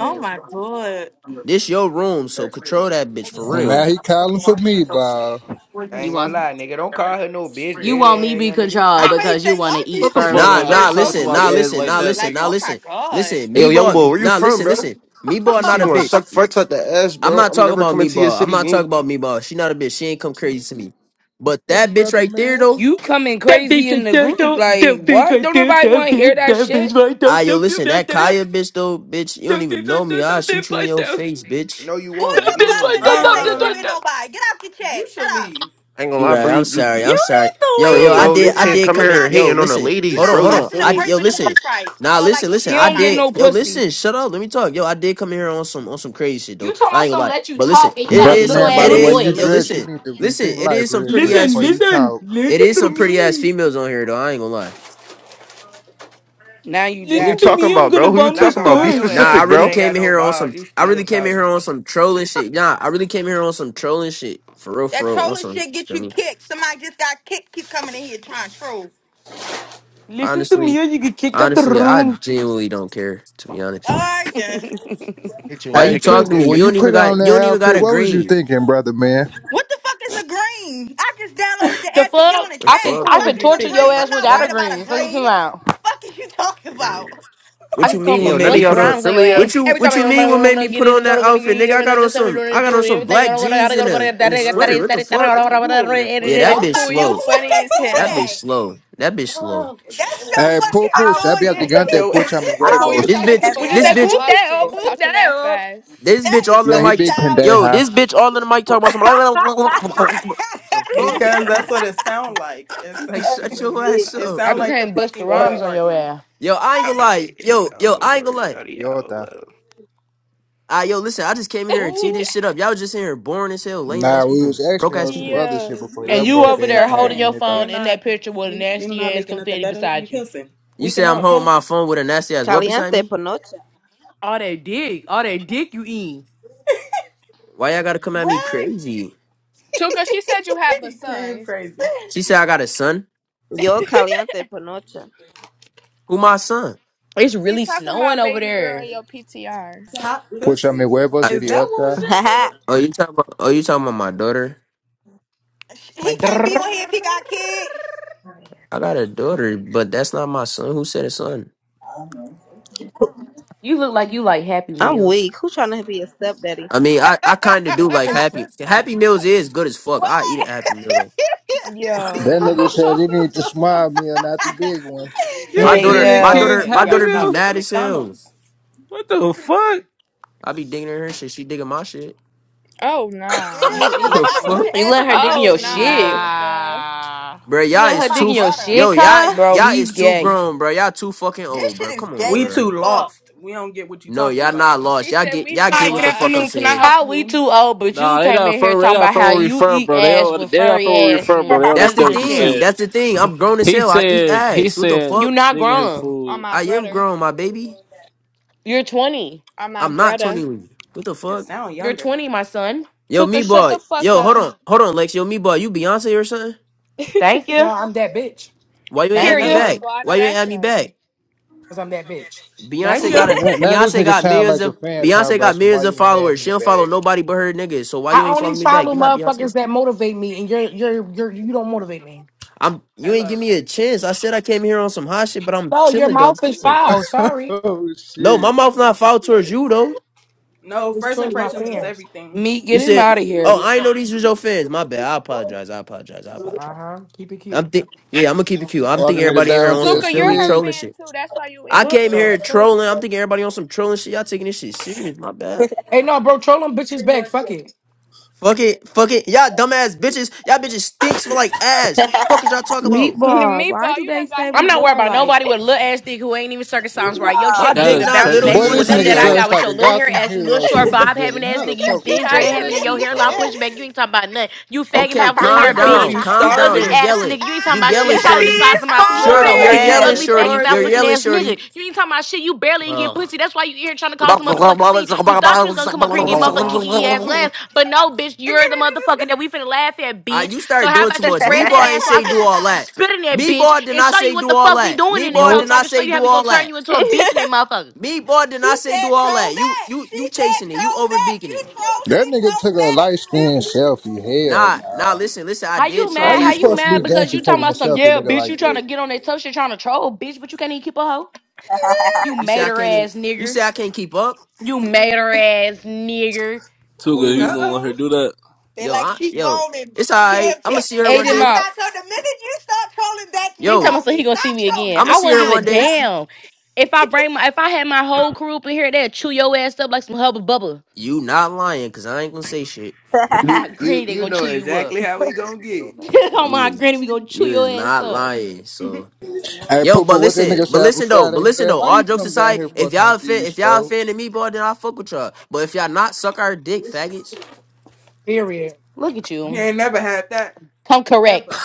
Speaker 14: oh my god.
Speaker 30: This your room, so control that bitch for
Speaker 25: Now
Speaker 30: real.
Speaker 25: he calling for me, Bob.
Speaker 29: I
Speaker 3: You
Speaker 29: ain't gonna
Speaker 3: want
Speaker 29: lie, nigga. Don't call her no bitch,
Speaker 3: you
Speaker 29: dirty
Speaker 3: want me
Speaker 29: ass
Speaker 3: be
Speaker 29: young nigga.
Speaker 3: controlled
Speaker 14: I'm ready to
Speaker 3: because you
Speaker 14: say y'all
Speaker 3: want to eat
Speaker 31: Shut
Speaker 14: did
Speaker 31: the
Speaker 14: the
Speaker 31: fuck
Speaker 3: furry
Speaker 30: Nah,
Speaker 31: up.
Speaker 14: bitch
Speaker 31: Don't be
Speaker 30: nah,
Speaker 14: word
Speaker 31: talking
Speaker 14: so
Speaker 31: to
Speaker 30: listen,
Speaker 31: my
Speaker 30: nah,
Speaker 3: ass.
Speaker 31: mans
Speaker 30: listen,
Speaker 31: like
Speaker 30: nah,
Speaker 14: loosely.
Speaker 31: that,
Speaker 30: listen,
Speaker 14: Like,
Speaker 30: nah,
Speaker 31: nigga.
Speaker 14: oh my
Speaker 30: listen.
Speaker 14: god.
Speaker 30: Listen,
Speaker 8: Hey, Yo, young
Speaker 30: meatball.
Speaker 8: boy, where you
Speaker 30: nah,
Speaker 8: from,
Speaker 30: listen,
Speaker 8: bro?
Speaker 30: listen. meatball.
Speaker 8: He see
Speaker 30: not
Speaker 8: you
Speaker 30: a
Speaker 8: want to suck
Speaker 30: bitch.
Speaker 8: farts out the ass,
Speaker 30: I'm
Speaker 8: bro.
Speaker 30: not
Speaker 8: I'm
Speaker 30: talking
Speaker 8: never
Speaker 30: about
Speaker 8: coming
Speaker 30: meatball.
Speaker 8: to your
Speaker 30: I'm
Speaker 8: city
Speaker 30: not talking
Speaker 8: gang.
Speaker 30: about meatball. She not a bitch. She ain't come crazy to me. But
Speaker 25: This
Speaker 30: that bitch
Speaker 25: brother
Speaker 30: right there
Speaker 25: man.
Speaker 30: though,
Speaker 18: You coming
Speaker 3: That bitch
Speaker 18: crazy in
Speaker 3: right
Speaker 18: the
Speaker 3: there,
Speaker 18: group.
Speaker 3: though.
Speaker 18: Like,
Speaker 3: That bitch
Speaker 18: what?
Speaker 3: right
Speaker 18: Don't
Speaker 3: there.
Speaker 18: nobody
Speaker 3: That
Speaker 18: want to hear
Speaker 3: bitch.
Speaker 18: that
Speaker 3: That bitch
Speaker 18: shit?
Speaker 3: right there.
Speaker 30: Ah, yo,
Speaker 3: That
Speaker 30: listen,
Speaker 3: bitch right
Speaker 30: that
Speaker 3: there.
Speaker 30: Kaya bitch though, bitch, you don't
Speaker 3: That
Speaker 30: even
Speaker 3: bitch
Speaker 30: know
Speaker 3: right there.
Speaker 30: me. I'll
Speaker 3: That
Speaker 30: shoot
Speaker 3: bitch
Speaker 30: you in
Speaker 3: right
Speaker 30: your
Speaker 3: there.
Speaker 30: face, bitch.
Speaker 29: No, you
Speaker 14: Boy,
Speaker 29: won't,
Speaker 3: That
Speaker 29: nigga.
Speaker 14: your
Speaker 29: You
Speaker 3: bitch
Speaker 29: won't
Speaker 3: right
Speaker 14: bluffing
Speaker 29: do
Speaker 3: there.
Speaker 14: ass
Speaker 29: shit
Speaker 3: That
Speaker 29: to
Speaker 14: ain't
Speaker 3: bitch
Speaker 29: her.
Speaker 3: right
Speaker 14: shooting
Speaker 20: Um,
Speaker 3: there.
Speaker 14: nobody. Get out the
Speaker 20: you
Speaker 14: chat. Shut
Speaker 20: should
Speaker 14: up.
Speaker 20: leave.
Speaker 8: I ain't gonna
Speaker 30: You
Speaker 8: lie,
Speaker 30: right?
Speaker 8: bro.
Speaker 30: I'm
Speaker 8: You, you
Speaker 30: sorry.
Speaker 8: you-
Speaker 30: I'm
Speaker 20: You
Speaker 30: sorry.
Speaker 20: need
Speaker 30: Yo,
Speaker 8: chill,
Speaker 30: yo,
Speaker 20: to
Speaker 30: I
Speaker 14: Like
Speaker 8: bro.
Speaker 20: leave.
Speaker 14: you
Speaker 8: You
Speaker 30: did, I
Speaker 14: not
Speaker 8: can't
Speaker 30: did
Speaker 8: come in
Speaker 14: you
Speaker 30: come in.
Speaker 8: here
Speaker 14: not
Speaker 30: Yo,
Speaker 8: hating on the
Speaker 30: listen,
Speaker 14: you
Speaker 8: ladies,
Speaker 30: hold on,
Speaker 8: bro.
Speaker 14: not
Speaker 30: hold
Speaker 8: You
Speaker 30: on.
Speaker 14: busting
Speaker 8: feel
Speaker 14: a
Speaker 30: I,
Speaker 8: me?
Speaker 30: yo,
Speaker 14: grape in a free
Speaker 30: listen.
Speaker 14: fry
Speaker 30: Nah,
Speaker 14: or
Speaker 30: listen,
Speaker 14: like
Speaker 30: listen.
Speaker 18: He
Speaker 14: shoot
Speaker 30: I
Speaker 18: don't get
Speaker 30: did.
Speaker 14: somebody.
Speaker 18: no
Speaker 30: Yo,
Speaker 18: pussy.
Speaker 30: listen. Shut up. Let me talk. Yo, I did come in here on some on some crazy shit
Speaker 3: You
Speaker 30: though.
Speaker 3: talking
Speaker 30: I
Speaker 3: about
Speaker 30: ain't gonna
Speaker 3: some
Speaker 30: lie.
Speaker 3: let you
Speaker 30: But listen,
Speaker 3: talk and you
Speaker 30: it
Speaker 3: got a
Speaker 25: Brother
Speaker 30: is
Speaker 3: little
Speaker 30: some.
Speaker 25: man, by
Speaker 30: It
Speaker 3: ass
Speaker 25: the
Speaker 20: You
Speaker 25: way
Speaker 20: need
Speaker 30: is.
Speaker 20: to
Speaker 25: you
Speaker 30: Yo,
Speaker 3: voice.
Speaker 20: leave.
Speaker 25: dress, you
Speaker 30: listen,
Speaker 25: need to
Speaker 30: listen.
Speaker 25: rethink
Speaker 30: It
Speaker 25: life
Speaker 30: is some
Speaker 25: real
Speaker 30: pretty
Speaker 25: quick
Speaker 30: ass.
Speaker 3: Listen,
Speaker 25: before
Speaker 30: Fe-
Speaker 25: you
Speaker 3: listen,
Speaker 25: talk.
Speaker 30: it
Speaker 3: listen
Speaker 30: is
Speaker 3: to
Speaker 30: some pretty ass
Speaker 3: me.
Speaker 30: females on here though. I ain't gonna lie.
Speaker 18: Now you
Speaker 8: Who you
Speaker 3: Listen to
Speaker 18: jacking.
Speaker 8: talking
Speaker 3: me, I'm
Speaker 8: about,
Speaker 3: gonna
Speaker 8: bro? Who you
Speaker 3: bomb the
Speaker 29: Not
Speaker 8: talking
Speaker 29: gonna
Speaker 8: about?
Speaker 29: lie,
Speaker 8: Be
Speaker 3: store.
Speaker 29: your
Speaker 30: Nah,
Speaker 29: ass
Speaker 30: I
Speaker 8: specific,
Speaker 29: still
Speaker 30: really
Speaker 8: bro.
Speaker 29: ain't
Speaker 30: came
Speaker 29: got
Speaker 30: in
Speaker 29: no
Speaker 30: here on
Speaker 29: balls.
Speaker 30: some.
Speaker 29: You
Speaker 30: I really
Speaker 29: still
Speaker 30: came in here
Speaker 29: talking.
Speaker 30: on some trolling shit. Nah, I really came in here on some trolling shit. For real,
Speaker 14: That
Speaker 30: for real. On
Speaker 14: trolling
Speaker 30: some.
Speaker 14: shit get
Speaker 30: I
Speaker 14: you
Speaker 30: mean,
Speaker 14: kicked. Somebody just got kicked, keep coming in here trying to troll.
Speaker 3: Listen to me
Speaker 30: honestly,
Speaker 3: or you get kicked out the
Speaker 30: honestly, I
Speaker 3: room.
Speaker 30: genuinely don't care. To be
Speaker 14: All
Speaker 30: honest,
Speaker 14: right then.
Speaker 8: Hit you in
Speaker 30: why
Speaker 8: your
Speaker 25: Hey
Speaker 30: you
Speaker 8: hick of the
Speaker 30: talking to
Speaker 8: dude
Speaker 30: me?
Speaker 25: Tuku, when
Speaker 30: You
Speaker 8: again.
Speaker 25: you
Speaker 30: don't even
Speaker 25: put
Speaker 30: got.
Speaker 25: on
Speaker 30: You
Speaker 25: that
Speaker 30: don't even got
Speaker 25: outfit,
Speaker 30: a
Speaker 25: what was you
Speaker 30: green.
Speaker 25: thinking, brother man?
Speaker 14: What the fuck is a green? I just downloaded the
Speaker 3: The
Speaker 14: app to get on
Speaker 3: fuck?
Speaker 14: the
Speaker 30: The
Speaker 3: I can
Speaker 14: chat.
Speaker 30: fuck.
Speaker 3: I
Speaker 20: What
Speaker 14: Fuck
Speaker 20: was
Speaker 3: can
Speaker 20: you
Speaker 14: is a
Speaker 3: torture your
Speaker 20: thinking,
Speaker 14: green?
Speaker 20: brother
Speaker 14: I'm
Speaker 3: ass
Speaker 14: not
Speaker 3: without a
Speaker 14: worried
Speaker 20: man?
Speaker 14: about a
Speaker 3: green. Fuck you talking
Speaker 14: green.
Speaker 3: about.
Speaker 14: Fuck is you talking about?
Speaker 3: I
Speaker 30: What you
Speaker 3: can come
Speaker 30: mean?
Speaker 8: Hey,
Speaker 30: What
Speaker 8: yo,
Speaker 3: but
Speaker 30: made
Speaker 8: none of
Speaker 30: me
Speaker 3: bust the
Speaker 8: y'all
Speaker 30: put
Speaker 8: from
Speaker 30: on?
Speaker 3: rhymes on your
Speaker 8: Philly,
Speaker 3: ass.
Speaker 30: What
Speaker 8: yo.
Speaker 30: you
Speaker 3: Every time
Speaker 30: What
Speaker 3: I
Speaker 30: you
Speaker 3: don't
Speaker 30: mean? What made
Speaker 3: wanna
Speaker 30: me
Speaker 3: get
Speaker 30: put
Speaker 3: in
Speaker 30: on
Speaker 3: and go
Speaker 30: that
Speaker 3: to get in and go to
Speaker 30: outfit, nigga?
Speaker 3: get in
Speaker 30: I
Speaker 3: and
Speaker 30: got on
Speaker 3: understand we
Speaker 30: some. I
Speaker 3: doing
Speaker 30: got
Speaker 3: do
Speaker 30: on some
Speaker 3: everything. I
Speaker 30: black
Speaker 3: don't gotta
Speaker 30: jeans
Speaker 3: gotta go
Speaker 30: and
Speaker 3: to go
Speaker 30: a
Speaker 3: to that
Speaker 30: and a
Speaker 3: that
Speaker 30: sweater. What the fuck? Yeah, that
Speaker 3: that
Speaker 26: Yo,
Speaker 14: Oh
Speaker 30: bitch
Speaker 14: my
Speaker 26: Pooh,
Speaker 14: god,
Speaker 26: you
Speaker 30: slow.
Speaker 14: who is
Speaker 26: funny
Speaker 14: that
Speaker 26: as
Speaker 14: doing
Speaker 30: That
Speaker 26: hell.
Speaker 30: bitch
Speaker 14: that?
Speaker 30: slow. That bitch slow.
Speaker 14: That's so
Speaker 25: Hey Poo
Speaker 14: fucking
Speaker 25: Poo,
Speaker 16: I
Speaker 25: sabías
Speaker 16: weak as
Speaker 14: annoying.
Speaker 16: a
Speaker 25: gigante
Speaker 20: No,
Speaker 16: bitch.
Speaker 25: puchami
Speaker 16: I
Speaker 26: Pooh, you
Speaker 25: huevos.
Speaker 30: This
Speaker 16: weak
Speaker 26: sound like you
Speaker 30: bitch.
Speaker 16: as
Speaker 3: We just
Speaker 26: belong
Speaker 16: a
Speaker 30: This
Speaker 26: at
Speaker 3: said
Speaker 26: an
Speaker 30: bitch
Speaker 3: put that
Speaker 16: bitch,
Speaker 3: up,
Speaker 26: auction
Speaker 3: put
Speaker 26: talking
Speaker 3: that
Speaker 26: that
Speaker 16: boy.
Speaker 3: up.
Speaker 26: fast.
Speaker 30: This
Speaker 14: that
Speaker 30: bitch
Speaker 14: is
Speaker 30: all in the
Speaker 25: Yeah,
Speaker 14: so
Speaker 25: he
Speaker 30: mic.
Speaker 25: big
Speaker 30: Yo,
Speaker 25: pendeja.
Speaker 30: this
Speaker 14: childish.
Speaker 30: bitch all in the mic talking about some like the fuck.
Speaker 20: because that's what it sound like. It's
Speaker 30: Like
Speaker 29: You
Speaker 16: as
Speaker 30: shut
Speaker 29: keeping
Speaker 16: a
Speaker 29: it
Speaker 30: your
Speaker 29: real
Speaker 30: ass
Speaker 29: without.
Speaker 16: bitch.
Speaker 20: it
Speaker 30: up.
Speaker 3: I
Speaker 20: sound like the
Speaker 3: became Buster
Speaker 20: fucking
Speaker 31: Uh,
Speaker 3: Rhymes on your
Speaker 20: kindergartner.
Speaker 3: ass.
Speaker 30: Yo, I ain't
Speaker 29: Oh,
Speaker 30: gonna lie.
Speaker 29: man,
Speaker 30: Yo, yo,
Speaker 29: no,
Speaker 30: I ain't gonna
Speaker 29: worry,
Speaker 30: lie.
Speaker 29: shorty, out
Speaker 25: Idiota.
Speaker 29: love.
Speaker 30: Ah, yo, listen, I just came here and tee
Speaker 20: Ooh.
Speaker 30: this shit up. Y'all was just in here boring as hell, lame ass
Speaker 25: Nah, we was
Speaker 30: people, broke
Speaker 25: actually
Speaker 30: ass
Speaker 25: on some
Speaker 30: people.
Speaker 25: other shit
Speaker 26: Yo.
Speaker 25: before
Speaker 20: No,
Speaker 3: And
Speaker 25: your
Speaker 20: you
Speaker 3: you
Speaker 25: broke
Speaker 3: over
Speaker 20: just
Speaker 25: ass
Speaker 3: there holding
Speaker 25: came and
Speaker 3: your
Speaker 20: cussing.
Speaker 25: hit
Speaker 20: You're
Speaker 25: that.
Speaker 3: phone in
Speaker 20: not
Speaker 3: that picture with a
Speaker 20: you you're
Speaker 3: nasty
Speaker 20: not
Speaker 3: ass
Speaker 20: making nothing
Speaker 3: confetti
Speaker 20: better. You
Speaker 3: beside you.
Speaker 20: cussing.
Speaker 30: You
Speaker 20: We
Speaker 30: say
Speaker 20: can
Speaker 30: I'm
Speaker 20: all
Speaker 30: holding my
Speaker 20: cuss.
Speaker 30: phone with a nasty ass what beside
Speaker 16: Caliente
Speaker 30: me?
Speaker 16: panocha.
Speaker 3: All that dick, all that dick you eating.
Speaker 30: Why y'all gotta come at me
Speaker 14: what?
Speaker 30: crazy?
Speaker 26: Tuka, she said you have a
Speaker 20: He came
Speaker 26: son.
Speaker 20: crazy.
Speaker 30: She said I got a son.
Speaker 16: Yo caliente panocha.
Speaker 30: Who my son?
Speaker 3: It's
Speaker 26: She
Speaker 3: really
Speaker 26: talking
Speaker 3: snowing
Speaker 26: about
Speaker 3: over
Speaker 26: baby girl in
Speaker 3: there.
Speaker 26: your PTR.
Speaker 20: Hot
Speaker 25: Puchami
Speaker 20: pussy?
Speaker 25: huevos,
Speaker 30: I-
Speaker 20: Is that what was
Speaker 25: idiota.
Speaker 20: just
Speaker 16: Haha.
Speaker 20: said?
Speaker 30: oh, you talking about? Oh, you talking about my daughter?
Speaker 3: My
Speaker 14: He can't be on here if he got kids.
Speaker 30: I got a daughter, but that's not my son. Who said a son?
Speaker 3: You look like you like Happy
Speaker 16: I'm
Speaker 3: Meals.
Speaker 16: weak. Who trying to be a stepdaddy?
Speaker 30: I mean, I, I kind of do like Happy Happy Meals is good as fuck.
Speaker 14: what?
Speaker 30: I eat a Happy Meal though.
Speaker 25: That
Speaker 26: Yo.
Speaker 25: nigga said he need to smile me or not the big one.
Speaker 31: you
Speaker 30: My
Speaker 31: be
Speaker 20: That's
Speaker 18: Hey,
Speaker 20: why
Speaker 30: daughter,
Speaker 20: you
Speaker 31: eating
Speaker 20: act
Speaker 30: my
Speaker 20: like
Speaker 18: yo.
Speaker 31: kids
Speaker 30: daughter,
Speaker 20: that. You
Speaker 30: my
Speaker 31: Happy
Speaker 20: gotta
Speaker 30: daughter be
Speaker 20: stop with the
Speaker 31: Meals?
Speaker 30: mad as hell.
Speaker 20: McDonald's.
Speaker 31: What the fuck?
Speaker 30: I be digging her shit. She digging my shit.
Speaker 26: Oh
Speaker 14: Ew,
Speaker 26: nah.
Speaker 32: You
Speaker 14: yeah,
Speaker 32: eat.
Speaker 30: The
Speaker 14: like I eat
Speaker 30: fuck,
Speaker 14: your
Speaker 20: What?
Speaker 3: You
Speaker 14: ass
Speaker 3: let
Speaker 14: for
Speaker 3: her
Speaker 14: the
Speaker 3: dig in
Speaker 26: Oh
Speaker 14: rest of
Speaker 3: your
Speaker 14: the
Speaker 26: nah,
Speaker 14: year.
Speaker 3: shit.
Speaker 26: Tuka.
Speaker 32: Nah.
Speaker 30: bro?
Speaker 3: You
Speaker 30: Y'all
Speaker 3: let
Speaker 14: Oh
Speaker 30: is
Speaker 3: her
Speaker 14: my
Speaker 3: dig
Speaker 30: too.
Speaker 3: in
Speaker 30: f-
Speaker 3: your
Speaker 14: brother,
Speaker 3: shit,
Speaker 30: Yo, y'all,
Speaker 3: cuz.
Speaker 18: Bro,
Speaker 30: y'all
Speaker 18: he's
Speaker 30: is too
Speaker 18: gay.
Speaker 30: grown, bro. Y'all too fucking
Speaker 14: this
Speaker 30: old,
Speaker 14: shit
Speaker 30: bro.
Speaker 14: is
Speaker 30: Come on,
Speaker 14: gay
Speaker 20: We
Speaker 14: as
Speaker 30: bro.
Speaker 20: too
Speaker 14: fuck.
Speaker 20: lost. We don't get what you
Speaker 30: No,
Speaker 20: talking
Speaker 30: y'all
Speaker 20: about.
Speaker 30: not
Speaker 26: She
Speaker 30: lost. Y'all
Speaker 26: said
Speaker 30: get,
Speaker 26: we
Speaker 30: y'all
Speaker 26: too
Speaker 30: get
Speaker 1: Hi, good
Speaker 30: what the fuck
Speaker 26: lost.
Speaker 30: I'm
Speaker 1: afternoon. Can I
Speaker 30: saying.
Speaker 1: help
Speaker 3: How we
Speaker 1: you?
Speaker 3: too old, but you
Speaker 31: Nah, they
Speaker 3: came
Speaker 31: not
Speaker 3: in here
Speaker 31: from they
Speaker 3: talking
Speaker 31: not
Speaker 3: about
Speaker 31: from
Speaker 3: how
Speaker 31: where we
Speaker 3: you
Speaker 31: from,
Speaker 3: eat
Speaker 31: bro. They
Speaker 3: ass
Speaker 31: don't,
Speaker 3: with
Speaker 31: they not
Speaker 3: furry
Speaker 31: from where we
Speaker 3: ass
Speaker 31: from, bro. They
Speaker 3: and
Speaker 31: don't
Speaker 30: That's
Speaker 3: feathers
Speaker 30: the
Speaker 31: understand
Speaker 3: and
Speaker 31: what you
Speaker 3: shit.
Speaker 30: thing.
Speaker 31: said.
Speaker 30: That's the thing. I'm grown as
Speaker 31: He
Speaker 30: hell. I eat
Speaker 31: said he
Speaker 30: ass. What the
Speaker 31: said
Speaker 3: You
Speaker 30: fuck?
Speaker 3: not
Speaker 31: digging his
Speaker 3: grown.
Speaker 26: On
Speaker 31: food.
Speaker 26: my
Speaker 30: I am
Speaker 26: brother.
Speaker 30: grown, my baby.
Speaker 3: You're 20.
Speaker 26: I'm not
Speaker 30: I'm not
Speaker 26: Bretta.
Speaker 30: 21. What the
Speaker 20: It
Speaker 30: fuck?
Speaker 20: sound
Speaker 3: You're
Speaker 20: younger.
Speaker 3: 20, my son.
Speaker 30: Yo,
Speaker 26: Tuka,
Speaker 30: me
Speaker 26: shut the
Speaker 30: boy.
Speaker 26: fuck
Speaker 30: Yo, hold
Speaker 26: up.
Speaker 30: on. Hold on, Lex. Yo, me boy. You Beyonce or something?
Speaker 3: Thank
Speaker 1: No,
Speaker 3: you.
Speaker 1: I'm that bitch.
Speaker 30: Why you ain't add
Speaker 3: Thank
Speaker 30: me
Speaker 26: Period,
Speaker 3: you.
Speaker 30: back?
Speaker 20: Hello.
Speaker 26: Meatball. I
Speaker 30: Why
Speaker 26: know
Speaker 30: you ain't
Speaker 26: that's
Speaker 30: add me
Speaker 26: right.
Speaker 30: back?
Speaker 1: Cause I'm that bitch.
Speaker 3: Thank
Speaker 30: Beyonce got
Speaker 3: you.
Speaker 30: a
Speaker 25: Now, now this
Speaker 30: Beyonce
Speaker 25: nigga
Speaker 30: got
Speaker 25: sound
Speaker 30: millions
Speaker 25: like a
Speaker 30: of
Speaker 25: fan talking
Speaker 30: Beyonce
Speaker 25: about
Speaker 30: got
Speaker 25: some
Speaker 30: millions
Speaker 25: why
Speaker 30: of
Speaker 25: you ain't at
Speaker 30: followers.
Speaker 25: me
Speaker 30: She don't follow
Speaker 25: back.
Speaker 30: nobody but her niggas. So why you
Speaker 1: I
Speaker 30: ain't
Speaker 1: only
Speaker 30: following me back?
Speaker 1: follow
Speaker 26: Yeah.
Speaker 30: You not Beyonce.
Speaker 1: motherfuckers that motivate me, and you're you're you're you don't motivate me.
Speaker 30: I'm you ain't
Speaker 20: Hello.
Speaker 30: give me a chance. I said I came here on some hot shit, but I'm
Speaker 1: So your
Speaker 30: chilling though. I'm
Speaker 1: mouth is
Speaker 30: chilling.
Speaker 1: foul. Sorry,
Speaker 25: oh
Speaker 30: No, my
Speaker 25: shit.
Speaker 30: mouth not foul towards you though.
Speaker 20: No,
Speaker 1: it's
Speaker 20: first
Speaker 1: towards my
Speaker 20: impressions is
Speaker 1: fans.
Speaker 20: everything.
Speaker 18: Meat,
Speaker 30: You
Speaker 18: get him
Speaker 30: said,
Speaker 18: out of
Speaker 30: Oh,
Speaker 18: here.
Speaker 30: I ain't know these was your fans. My bad. I apologize. I apologize. I
Speaker 1: Uh
Speaker 30: apologize.
Speaker 1: huh. Keep it cute.
Speaker 30: I'm think yeah, I'm gonna keep it cute. I'm
Speaker 25: walk a
Speaker 30: thinking
Speaker 25: nigga
Speaker 30: everybody in
Speaker 25: down
Speaker 30: here
Speaker 25: with
Speaker 30: on
Speaker 25: that
Speaker 30: some
Speaker 26: Tuka,
Speaker 30: filmy
Speaker 26: you're her
Speaker 25: switch.
Speaker 30: trolling
Speaker 26: fan
Speaker 30: shit.
Speaker 26: too. That's why you in
Speaker 30: I
Speaker 20: What
Speaker 30: came
Speaker 26: here.
Speaker 20: the
Speaker 30: here
Speaker 20: fuck?
Speaker 30: trolling. I'm thinking everybody on some trolling shit. Y'all taking this shit serious. My bad.
Speaker 1: Hey, no, bro, troll them bitches back. Fuck it.
Speaker 30: Fuck it. Fuck it. Y'all dumbass bitches. Y'all bitches stink. Smell like ass. Fuck is y'all talking about?
Speaker 33: Meatball, why
Speaker 26: Meatball,
Speaker 33: do
Speaker 26: you
Speaker 33: they
Speaker 26: done got
Speaker 33: say
Speaker 3: I'm
Speaker 26: him
Speaker 33: we
Speaker 3: not
Speaker 33: look
Speaker 3: worried about
Speaker 26: started.
Speaker 33: alike?
Speaker 3: nobody with a little ass dick who ain't even circumcised right. Your
Speaker 16: Nah.
Speaker 30: My
Speaker 3: check ain't
Speaker 31: That
Speaker 30: dick
Speaker 31: is
Speaker 3: even
Speaker 30: not
Speaker 31: turn
Speaker 3: bouncing
Speaker 30: little.
Speaker 31: this
Speaker 30: You
Speaker 25: Boy,
Speaker 3: matching
Speaker 30: want to
Speaker 31: nigga
Speaker 3: with
Speaker 25: this
Speaker 3: none
Speaker 31: back
Speaker 3: that
Speaker 30: see
Speaker 25: nigga
Speaker 3: I
Speaker 30: it?
Speaker 31: up.
Speaker 3: got
Speaker 25: dressed
Speaker 3: with
Speaker 25: like
Speaker 3: your
Speaker 25: a
Speaker 3: little hair
Speaker 25: Gotham
Speaker 3: ass, you little
Speaker 25: hero
Speaker 3: short bob having
Speaker 25: supervillain.
Speaker 3: ass
Speaker 25: How the
Speaker 3: nigga, you
Speaker 25: fuck we
Speaker 3: thin
Speaker 26: Hi,
Speaker 25: supposed
Speaker 3: dread
Speaker 25: to
Speaker 3: having in
Speaker 25: let
Speaker 3: your
Speaker 25: you
Speaker 26: Trinise.
Speaker 3: hairline
Speaker 25: troll?
Speaker 3: pushing back. You ain't talking about nothing. You faggot
Speaker 30: Okay,
Speaker 3: mouth little
Speaker 30: calm
Speaker 3: hair
Speaker 20: Look at what
Speaker 3: bitch.
Speaker 30: down.
Speaker 20: you
Speaker 3: You
Speaker 30: Calm down.
Speaker 3: ugly
Speaker 30: You
Speaker 20: started.
Speaker 3: ass
Speaker 30: yelling.
Speaker 3: nigga. You ain't talking
Speaker 30: You
Speaker 3: about shit.
Speaker 30: yelling,
Speaker 3: You probably
Speaker 28: She
Speaker 3: the
Speaker 30: shorty.
Speaker 3: size
Speaker 28: is
Speaker 3: of my
Speaker 16: See
Speaker 3: pinky
Speaker 20: Look
Speaker 30: Shorty,
Speaker 16: your
Speaker 3: toe.
Speaker 30: you're
Speaker 28: foaming.
Speaker 20: what
Speaker 3: You
Speaker 20: you
Speaker 30: yelling,
Speaker 16: ass.
Speaker 3: ugly
Speaker 30: shorty.
Speaker 3: faggot mouth
Speaker 30: You're
Speaker 3: looking
Speaker 30: yelling,
Speaker 20: started.
Speaker 3: ass
Speaker 30: shorty.
Speaker 3: nigga. You ain't talking about shit. You barely ain't get
Speaker 30: Ugh.
Speaker 3: pussy. That's why you here trying to cause some motherfucking scene. You thought you was gonna come up here and get motherfucking
Speaker 31: Tuga,
Speaker 3: kiki ass last, but no, bitch. You're the motherfucker that we finna laugh at,
Speaker 30: Uh,
Speaker 3: bitch.
Speaker 30: you
Speaker 3: So
Speaker 30: started
Speaker 3: how
Speaker 30: doing too
Speaker 3: about you
Speaker 30: much. Me
Speaker 3: spread
Speaker 30: boy
Speaker 3: that
Speaker 30: ain't
Speaker 3: ass so I
Speaker 30: say
Speaker 3: can
Speaker 30: do
Speaker 3: p-
Speaker 30: all that.
Speaker 3: spit in that
Speaker 30: Me
Speaker 3: bitch
Speaker 30: boy did
Speaker 3: and
Speaker 30: not
Speaker 3: show
Speaker 30: say
Speaker 3: you what
Speaker 30: do
Speaker 3: the
Speaker 30: all
Speaker 3: fuck we
Speaker 30: that.
Speaker 3: doing
Speaker 30: Me
Speaker 3: in this
Speaker 30: boy did
Speaker 3: house.
Speaker 1: Nope.
Speaker 3: So I
Speaker 30: not
Speaker 3: can show
Speaker 30: say
Speaker 3: you how
Speaker 30: do
Speaker 3: we
Speaker 30: all
Speaker 3: gonna turn
Speaker 30: that.
Speaker 3: you into a bitch in that motherfucker.
Speaker 30: Me, boy, did
Speaker 14: she
Speaker 30: not say
Speaker 14: said
Speaker 30: do all
Speaker 14: troll
Speaker 30: that. You
Speaker 14: back.
Speaker 30: you
Speaker 14: She
Speaker 30: you
Speaker 14: said
Speaker 30: chasing it. You
Speaker 14: troll
Speaker 30: over
Speaker 14: back.
Speaker 30: beaking
Speaker 14: You
Speaker 30: it.
Speaker 14: troll,
Speaker 25: That
Speaker 14: she
Speaker 25: nigga
Speaker 14: troll
Speaker 25: took a
Speaker 14: back.
Speaker 25: light skin
Speaker 14: Simple.
Speaker 25: selfie. Hell
Speaker 30: Nah, nah,
Speaker 25: no.
Speaker 30: listen, listen, I
Speaker 3: How
Speaker 30: did
Speaker 3: you
Speaker 30: troll
Speaker 25: How
Speaker 3: mad?
Speaker 25: you
Speaker 3: How
Speaker 30: back,
Speaker 3: you
Speaker 30: but
Speaker 25: supposed to be
Speaker 3: mad because
Speaker 25: gangster
Speaker 3: you talking
Speaker 25: taking a
Speaker 3: about some
Speaker 25: selfie
Speaker 3: yeah,
Speaker 25: looking
Speaker 3: bitch?
Speaker 25: like
Speaker 3: You trying
Speaker 25: that?
Speaker 3: to get on that tough shit, trying to troll, bitch, but you can't even keep a hoe. You
Speaker 30: you say I
Speaker 3: mater
Speaker 30: can't even
Speaker 3: ass
Speaker 30: you
Speaker 3: nigger.
Speaker 30: say I can't keep up?
Speaker 3: You
Speaker 20: You just
Speaker 3: mater ass nigger.
Speaker 31: you
Speaker 20: Uh
Speaker 30: Ooh.
Speaker 31: don't want her to
Speaker 20: oh.
Speaker 31: do
Speaker 14: They
Speaker 30: Yo,
Speaker 14: like
Speaker 30: I
Speaker 14: she
Speaker 30: yo,
Speaker 14: foaming.
Speaker 30: it's alright.
Speaker 14: Chip,
Speaker 30: I'ma
Speaker 14: chip.
Speaker 30: see her
Speaker 14: You
Speaker 18: Ate
Speaker 30: one
Speaker 18: him
Speaker 30: day.
Speaker 14: gotta
Speaker 18: up.
Speaker 14: stop trolling. The minute you start trolling back, you
Speaker 3: He talking
Speaker 30: Yo,
Speaker 3: about so
Speaker 14: foaming.
Speaker 3: he gonna see
Speaker 14: Stop
Speaker 3: me
Speaker 14: trolling.
Speaker 3: again.
Speaker 30: I'ma
Speaker 3: I
Speaker 14: Just
Speaker 30: see
Speaker 3: wouldn't
Speaker 30: her
Speaker 3: give
Speaker 14: stop
Speaker 3: a
Speaker 30: one
Speaker 14: it.
Speaker 30: day.
Speaker 3: damn. If I bring my if I had my whole crew up in here, they'd chew your ass up like some hubba bubba.
Speaker 30: You not lying, cause I ain't gonna say shit.
Speaker 3: On my
Speaker 29: You, you,
Speaker 3: granny, they
Speaker 29: you
Speaker 3: gonna
Speaker 29: know
Speaker 3: chew you up.
Speaker 29: exactly how we gonna get.
Speaker 3: On
Speaker 30: You
Speaker 3: my
Speaker 30: is
Speaker 3: granny,
Speaker 14: Let
Speaker 3: we
Speaker 14: 'em-
Speaker 3: gonna chew
Speaker 30: you
Speaker 3: your
Speaker 30: is
Speaker 3: ass
Speaker 30: not
Speaker 3: up.
Speaker 30: lying.
Speaker 20: he
Speaker 30: So
Speaker 25: Hey,
Speaker 30: Yo,
Speaker 25: Pooper,
Speaker 30: but
Speaker 25: what that
Speaker 30: listen,
Speaker 25: nigga
Speaker 30: but
Speaker 25: said for
Speaker 30: listen though, but
Speaker 25: Friday,
Speaker 30: listen
Speaker 25: Dad?
Speaker 30: though.
Speaker 25: Why
Speaker 30: All
Speaker 25: you
Speaker 30: jokes
Speaker 25: come down here
Speaker 30: aside, if
Speaker 25: fucking
Speaker 30: y'all
Speaker 25: with
Speaker 30: offend,
Speaker 25: these
Speaker 30: if y'all
Speaker 25: folks?
Speaker 30: offended me, boy, then I fuck with y'all. But if y'all not, suck our dick, faggots.
Speaker 1: Period.
Speaker 3: Look at you.
Speaker 20: ain't never had that
Speaker 3: Come
Speaker 20: ever.
Speaker 3: correct.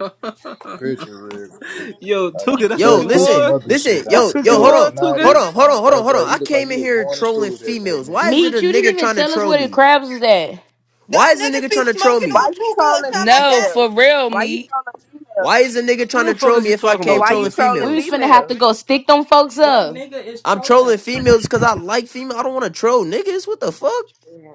Speaker 31: that.
Speaker 25: picture real quick.
Speaker 31: Yo,
Speaker 25: Like on
Speaker 31: Tuga,
Speaker 25: the
Speaker 31: that's what
Speaker 30: Yo,
Speaker 25: left,
Speaker 31: you
Speaker 25: put some
Speaker 30: listen,
Speaker 31: want?
Speaker 25: other
Speaker 30: listen,
Speaker 25: shit on.
Speaker 30: yo,
Speaker 31: That's what
Speaker 25: That
Speaker 31: you
Speaker 30: yo, hold
Speaker 25: was
Speaker 30: on,
Speaker 31: want,
Speaker 25: not
Speaker 31: Tuga?
Speaker 30: hold
Speaker 25: it.
Speaker 30: on, hold
Speaker 25: On
Speaker 30: on, hold on,
Speaker 25: bro,
Speaker 30: hold
Speaker 25: Gray,
Speaker 30: on.
Speaker 25: you
Speaker 30: I
Speaker 25: look like
Speaker 30: came in
Speaker 25: you were
Speaker 30: here
Speaker 25: going to
Speaker 30: trolling
Speaker 25: school that day,
Speaker 30: females. Why
Speaker 25: nigga.
Speaker 30: is
Speaker 3: Me, you
Speaker 30: it a
Speaker 3: didn't
Speaker 30: nigga
Speaker 3: even
Speaker 30: trying to
Speaker 3: tell us
Speaker 30: troll
Speaker 3: where the
Speaker 30: me?
Speaker 3: crabs is at.
Speaker 30: Why
Speaker 14: Don't
Speaker 30: is a
Speaker 14: niggas
Speaker 30: nigga
Speaker 14: be
Speaker 30: trying to troll
Speaker 14: smoking
Speaker 16: why
Speaker 14: on
Speaker 30: me?
Speaker 16: you
Speaker 14: Tuka or
Speaker 16: trolling
Speaker 14: something like
Speaker 18: No,
Speaker 14: that?
Speaker 16: females?
Speaker 18: for real,
Speaker 16: Why you
Speaker 18: Meat.
Speaker 16: trolling females?
Speaker 30: Why is a nigga trying
Speaker 31: What the
Speaker 30: to
Speaker 31: fuck
Speaker 30: troll
Speaker 31: is
Speaker 30: me
Speaker 31: you
Speaker 30: if I
Speaker 31: talking
Speaker 16: But
Speaker 30: came
Speaker 31: about,
Speaker 16: why you
Speaker 30: trolling
Speaker 31: Tuga?
Speaker 16: trolling
Speaker 3: We was
Speaker 30: females?
Speaker 3: finna have
Speaker 16: females?
Speaker 3: to go stick them folks
Speaker 20: What
Speaker 3: up.
Speaker 20: nigga is
Speaker 30: I'm trolling
Speaker 20: trolling?
Speaker 30: females because I like female. I don't want to troll niggas. What the fuck?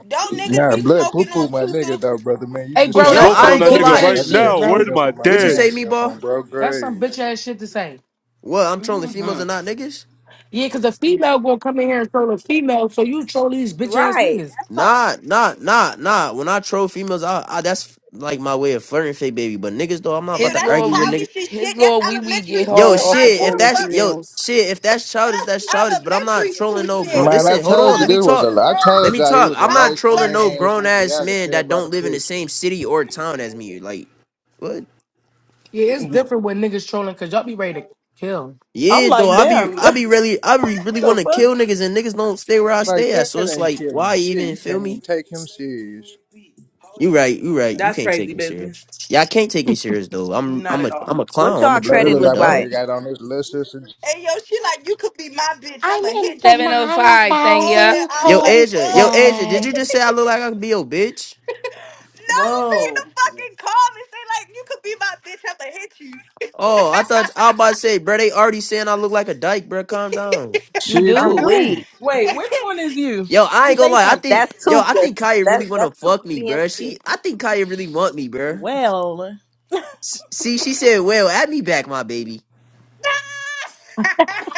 Speaker 14: Don't niggas
Speaker 25: Nah,
Speaker 14: be
Speaker 25: blood poo
Speaker 14: smoking on
Speaker 25: poo, my
Speaker 14: Tuka?
Speaker 25: nigga, though, brother man. You
Speaker 1: Hey,
Speaker 25: just
Speaker 31: I'm
Speaker 1: bro,
Speaker 25: tried
Speaker 30: Yo,
Speaker 25: to
Speaker 1: that's
Speaker 25: say
Speaker 31: smoking
Speaker 30: I
Speaker 31: on
Speaker 1: some
Speaker 30: ain't
Speaker 25: some
Speaker 31: that
Speaker 30: gonna
Speaker 1: bitch
Speaker 25: slick
Speaker 31: nigga
Speaker 30: lie.
Speaker 25: shit.
Speaker 1: ass
Speaker 25: I
Speaker 31: right
Speaker 25: just had
Speaker 1: shit,
Speaker 25: to
Speaker 31: now.
Speaker 1: bro.
Speaker 31: Where
Speaker 25: speak
Speaker 31: to
Speaker 25: up for
Speaker 31: my
Speaker 25: my
Speaker 30: What you
Speaker 31: dad?
Speaker 25: damn
Speaker 30: say, meatball?
Speaker 25: self on bro,
Speaker 1: That's some
Speaker 25: Gray.
Speaker 1: bitch ass shit to say.
Speaker 30: What? I'm trolling females
Speaker 20: hmm
Speaker 30: and not niggas?
Speaker 1: Yeah, because a female gonna come in here and troll a female, so you troll these bitch ass
Speaker 16: Right.
Speaker 1: niggas.
Speaker 16: That part.
Speaker 30: Nah, nah, nah, nah. When I troll females, I, I that's like my way of flirting, fake baby. But niggas though, I'm not about
Speaker 14: Ew,
Speaker 18: His
Speaker 30: to
Speaker 14: that's
Speaker 18: lord
Speaker 30: argue with
Speaker 18: we
Speaker 30: niggas.
Speaker 14: childish as shit.
Speaker 18: his
Speaker 14: That's
Speaker 18: lord wee wee
Speaker 14: elementary
Speaker 18: get
Speaker 14: school.
Speaker 30: Yo,
Speaker 18: hard off of
Speaker 14: Like,
Speaker 30: shit,
Speaker 14: who
Speaker 30: if
Speaker 14: the
Speaker 18: trolling
Speaker 30: that's
Speaker 14: fuck?
Speaker 30: yo,
Speaker 18: females.
Speaker 30: shit, if that's childish, that's
Speaker 14: That's
Speaker 30: childish. But I'm not
Speaker 14: elementary school
Speaker 30: trolling no grown.
Speaker 14: shit.
Speaker 25: Man,
Speaker 14: Who
Speaker 25: I
Speaker 30: Listen,
Speaker 14: the
Speaker 30: hold
Speaker 25: told
Speaker 30: on,
Speaker 25: you
Speaker 30: let
Speaker 14: fuck,
Speaker 30: me
Speaker 25: this was a.
Speaker 30: talk.
Speaker 25: I
Speaker 14: bro?
Speaker 30: Let
Speaker 25: told
Speaker 30: me
Speaker 25: y'all he
Speaker 30: talk.
Speaker 25: was a
Speaker 30: I'm
Speaker 14: By
Speaker 30: not
Speaker 25: light
Speaker 30: trolling
Speaker 25: skinned
Speaker 30: no
Speaker 14: flirting.
Speaker 25: ass
Speaker 30: grown
Speaker 25: nigga.
Speaker 30: ass
Speaker 25: Y'all could
Speaker 30: men
Speaker 25: tell
Speaker 30: that
Speaker 25: by the
Speaker 30: don't live in the
Speaker 25: picture.
Speaker 30: same city or town as me. Like, what?
Speaker 1: Yeah, it's different when niggas trolling because y'all be ready to kill.
Speaker 20: I'm
Speaker 30: Yeah, though.
Speaker 20: like,
Speaker 30: I be,
Speaker 20: damn.
Speaker 30: I be
Speaker 20: the
Speaker 30: really, I be really want to
Speaker 20: fuck?
Speaker 30: kill niggas, and niggas don't stay where I
Speaker 25: It's like
Speaker 30: stay at. So
Speaker 25: that
Speaker 30: it's
Speaker 25: ain't
Speaker 30: like,
Speaker 25: killing
Speaker 30: why
Speaker 25: shit.
Speaker 30: even
Speaker 25: You
Speaker 30: feel
Speaker 25: can't even
Speaker 30: me?
Speaker 25: take him serious.
Speaker 30: You right, you right. You
Speaker 20: That's
Speaker 30: can't take
Speaker 20: crazy
Speaker 30: me
Speaker 20: business.
Speaker 30: serious. Yeah, I can't take me serious though. I'm,
Speaker 20: Not
Speaker 30: I'm a,
Speaker 20: at all.
Speaker 30: I'm a
Speaker 16: What
Speaker 30: clown. I'm a
Speaker 16: y'all
Speaker 25: Blood, it
Speaker 16: credit
Speaker 30: troll.
Speaker 25: look
Speaker 30: You
Speaker 25: like
Speaker 16: look
Speaker 25: my nigga
Speaker 30: dog.
Speaker 16: like?
Speaker 25: got on this little sister.
Speaker 14: Hey, yo, she like, you could be my bitch.
Speaker 3: I
Speaker 14: I'ma hit you. I'm
Speaker 18: 705 thing,
Speaker 14: falling
Speaker 18: yeah.
Speaker 14: out.
Speaker 30: Yo,
Speaker 14: Like,
Speaker 30: Asia, yo,
Speaker 14: what?
Speaker 30: Asia. Did you just say I look like I could be your bitch?
Speaker 14: No, be in the
Speaker 20: Whoa.
Speaker 14: fucking car and say, like, you could be my bitch. I'ma hit
Speaker 30: Oh, I thought I was about to say, bro. They already saying I look like a dyke, bro. Calm down.
Speaker 3: you
Speaker 25: Shit, you
Speaker 16: I'm
Speaker 3: do.
Speaker 25: do.
Speaker 16: weak.
Speaker 20: Wait, which one is you?
Speaker 30: Yo, I ain't gonna
Speaker 20: Say
Speaker 30: lie. I
Speaker 20: something.
Speaker 30: think,
Speaker 16: That's
Speaker 30: yo, I
Speaker 16: Tuka.
Speaker 30: think Kaya
Speaker 16: That's
Speaker 30: really wanna
Speaker 16: that's
Speaker 30: fuck
Speaker 16: Tuka
Speaker 30: me, bro. She,
Speaker 16: BMT.
Speaker 30: I think Kaya really want me, bro.
Speaker 20: Well,
Speaker 30: S- See, she said, "Well, add me back, my baby.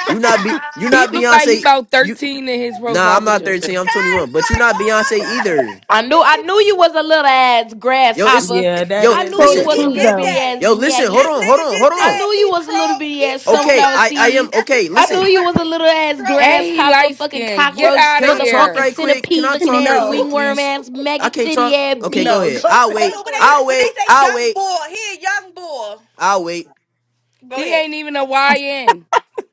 Speaker 30: You not be,
Speaker 14: you.
Speaker 30: you
Speaker 18: He
Speaker 30: not
Speaker 18: look like he
Speaker 30: Beyonce.
Speaker 18: about
Speaker 30: You
Speaker 18: 13 in his
Speaker 30: nah,
Speaker 18: profile
Speaker 30: I'm not
Speaker 18: picture.
Speaker 30: 13. I'm
Speaker 14: Just
Speaker 30: 21. But you
Speaker 14: like,
Speaker 30: not
Speaker 14: oh my
Speaker 30: Beyonce
Speaker 14: god,
Speaker 30: either.
Speaker 3: I knew I knew you was a little ass
Speaker 30: Yo, it's
Speaker 3: grasshopper.
Speaker 20: yeah, that
Speaker 30: yo.
Speaker 3: I
Speaker 20: is
Speaker 3: knew
Speaker 1: Told
Speaker 3: you
Speaker 1: the
Speaker 30: Listen,
Speaker 3: was a
Speaker 14: he
Speaker 20: very.
Speaker 1: truth
Speaker 3: little
Speaker 14: get
Speaker 3: bitty
Speaker 1: though.
Speaker 14: that.
Speaker 3: ass
Speaker 30: yo, listen. Hold
Speaker 14: This
Speaker 3: maggot.
Speaker 30: on, hold
Speaker 14: nigga
Speaker 30: on, hold
Speaker 14: just
Speaker 3: I
Speaker 30: on.
Speaker 14: said
Speaker 3: knew you
Speaker 14: he
Speaker 3: was a little
Speaker 14: troll,
Speaker 3: bitty
Speaker 14: he
Speaker 3: ass
Speaker 14: trolled
Speaker 30: Okay,
Speaker 3: sunflower
Speaker 14: by
Speaker 30: I, I am
Speaker 14: flirting.
Speaker 3: seed.
Speaker 14: That's his
Speaker 30: okay.
Speaker 3: I
Speaker 14: way
Speaker 3: knew
Speaker 14: of
Speaker 30: Listen,
Speaker 3: you was a
Speaker 14: flirting,
Speaker 3: little ass
Speaker 18: And
Speaker 14: trolling.
Speaker 18: he
Speaker 3: grasshopper,
Speaker 18: light
Speaker 3: fucking
Speaker 18: skinned. Get
Speaker 3: cockroach,
Speaker 18: out
Speaker 30: Can
Speaker 18: of
Speaker 30: I talk
Speaker 3: motherfucking
Speaker 18: here.
Speaker 30: right quick? Can
Speaker 3: centipede
Speaker 30: I
Speaker 3: looking
Speaker 30: talk
Speaker 3: ass,
Speaker 30: right
Speaker 20: No,
Speaker 30: quick,
Speaker 3: wingworm
Speaker 30: please?
Speaker 3: ass,
Speaker 30: I
Speaker 3: maggot
Speaker 30: can't
Speaker 3: titty
Speaker 30: talk.
Speaker 3: ass
Speaker 30: Okay, go
Speaker 20: no.
Speaker 30: ahead.
Speaker 3: bitch.
Speaker 20: Go
Speaker 30: I'll
Speaker 20: sit in the
Speaker 14: Hold
Speaker 30: wait.
Speaker 14: on, when
Speaker 20: corner.
Speaker 14: they
Speaker 30: I'll
Speaker 14: when
Speaker 30: wait.
Speaker 14: they say
Speaker 30: I'll
Speaker 14: young
Speaker 30: wait.
Speaker 14: boy, he a young boy.
Speaker 30: I'll wait.
Speaker 14: Go
Speaker 18: He
Speaker 14: ahead.
Speaker 18: ain't even a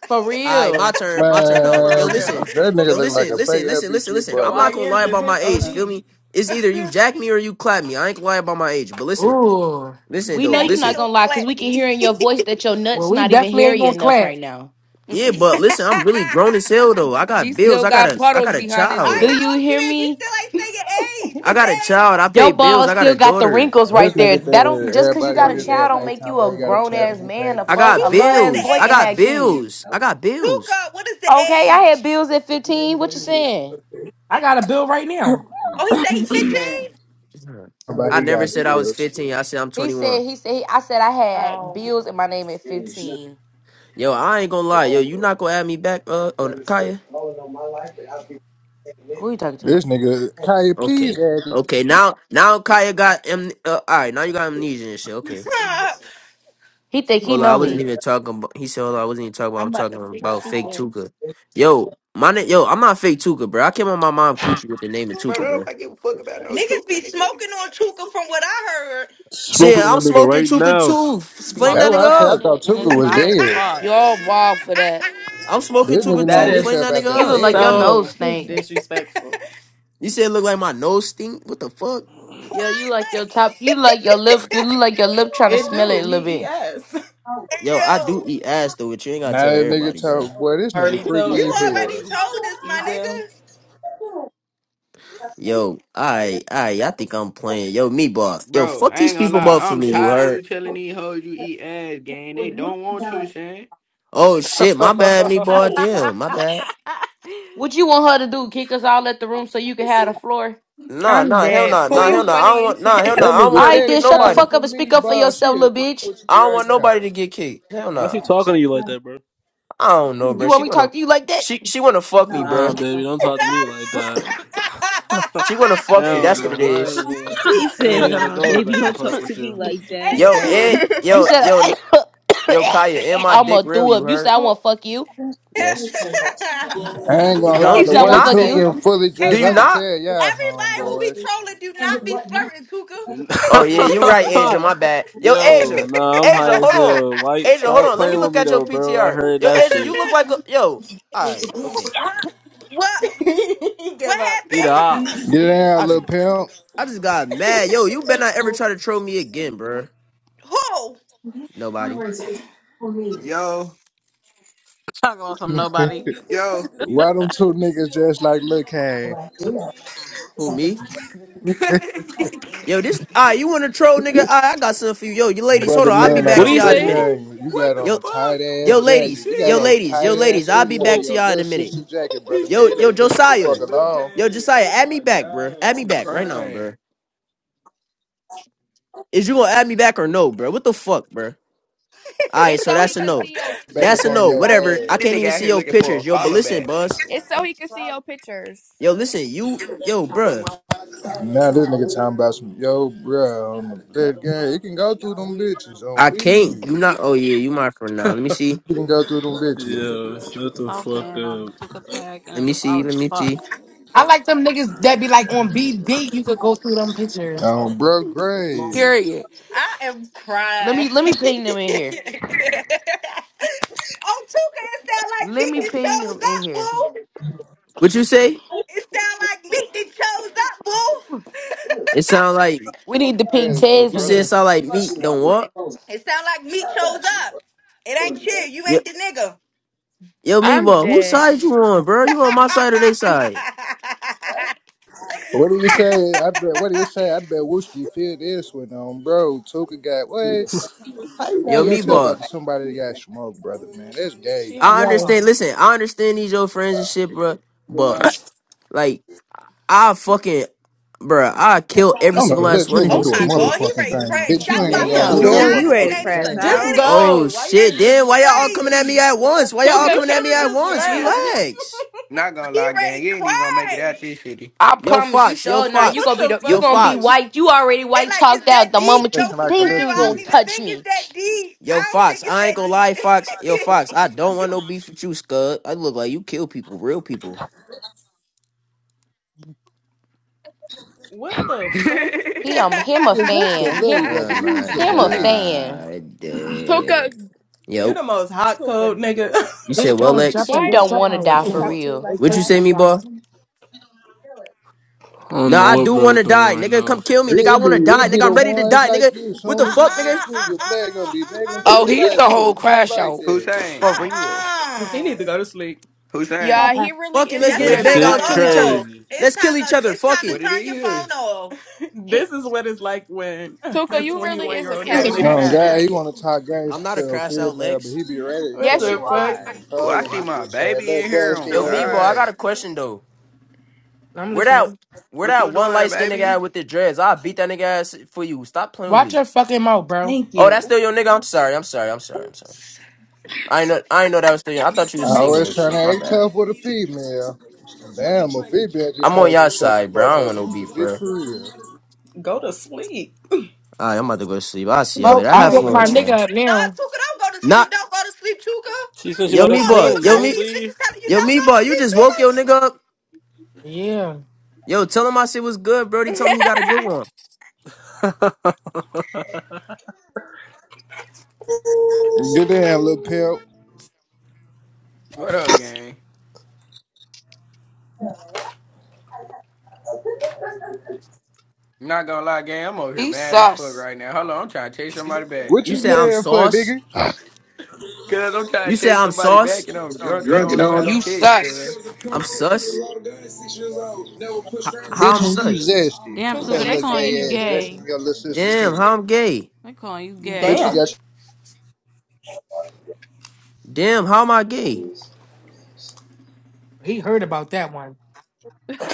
Speaker 3: For
Speaker 30: All right, my
Speaker 3: real.
Speaker 30: turn. My turn now.
Speaker 20: For
Speaker 30: Yo,
Speaker 25: Man,
Speaker 30: listen.
Speaker 20: real.
Speaker 25: that nigga
Speaker 30: Yo,
Speaker 25: look like
Speaker 30: listen.
Speaker 25: a
Speaker 30: Listen.
Speaker 25: fake
Speaker 30: Listen. Listen.
Speaker 25: LBG
Speaker 30: Listen.
Speaker 20: The
Speaker 30: I'm
Speaker 25: brother.
Speaker 30: not gonna lie
Speaker 20: YNs is
Speaker 30: about
Speaker 20: his
Speaker 30: my age. Feel me?
Speaker 20: OGs.
Speaker 30: It's either you jack me or you clap me. I ain't gonna lie about my age. But listen.
Speaker 1: Ooh.
Speaker 30: Listen
Speaker 3: We
Speaker 30: though.
Speaker 3: know you're
Speaker 14: Jackie
Speaker 3: not
Speaker 30: Listen.
Speaker 14: will
Speaker 3: gonna lie, cause
Speaker 14: clap
Speaker 3: we can
Speaker 14: me.
Speaker 3: hear in your voice that your
Speaker 1: Well,
Speaker 3: nuts
Speaker 1: we
Speaker 3: not even
Speaker 1: definitely ain't
Speaker 3: hairy
Speaker 1: gonna
Speaker 3: enough
Speaker 1: clap.
Speaker 3: right now.
Speaker 18: YN.
Speaker 30: Yeah, but
Speaker 14: All
Speaker 30: listen. I'm really grown as hell though. I
Speaker 18: He
Speaker 30: got bills.
Speaker 18: still
Speaker 30: I got
Speaker 18: got
Speaker 30: a. I
Speaker 18: puddles
Speaker 30: got a
Speaker 18: behind his
Speaker 14: right,
Speaker 30: child.
Speaker 3: Do
Speaker 18: ears.
Speaker 14: how
Speaker 3: you
Speaker 14: old you
Speaker 3: hear
Speaker 14: is? You
Speaker 3: me?
Speaker 14: still ain't say your age.
Speaker 30: I
Speaker 14: What's the
Speaker 30: got a child.
Speaker 14: age?
Speaker 30: I pay
Speaker 3: Your
Speaker 30: bills.
Speaker 3: balls
Speaker 30: I got
Speaker 3: still
Speaker 30: a
Speaker 3: got the
Speaker 30: daughter.
Speaker 3: wrinkles
Speaker 25: This
Speaker 3: right there.
Speaker 25: nigga
Speaker 3: That don't
Speaker 25: there,
Speaker 3: just cause you
Speaker 25: everybody
Speaker 3: got
Speaker 25: on
Speaker 3: a
Speaker 25: his
Speaker 3: child
Speaker 25: head
Speaker 3: don't make
Speaker 25: nighttime,
Speaker 3: you a
Speaker 25: but he got a
Speaker 3: grown
Speaker 25: tattoo,
Speaker 3: ass
Speaker 25: he pay
Speaker 3: man. A
Speaker 30: I
Speaker 3: fuck
Speaker 25: bills.
Speaker 30: got
Speaker 3: a little
Speaker 14: Tuka, what's
Speaker 3: ass
Speaker 14: the
Speaker 30: bills.
Speaker 3: boy
Speaker 30: I
Speaker 3: can
Speaker 30: got
Speaker 3: have
Speaker 14: age?
Speaker 3: kids.
Speaker 30: bills. I got bills.
Speaker 14: Tuka, what is the
Speaker 3: Okay, I had
Speaker 14: age?
Speaker 3: bills at 15. What you saying?
Speaker 1: I got a bill right now.
Speaker 14: Oh, he say he 15?
Speaker 20: Man.
Speaker 25: But
Speaker 30: I
Speaker 25: he
Speaker 30: never
Speaker 25: got
Speaker 30: said I was
Speaker 25: bills.
Speaker 30: 15. I said I'm
Speaker 3: He said,
Speaker 30: 21.
Speaker 3: he said, he, I said I had
Speaker 14: Oh.
Speaker 3: bills in my name at 15.
Speaker 30: Yo, I ain't gonna lie. Yo, you not gonna add me back uh, on Kaya?
Speaker 3: Who you talking to?
Speaker 25: This nigga, Kanye, please
Speaker 30: Okay.
Speaker 25: add.
Speaker 30: Okay, now now Kaya got am- uh, all right, now you got amnesia and shit. Okay.
Speaker 3: He think he
Speaker 30: Hold on, I
Speaker 3: know
Speaker 30: wasn't
Speaker 3: me.
Speaker 30: even talking about he said hold on, I wasn't even talking about
Speaker 14: I'm
Speaker 30: I'm
Speaker 14: about
Speaker 30: talking
Speaker 14: to freak
Speaker 30: about fake
Speaker 14: Tuka.
Speaker 30: Tuka. Yo, my name yo, I'm not fake Tuka, bro. I came on my mom coochie with the name of
Speaker 29: Bro,
Speaker 30: Tuka,
Speaker 29: don't
Speaker 30: bro.
Speaker 29: nobody give a fuck about no
Speaker 14: Niggas
Speaker 29: Tuka,
Speaker 14: be
Speaker 29: nigga.
Speaker 14: smoking on Chuka from what I heard.
Speaker 30: Shit,
Speaker 31: Smoking on a
Speaker 30: I'm
Speaker 31: nigga
Speaker 30: smoking
Speaker 31: right
Speaker 30: Tuka
Speaker 31: now.
Speaker 30: too. F- Flame
Speaker 25: That's
Speaker 32: Smoking
Speaker 30: that
Speaker 25: what
Speaker 32: on
Speaker 25: I said.
Speaker 32: that
Speaker 30: nigga
Speaker 25: I
Speaker 30: up.
Speaker 25: thought
Speaker 32: shit and it's
Speaker 25: Tuka was
Speaker 32: loud as
Speaker 25: dead.
Speaker 32: fuck.
Speaker 18: Y'all wild for that.
Speaker 30: I'm smoking
Speaker 25: This nigga
Speaker 30: Tuka
Speaker 20: That
Speaker 25: named
Speaker 30: too. Flame
Speaker 25: himself
Speaker 30: that
Speaker 20: is
Speaker 25: after a
Speaker 3: You
Speaker 30: nigga
Speaker 3: look
Speaker 30: up.
Speaker 3: like
Speaker 25: dead
Speaker 3: your
Speaker 25: nigga.
Speaker 3: nose
Speaker 20: so
Speaker 3: stink.
Speaker 20: disrespectful.
Speaker 30: You said it look like my nose stink? What the fuck?
Speaker 3: Yeah, you like your
Speaker 14: like,
Speaker 3: top, you like your lip, you look like your lip trying to
Speaker 20: It
Speaker 3: smell it a
Speaker 20: do.
Speaker 3: little
Speaker 20: He
Speaker 3: bit.
Speaker 20: ES.
Speaker 30: Yo, I do
Speaker 14: yo,
Speaker 30: eat ass though, but you ain't gotta
Speaker 25: Now
Speaker 30: tell
Speaker 25: that nigga
Speaker 30: everybody, bro.
Speaker 25: talk, boy, this nigga
Speaker 20: already
Speaker 25: freaky
Speaker 20: told
Speaker 14: you
Speaker 25: as
Speaker 14: already
Speaker 25: hell.
Speaker 20: everybody,
Speaker 14: told us, my nigga.
Speaker 20: Ezel.
Speaker 30: Yo, I, I, I think I'm playing. Yo, meatball. Yo,
Speaker 29: Bro,
Speaker 30: fuck
Speaker 29: I
Speaker 30: these
Speaker 29: ain't gonna
Speaker 30: people
Speaker 29: lie.
Speaker 30: up for
Speaker 29: I'm
Speaker 30: me. You
Speaker 29: tired of you
Speaker 30: heard?
Speaker 29: telling these hoes you eat ass, gang. They don't want you, Shane.
Speaker 30: Oh shit, my bad, meatball. Damn, my bad.
Speaker 3: What you want her to do, kick us all at the room so you can have the floor?
Speaker 30: Nah,
Speaker 26: I'm
Speaker 30: nah, hell
Speaker 26: dead.
Speaker 30: nah,
Speaker 26: Pooh,
Speaker 30: nah,
Speaker 26: you
Speaker 30: hell nah. I don't
Speaker 26: funny
Speaker 30: want,
Speaker 26: as
Speaker 30: nah, hell
Speaker 26: hell.
Speaker 30: nah.
Speaker 25: That
Speaker 30: I don't
Speaker 25: nigga
Speaker 30: want
Speaker 3: All
Speaker 30: her to
Speaker 3: right,
Speaker 25: steady
Speaker 30: kick
Speaker 3: then shut the
Speaker 25: calling
Speaker 30: nobody.
Speaker 3: fuck
Speaker 25: for
Speaker 3: up and speak
Speaker 25: me,
Speaker 3: up for
Speaker 25: boss. She
Speaker 3: yourself,
Speaker 25: is
Speaker 3: little bitch.
Speaker 25: with
Speaker 30: I
Speaker 25: you
Speaker 30: don't
Speaker 25: right
Speaker 30: want nobody
Speaker 25: now.
Speaker 30: to get kicked. Hell
Speaker 31: Why is
Speaker 30: nah.
Speaker 31: he talking to you like that, bro?
Speaker 30: I don't know, bro.
Speaker 3: You want
Speaker 30: She
Speaker 3: me to
Speaker 30: wanna,
Speaker 3: talk to you like that?
Speaker 30: she, she wanna fuck me,
Speaker 31: Nah,
Speaker 30: bro.
Speaker 31: baby, don't talk to me like that.
Speaker 30: She wanna fuck me.
Speaker 31: Hell
Speaker 30: That's what it
Speaker 31: no, I ain't
Speaker 30: is.
Speaker 14: hey
Speaker 31: even-
Speaker 28: He
Speaker 31: I
Speaker 28: said,
Speaker 31: ain't gotta
Speaker 28: nah,
Speaker 31: go
Speaker 28: baby,
Speaker 31: back
Speaker 14: yo,
Speaker 31: and
Speaker 28: don't
Speaker 31: forth
Speaker 28: talk to
Speaker 31: with
Speaker 28: me
Speaker 31: you.
Speaker 28: like
Speaker 14: hey
Speaker 28: that.
Speaker 30: Yo,
Speaker 14: yo,
Speaker 30: and
Speaker 20: Damn.
Speaker 3: You
Speaker 30: yo,
Speaker 3: said,
Speaker 30: yo, yo, Kaya, and my dick
Speaker 3: I'ma
Speaker 30: real?
Speaker 3: do
Speaker 30: You
Speaker 3: up. You said
Speaker 30: heard?
Speaker 3: I want to fuck you.
Speaker 30: Yes.
Speaker 25: I ain't
Speaker 30: You
Speaker 25: gonna lie,
Speaker 3: You
Speaker 30: don't?
Speaker 25: the
Speaker 30: Do
Speaker 3: said I
Speaker 30: you
Speaker 25: way
Speaker 3: want to
Speaker 30: not?
Speaker 3: fuck you.
Speaker 25: Tuka
Speaker 20: Damn.
Speaker 25: fully
Speaker 14: hey
Speaker 30: Do
Speaker 25: dressed,
Speaker 30: you
Speaker 25: I can
Speaker 30: not?
Speaker 14: yo.
Speaker 25: tell y'all,
Speaker 14: Everybody who be
Speaker 25: homeboys.
Speaker 14: trolling do not be flirting, Tuka.
Speaker 30: Oh yeah, you right, Asia. My bad. Yo,
Speaker 31: Yo,
Speaker 30: Asia,
Speaker 31: nah, I'm high
Speaker 30: Asia,
Speaker 31: as
Speaker 30: hold on,
Speaker 31: hell. Why
Speaker 30: Asia, hold
Speaker 31: stop
Speaker 30: on. Let me
Speaker 31: playing with
Speaker 30: look
Speaker 31: me
Speaker 30: at your
Speaker 31: though, bro? I
Speaker 30: PTR.
Speaker 31: heard
Speaker 30: Yo,
Speaker 31: that
Speaker 30: Asia, you
Speaker 31: shit.
Speaker 30: look like a yo. All right, okay.
Speaker 14: what?
Speaker 20: He
Speaker 14: What
Speaker 20: Give up.
Speaker 31: He the
Speaker 14: happened?
Speaker 31: ops.
Speaker 25: Get
Speaker 30: I
Speaker 25: down,
Speaker 30: just,
Speaker 25: little pimp.
Speaker 30: I just got mad. Yo, you better not ever try to troll me again, bruh.
Speaker 14: Who?
Speaker 30: Nobody.
Speaker 29: Yo,
Speaker 32: Talk about some nobody.
Speaker 29: yo.
Speaker 25: Why them two niggas dressed like Lil Kane?
Speaker 30: Who me?
Speaker 29: Get
Speaker 30: Yo, this. Ah, you want to troll, nigga? Ah, I got something for you. Yo, you ladies, hold
Speaker 25: Brother
Speaker 30: on. I'll be
Speaker 25: man on
Speaker 30: back
Speaker 31: What
Speaker 25: the
Speaker 31: do
Speaker 30: to
Speaker 29: down,
Speaker 31: you
Speaker 30: y'all
Speaker 29: poo
Speaker 30: in a
Speaker 25: black
Speaker 31: say?
Speaker 30: minute.
Speaker 29: poo.
Speaker 25: gang, you got
Speaker 29: What
Speaker 25: on
Speaker 29: the
Speaker 30: Yo,
Speaker 25: a
Speaker 29: fuck?
Speaker 25: tight ass
Speaker 30: yo,
Speaker 29: All this
Speaker 25: jacket.
Speaker 30: ladies,
Speaker 25: You got
Speaker 30: yo,
Speaker 25: on
Speaker 29: shit.
Speaker 25: a
Speaker 30: ladies,
Speaker 25: tight
Speaker 30: yo,
Speaker 25: ass
Speaker 30: ladies. I'll be
Speaker 25: hoodie under
Speaker 30: back to
Speaker 25: your
Speaker 30: y'all in
Speaker 25: little
Speaker 30: a minute.
Speaker 25: sister jacket,
Speaker 29: He
Speaker 25: brother man.
Speaker 30: Yo,
Speaker 25: You
Speaker 29: said
Speaker 30: yo,
Speaker 29: that
Speaker 25: better leave
Speaker 29: nigga
Speaker 25: me the
Speaker 29: shit
Speaker 25: fuck
Speaker 29: like
Speaker 30: Josiah,
Speaker 29: Lil
Speaker 25: alone.
Speaker 30: yo,
Speaker 29: Kane.
Speaker 30: Josiah,
Speaker 29: Oh
Speaker 30: add me
Speaker 29: my
Speaker 30: back, bruh. Add
Speaker 29: God.
Speaker 30: me
Speaker 29: I'm
Speaker 30: back right now,
Speaker 29: crying.
Speaker 30: bruh. Is you gonna add me back or no, bruh? What the fuck, bruh? All right,
Speaker 26: it's
Speaker 30: so
Speaker 26: so he
Speaker 30: that's a
Speaker 26: could
Speaker 30: no.
Speaker 26: see your
Speaker 25: Back up
Speaker 30: That's a
Speaker 25: on
Speaker 26: pictures,
Speaker 30: no.
Speaker 25: your
Speaker 30: Whatever.
Speaker 26: dummy.
Speaker 30: I
Speaker 29: This
Speaker 25: ass.
Speaker 30: can't
Speaker 29: nigga
Speaker 30: even
Speaker 29: out
Speaker 30: see
Speaker 29: here
Speaker 30: your
Speaker 29: looking for a
Speaker 30: pictures. Yo, but
Speaker 29: follow
Speaker 30: listen,
Speaker 29: back.
Speaker 30: Buzz.
Speaker 26: It's so he could see your pictures.
Speaker 30: Yo, listen. You, yo, bruh.
Speaker 25: Now this nigga talking about some yo, bruh, on the black gang. You can go through them bitches on
Speaker 30: I can't.
Speaker 25: B.
Speaker 30: You not. Oh yeah, you my friend now. Let me see.
Speaker 25: You can go through them bitches
Speaker 31: Yo, shut the
Speaker 32: smoking
Speaker 31: fuck
Speaker 32: on a
Speaker 31: up.
Speaker 32: Tuka pack
Speaker 30: Let
Speaker 32: and
Speaker 30: me
Speaker 32: it's
Speaker 30: see.
Speaker 32: wild as
Speaker 30: Let me
Speaker 32: fuck.
Speaker 30: see.
Speaker 1: I like them niggas that be like on BD. You could go through them pictures.
Speaker 25: on bro grade.
Speaker 18: Period.
Speaker 14: I am
Speaker 3: Let me,
Speaker 14: crying.
Speaker 3: let me ping them in
Speaker 14: oh, Tuka,
Speaker 3: here.
Speaker 14: it sound like
Speaker 3: Let
Speaker 14: Meek
Speaker 3: me
Speaker 14: that
Speaker 3: ping
Speaker 14: chose
Speaker 3: them in
Speaker 14: up,
Speaker 3: here.
Speaker 14: boo.
Speaker 30: What you say?
Speaker 14: It sound like Meek that chose up, boo.
Speaker 30: It sound like
Speaker 3: We need the pink
Speaker 25: Ass though,
Speaker 3: chairs
Speaker 30: you
Speaker 3: in
Speaker 30: said. It
Speaker 25: brother.
Speaker 3: here.
Speaker 30: sound like meat. Don't what?
Speaker 14: It sound like Meek chose up. It ain't chill. You
Speaker 30: Yo,
Speaker 14: ain't the nigga.
Speaker 30: yo,
Speaker 26: I'm
Speaker 30: meatball. Whose
Speaker 26: dead.
Speaker 30: side you on, bro? You on my side or they side?
Speaker 25: What do you say? I bet. What do you say? I bet Wooski feel this one on, bro. Tuka got what? How you got
Speaker 30: Yo,
Speaker 25: yourself out
Speaker 30: meatball.
Speaker 25: to somebody that got smoked, brother? Man, that's gay.
Speaker 20: she on
Speaker 30: I
Speaker 20: her
Speaker 1: Yo,
Speaker 20: side.
Speaker 30: understand. Listen, I understand these your friends and shit, bro. But like, I fucking, bruh. I kill every
Speaker 25: I'm gonna
Speaker 30: single last
Speaker 25: blood. You
Speaker 30: one
Speaker 25: ain't
Speaker 30: of
Speaker 25: gonna
Speaker 14: oh
Speaker 30: these
Speaker 25: do a
Speaker 14: my
Speaker 30: people
Speaker 14: God, he
Speaker 25: motherfucking
Speaker 14: ready to
Speaker 25: thing,
Speaker 14: crash.
Speaker 25: bitch. You
Speaker 14: Shout
Speaker 25: ain't even
Speaker 14: about the
Speaker 25: gonna lift your
Speaker 20: Damn.
Speaker 16: Damn, you
Speaker 29: Dude.
Speaker 14: Punani and
Speaker 16: ready to
Speaker 14: ain't
Speaker 25: motherfucking
Speaker 16: crash
Speaker 14: even
Speaker 25: finger, at me,
Speaker 20: Just
Speaker 14: get
Speaker 16: out?
Speaker 14: it.
Speaker 30: Oh
Speaker 20: go. Why you
Speaker 14: This
Speaker 30: shit,
Speaker 20: didn't
Speaker 14: is
Speaker 20: just
Speaker 30: then why y'all all
Speaker 20: leave?
Speaker 30: coming at me
Speaker 14: crazy.
Speaker 30: at once? Why y'all all
Speaker 25: nigga.
Speaker 26: Tuka
Speaker 20: You
Speaker 30: coming at
Speaker 20: should
Speaker 30: me
Speaker 20: have
Speaker 30: at
Speaker 26: catching
Speaker 20: just
Speaker 30: once?
Speaker 20: left.
Speaker 26: strays.
Speaker 30: Relax.
Speaker 29: Not gonna
Speaker 14: He
Speaker 29: lie,
Speaker 14: ready
Speaker 29: gang.
Speaker 14: to
Speaker 29: You ain't even gonna make it out
Speaker 14: crash.
Speaker 29: this shitty.
Speaker 3: I
Speaker 30: Yo
Speaker 3: promise you,
Speaker 30: Fox, yo
Speaker 3: sure. Now you
Speaker 30: Fox,
Speaker 20: what
Speaker 3: gonna be
Speaker 20: the
Speaker 3: the you
Speaker 30: yo
Speaker 20: fuck
Speaker 3: gonna
Speaker 20: we
Speaker 3: be
Speaker 20: do?
Speaker 30: Fox,
Speaker 3: white. You already
Speaker 14: They
Speaker 3: white
Speaker 14: like, it's
Speaker 3: chalked out
Speaker 14: that
Speaker 3: the
Speaker 14: deep?
Speaker 3: moment
Speaker 25: That's
Speaker 3: you
Speaker 14: No, for real.
Speaker 25: like a
Speaker 3: think
Speaker 25: little
Speaker 3: you
Speaker 14: I don't
Speaker 3: gonna
Speaker 14: even
Speaker 25: kid.
Speaker 3: touch
Speaker 14: think it's
Speaker 3: me.
Speaker 14: that deep.
Speaker 30: yo
Speaker 14: I don't
Speaker 30: Fox.
Speaker 14: think it's
Speaker 30: I ain't
Speaker 14: that
Speaker 30: gonna
Speaker 14: deep.
Speaker 30: lie, Fox, yo Fox. I don't want no beef with you, Scud. I look like you kill people, real people.
Speaker 20: What the fuck?
Speaker 3: He
Speaker 14: uh
Speaker 3: um him a
Speaker 25: Is that's the
Speaker 3: fan.
Speaker 25: little
Speaker 3: Him
Speaker 25: brother?
Speaker 30: Oh my
Speaker 25: You's a
Speaker 3: him a
Speaker 25: bitch.
Speaker 3: fan.
Speaker 30: god. damn.
Speaker 26: Tuka,
Speaker 20: You
Speaker 30: Yo,
Speaker 20: the most hot cold
Speaker 26: Tuka,
Speaker 20: nigga.
Speaker 30: you said
Speaker 1: this
Speaker 30: what,
Speaker 1: joint
Speaker 30: Lex?
Speaker 1: jumping,
Speaker 26: why are
Speaker 3: Him
Speaker 1: get a
Speaker 26: you
Speaker 3: don't
Speaker 1: sub
Speaker 26: letting
Speaker 3: want to
Speaker 26: these
Speaker 3: die
Speaker 1: house.
Speaker 26: people
Speaker 3: for
Speaker 26: talk to you
Speaker 3: real.
Speaker 1: They
Speaker 26: like
Speaker 30: What you
Speaker 1: curse
Speaker 26: that?
Speaker 1: my
Speaker 30: say, me
Speaker 1: dog.
Speaker 30: boy?
Speaker 31: I don't
Speaker 30: Nah,
Speaker 31: know
Speaker 30: I
Speaker 31: what
Speaker 30: do
Speaker 31: bro
Speaker 30: want to
Speaker 31: doing
Speaker 30: die,
Speaker 31: right
Speaker 30: nigga.
Speaker 31: now.
Speaker 30: Come kill me, nigga. I
Speaker 25: It
Speaker 30: want to
Speaker 25: be
Speaker 30: die,
Speaker 25: it be
Speaker 30: nigga. I'm
Speaker 25: the
Speaker 30: ready to
Speaker 25: ones
Speaker 30: die,
Speaker 25: like
Speaker 30: nigga.
Speaker 25: you.
Speaker 30: What
Speaker 14: uh
Speaker 30: the
Speaker 25: Soon as
Speaker 30: fuck,
Speaker 25: it
Speaker 30: nigga?
Speaker 25: gets to you,
Speaker 14: uh
Speaker 25: your black gonna be begging for
Speaker 18: Oh,
Speaker 25: your
Speaker 18: he's
Speaker 25: life.
Speaker 18: a
Speaker 25: You
Speaker 14: uh
Speaker 18: whole
Speaker 25: is not
Speaker 18: crash
Speaker 25: like
Speaker 18: out.
Speaker 25: that.
Speaker 14: uh
Speaker 29: Hussein.
Speaker 3: For real.
Speaker 20: he
Speaker 14: uh.
Speaker 20: need to go to sleep.
Speaker 29: Hussein.
Speaker 26: Yeah, he really
Speaker 30: Fuck it,
Speaker 26: is
Speaker 20: He
Speaker 26: a
Speaker 30: let's
Speaker 14: Yes,
Speaker 30: get in
Speaker 14: it's
Speaker 31: This
Speaker 30: the
Speaker 14: time
Speaker 26: crash
Speaker 20: clearly
Speaker 30: bang
Speaker 14: to
Speaker 31: shit
Speaker 30: on,
Speaker 26: out
Speaker 20: tired.
Speaker 14: log
Speaker 30: kill each
Speaker 26: though.
Speaker 30: other.
Speaker 14: off.
Speaker 31: crazy.
Speaker 14: It's
Speaker 30: Let's
Speaker 14: time
Speaker 30: kill each
Speaker 14: to
Speaker 30: other.
Speaker 14: it's
Speaker 30: Fuck
Speaker 14: time
Speaker 30: it.
Speaker 14: to
Speaker 29: What it
Speaker 14: turn your phone
Speaker 29: is.
Speaker 14: off.
Speaker 26: He
Speaker 20: This is what it's like when
Speaker 26: Tuka,
Speaker 20: a
Speaker 26: you really
Speaker 20: 21
Speaker 26: is
Speaker 20: year
Speaker 26: a
Speaker 20: old
Speaker 18: Get
Speaker 20: need to
Speaker 26: crash
Speaker 18: the
Speaker 20: take a
Speaker 26: out,
Speaker 25: Um,
Speaker 20: nap.
Speaker 26: bro.
Speaker 25: guy, he want to talk
Speaker 30: I'm
Speaker 25: gangster
Speaker 30: not a
Speaker 25: to a
Speaker 30: crash out
Speaker 25: female, but he
Speaker 30: Lex.
Speaker 25: be ready to
Speaker 20: What
Speaker 25: kill
Speaker 26: Yes,
Speaker 25: a
Speaker 20: the
Speaker 26: you
Speaker 25: nigga that get
Speaker 20: fuck?
Speaker 25: his
Speaker 26: are.
Speaker 29: Oh,
Speaker 25: control
Speaker 29: I
Speaker 25: in
Speaker 29: see
Speaker 25: his bitch
Speaker 29: my
Speaker 25: ass.
Speaker 29: baby in
Speaker 25: Look,
Speaker 29: here. Oh
Speaker 25: dusty
Speaker 30: Yo, Meatball, I
Speaker 25: ass.
Speaker 30: got
Speaker 29: God,
Speaker 30: a question though.
Speaker 1: I'm
Speaker 30: Where that
Speaker 1: listening.
Speaker 30: where
Speaker 29: what you
Speaker 30: that one
Speaker 29: doing,
Speaker 30: light skinned nigga at
Speaker 29: baby?
Speaker 30: with the dreads? I'll beat that nigga ass for you. Stop playing with
Speaker 1: Watch
Speaker 30: me.
Speaker 1: your fucking mouth, bro.
Speaker 20: Thank
Speaker 30: Oh,
Speaker 20: you.
Speaker 30: that's still your nigga. I'm sorry. I'm sorry. I'm
Speaker 14: No,
Speaker 30: sorry. I'm sorry. I ain't know I ain't know that was still your I thought you was
Speaker 25: I
Speaker 30: single
Speaker 25: always
Speaker 30: and
Speaker 25: trying to
Speaker 30: shit. My
Speaker 25: act
Speaker 30: bad.
Speaker 25: tough with a female. Damn, a female just
Speaker 30: I'm on
Speaker 25: heard you
Speaker 30: y'all
Speaker 25: shut the
Speaker 30: side, bro.
Speaker 25: fuck
Speaker 30: I don't
Speaker 25: up.
Speaker 30: want
Speaker 25: You
Speaker 30: no
Speaker 25: was a
Speaker 30: beef,
Speaker 25: bitch
Speaker 30: bro.
Speaker 25: for real.
Speaker 20: Go to sleep.
Speaker 30: Alright, I'm about to go to sleep. I'll see
Speaker 1: You
Speaker 30: y'all
Speaker 18: fuck
Speaker 1: woke,
Speaker 30: later. I
Speaker 1: you
Speaker 18: out
Speaker 30: have
Speaker 18: of
Speaker 1: woke
Speaker 30: fun
Speaker 1: my
Speaker 30: with
Speaker 18: here.
Speaker 30: y'all.
Speaker 1: nigga up
Speaker 14: Tuka,
Speaker 1: now.
Speaker 14: don't go to sleep.
Speaker 30: Not
Speaker 14: Don't go to sleep, Tuka.
Speaker 31: She said she
Speaker 30: yo
Speaker 14: You
Speaker 31: wanna
Speaker 30: me
Speaker 14: won't leave
Speaker 30: boy.
Speaker 31: call him.
Speaker 30: Yo
Speaker 14: because
Speaker 30: me
Speaker 31: Don't
Speaker 14: these
Speaker 31: leave.
Speaker 14: bitches telling you
Speaker 30: yo
Speaker 14: don't
Speaker 30: me
Speaker 14: go
Speaker 30: boy.
Speaker 14: to
Speaker 30: you
Speaker 14: sleep,
Speaker 30: just woke your
Speaker 14: Tuka.
Speaker 30: nigga up.
Speaker 1: Yeah,
Speaker 30: Yo, tell him I said was good, bro. He told me he got a good one.
Speaker 25: Get down, little pimp.
Speaker 29: What up, gang? I'm Not gonna lie, gang. I'm over here
Speaker 18: He
Speaker 29: mad as fuck
Speaker 18: sus.
Speaker 29: right now. Hold on, I'm trying to text somebody back.
Speaker 25: What
Speaker 30: You
Speaker 25: you
Speaker 30: said I'm
Speaker 25: mad for,
Speaker 30: sauce.
Speaker 25: nigga?
Speaker 29: Cause I'm trying
Speaker 30: You
Speaker 29: to
Speaker 30: said
Speaker 29: text
Speaker 30: I'm
Speaker 29: somebody back,
Speaker 30: sauce.
Speaker 29: and I'm
Speaker 18: I'm
Speaker 29: drunk, and I
Speaker 18: drunk
Speaker 29: don't
Speaker 18: and
Speaker 29: know
Speaker 18: all
Speaker 29: how
Speaker 18: that.
Speaker 29: to
Speaker 18: You
Speaker 29: text. Cause,
Speaker 18: sus.
Speaker 30: I'm sus. H- how
Speaker 25: Bitch,
Speaker 30: I'm
Speaker 25: and you
Speaker 30: such?
Speaker 25: zesty.
Speaker 32: Damn,
Speaker 25: That's
Speaker 26: Tuka,
Speaker 25: that
Speaker 32: Tuka, they
Speaker 26: they
Speaker 25: little
Speaker 32: calling you
Speaker 26: saying you
Speaker 25: gay ass
Speaker 32: gay.
Speaker 25: dressing
Speaker 26: gay.
Speaker 25: your little sister
Speaker 30: Damn,
Speaker 25: shit.
Speaker 30: how I'm gay?
Speaker 32: They calling you gay.
Speaker 25: Bitch, you
Speaker 20: Damn.
Speaker 25: got.
Speaker 30: Damn, how am I gay?
Speaker 1: he heard about that one.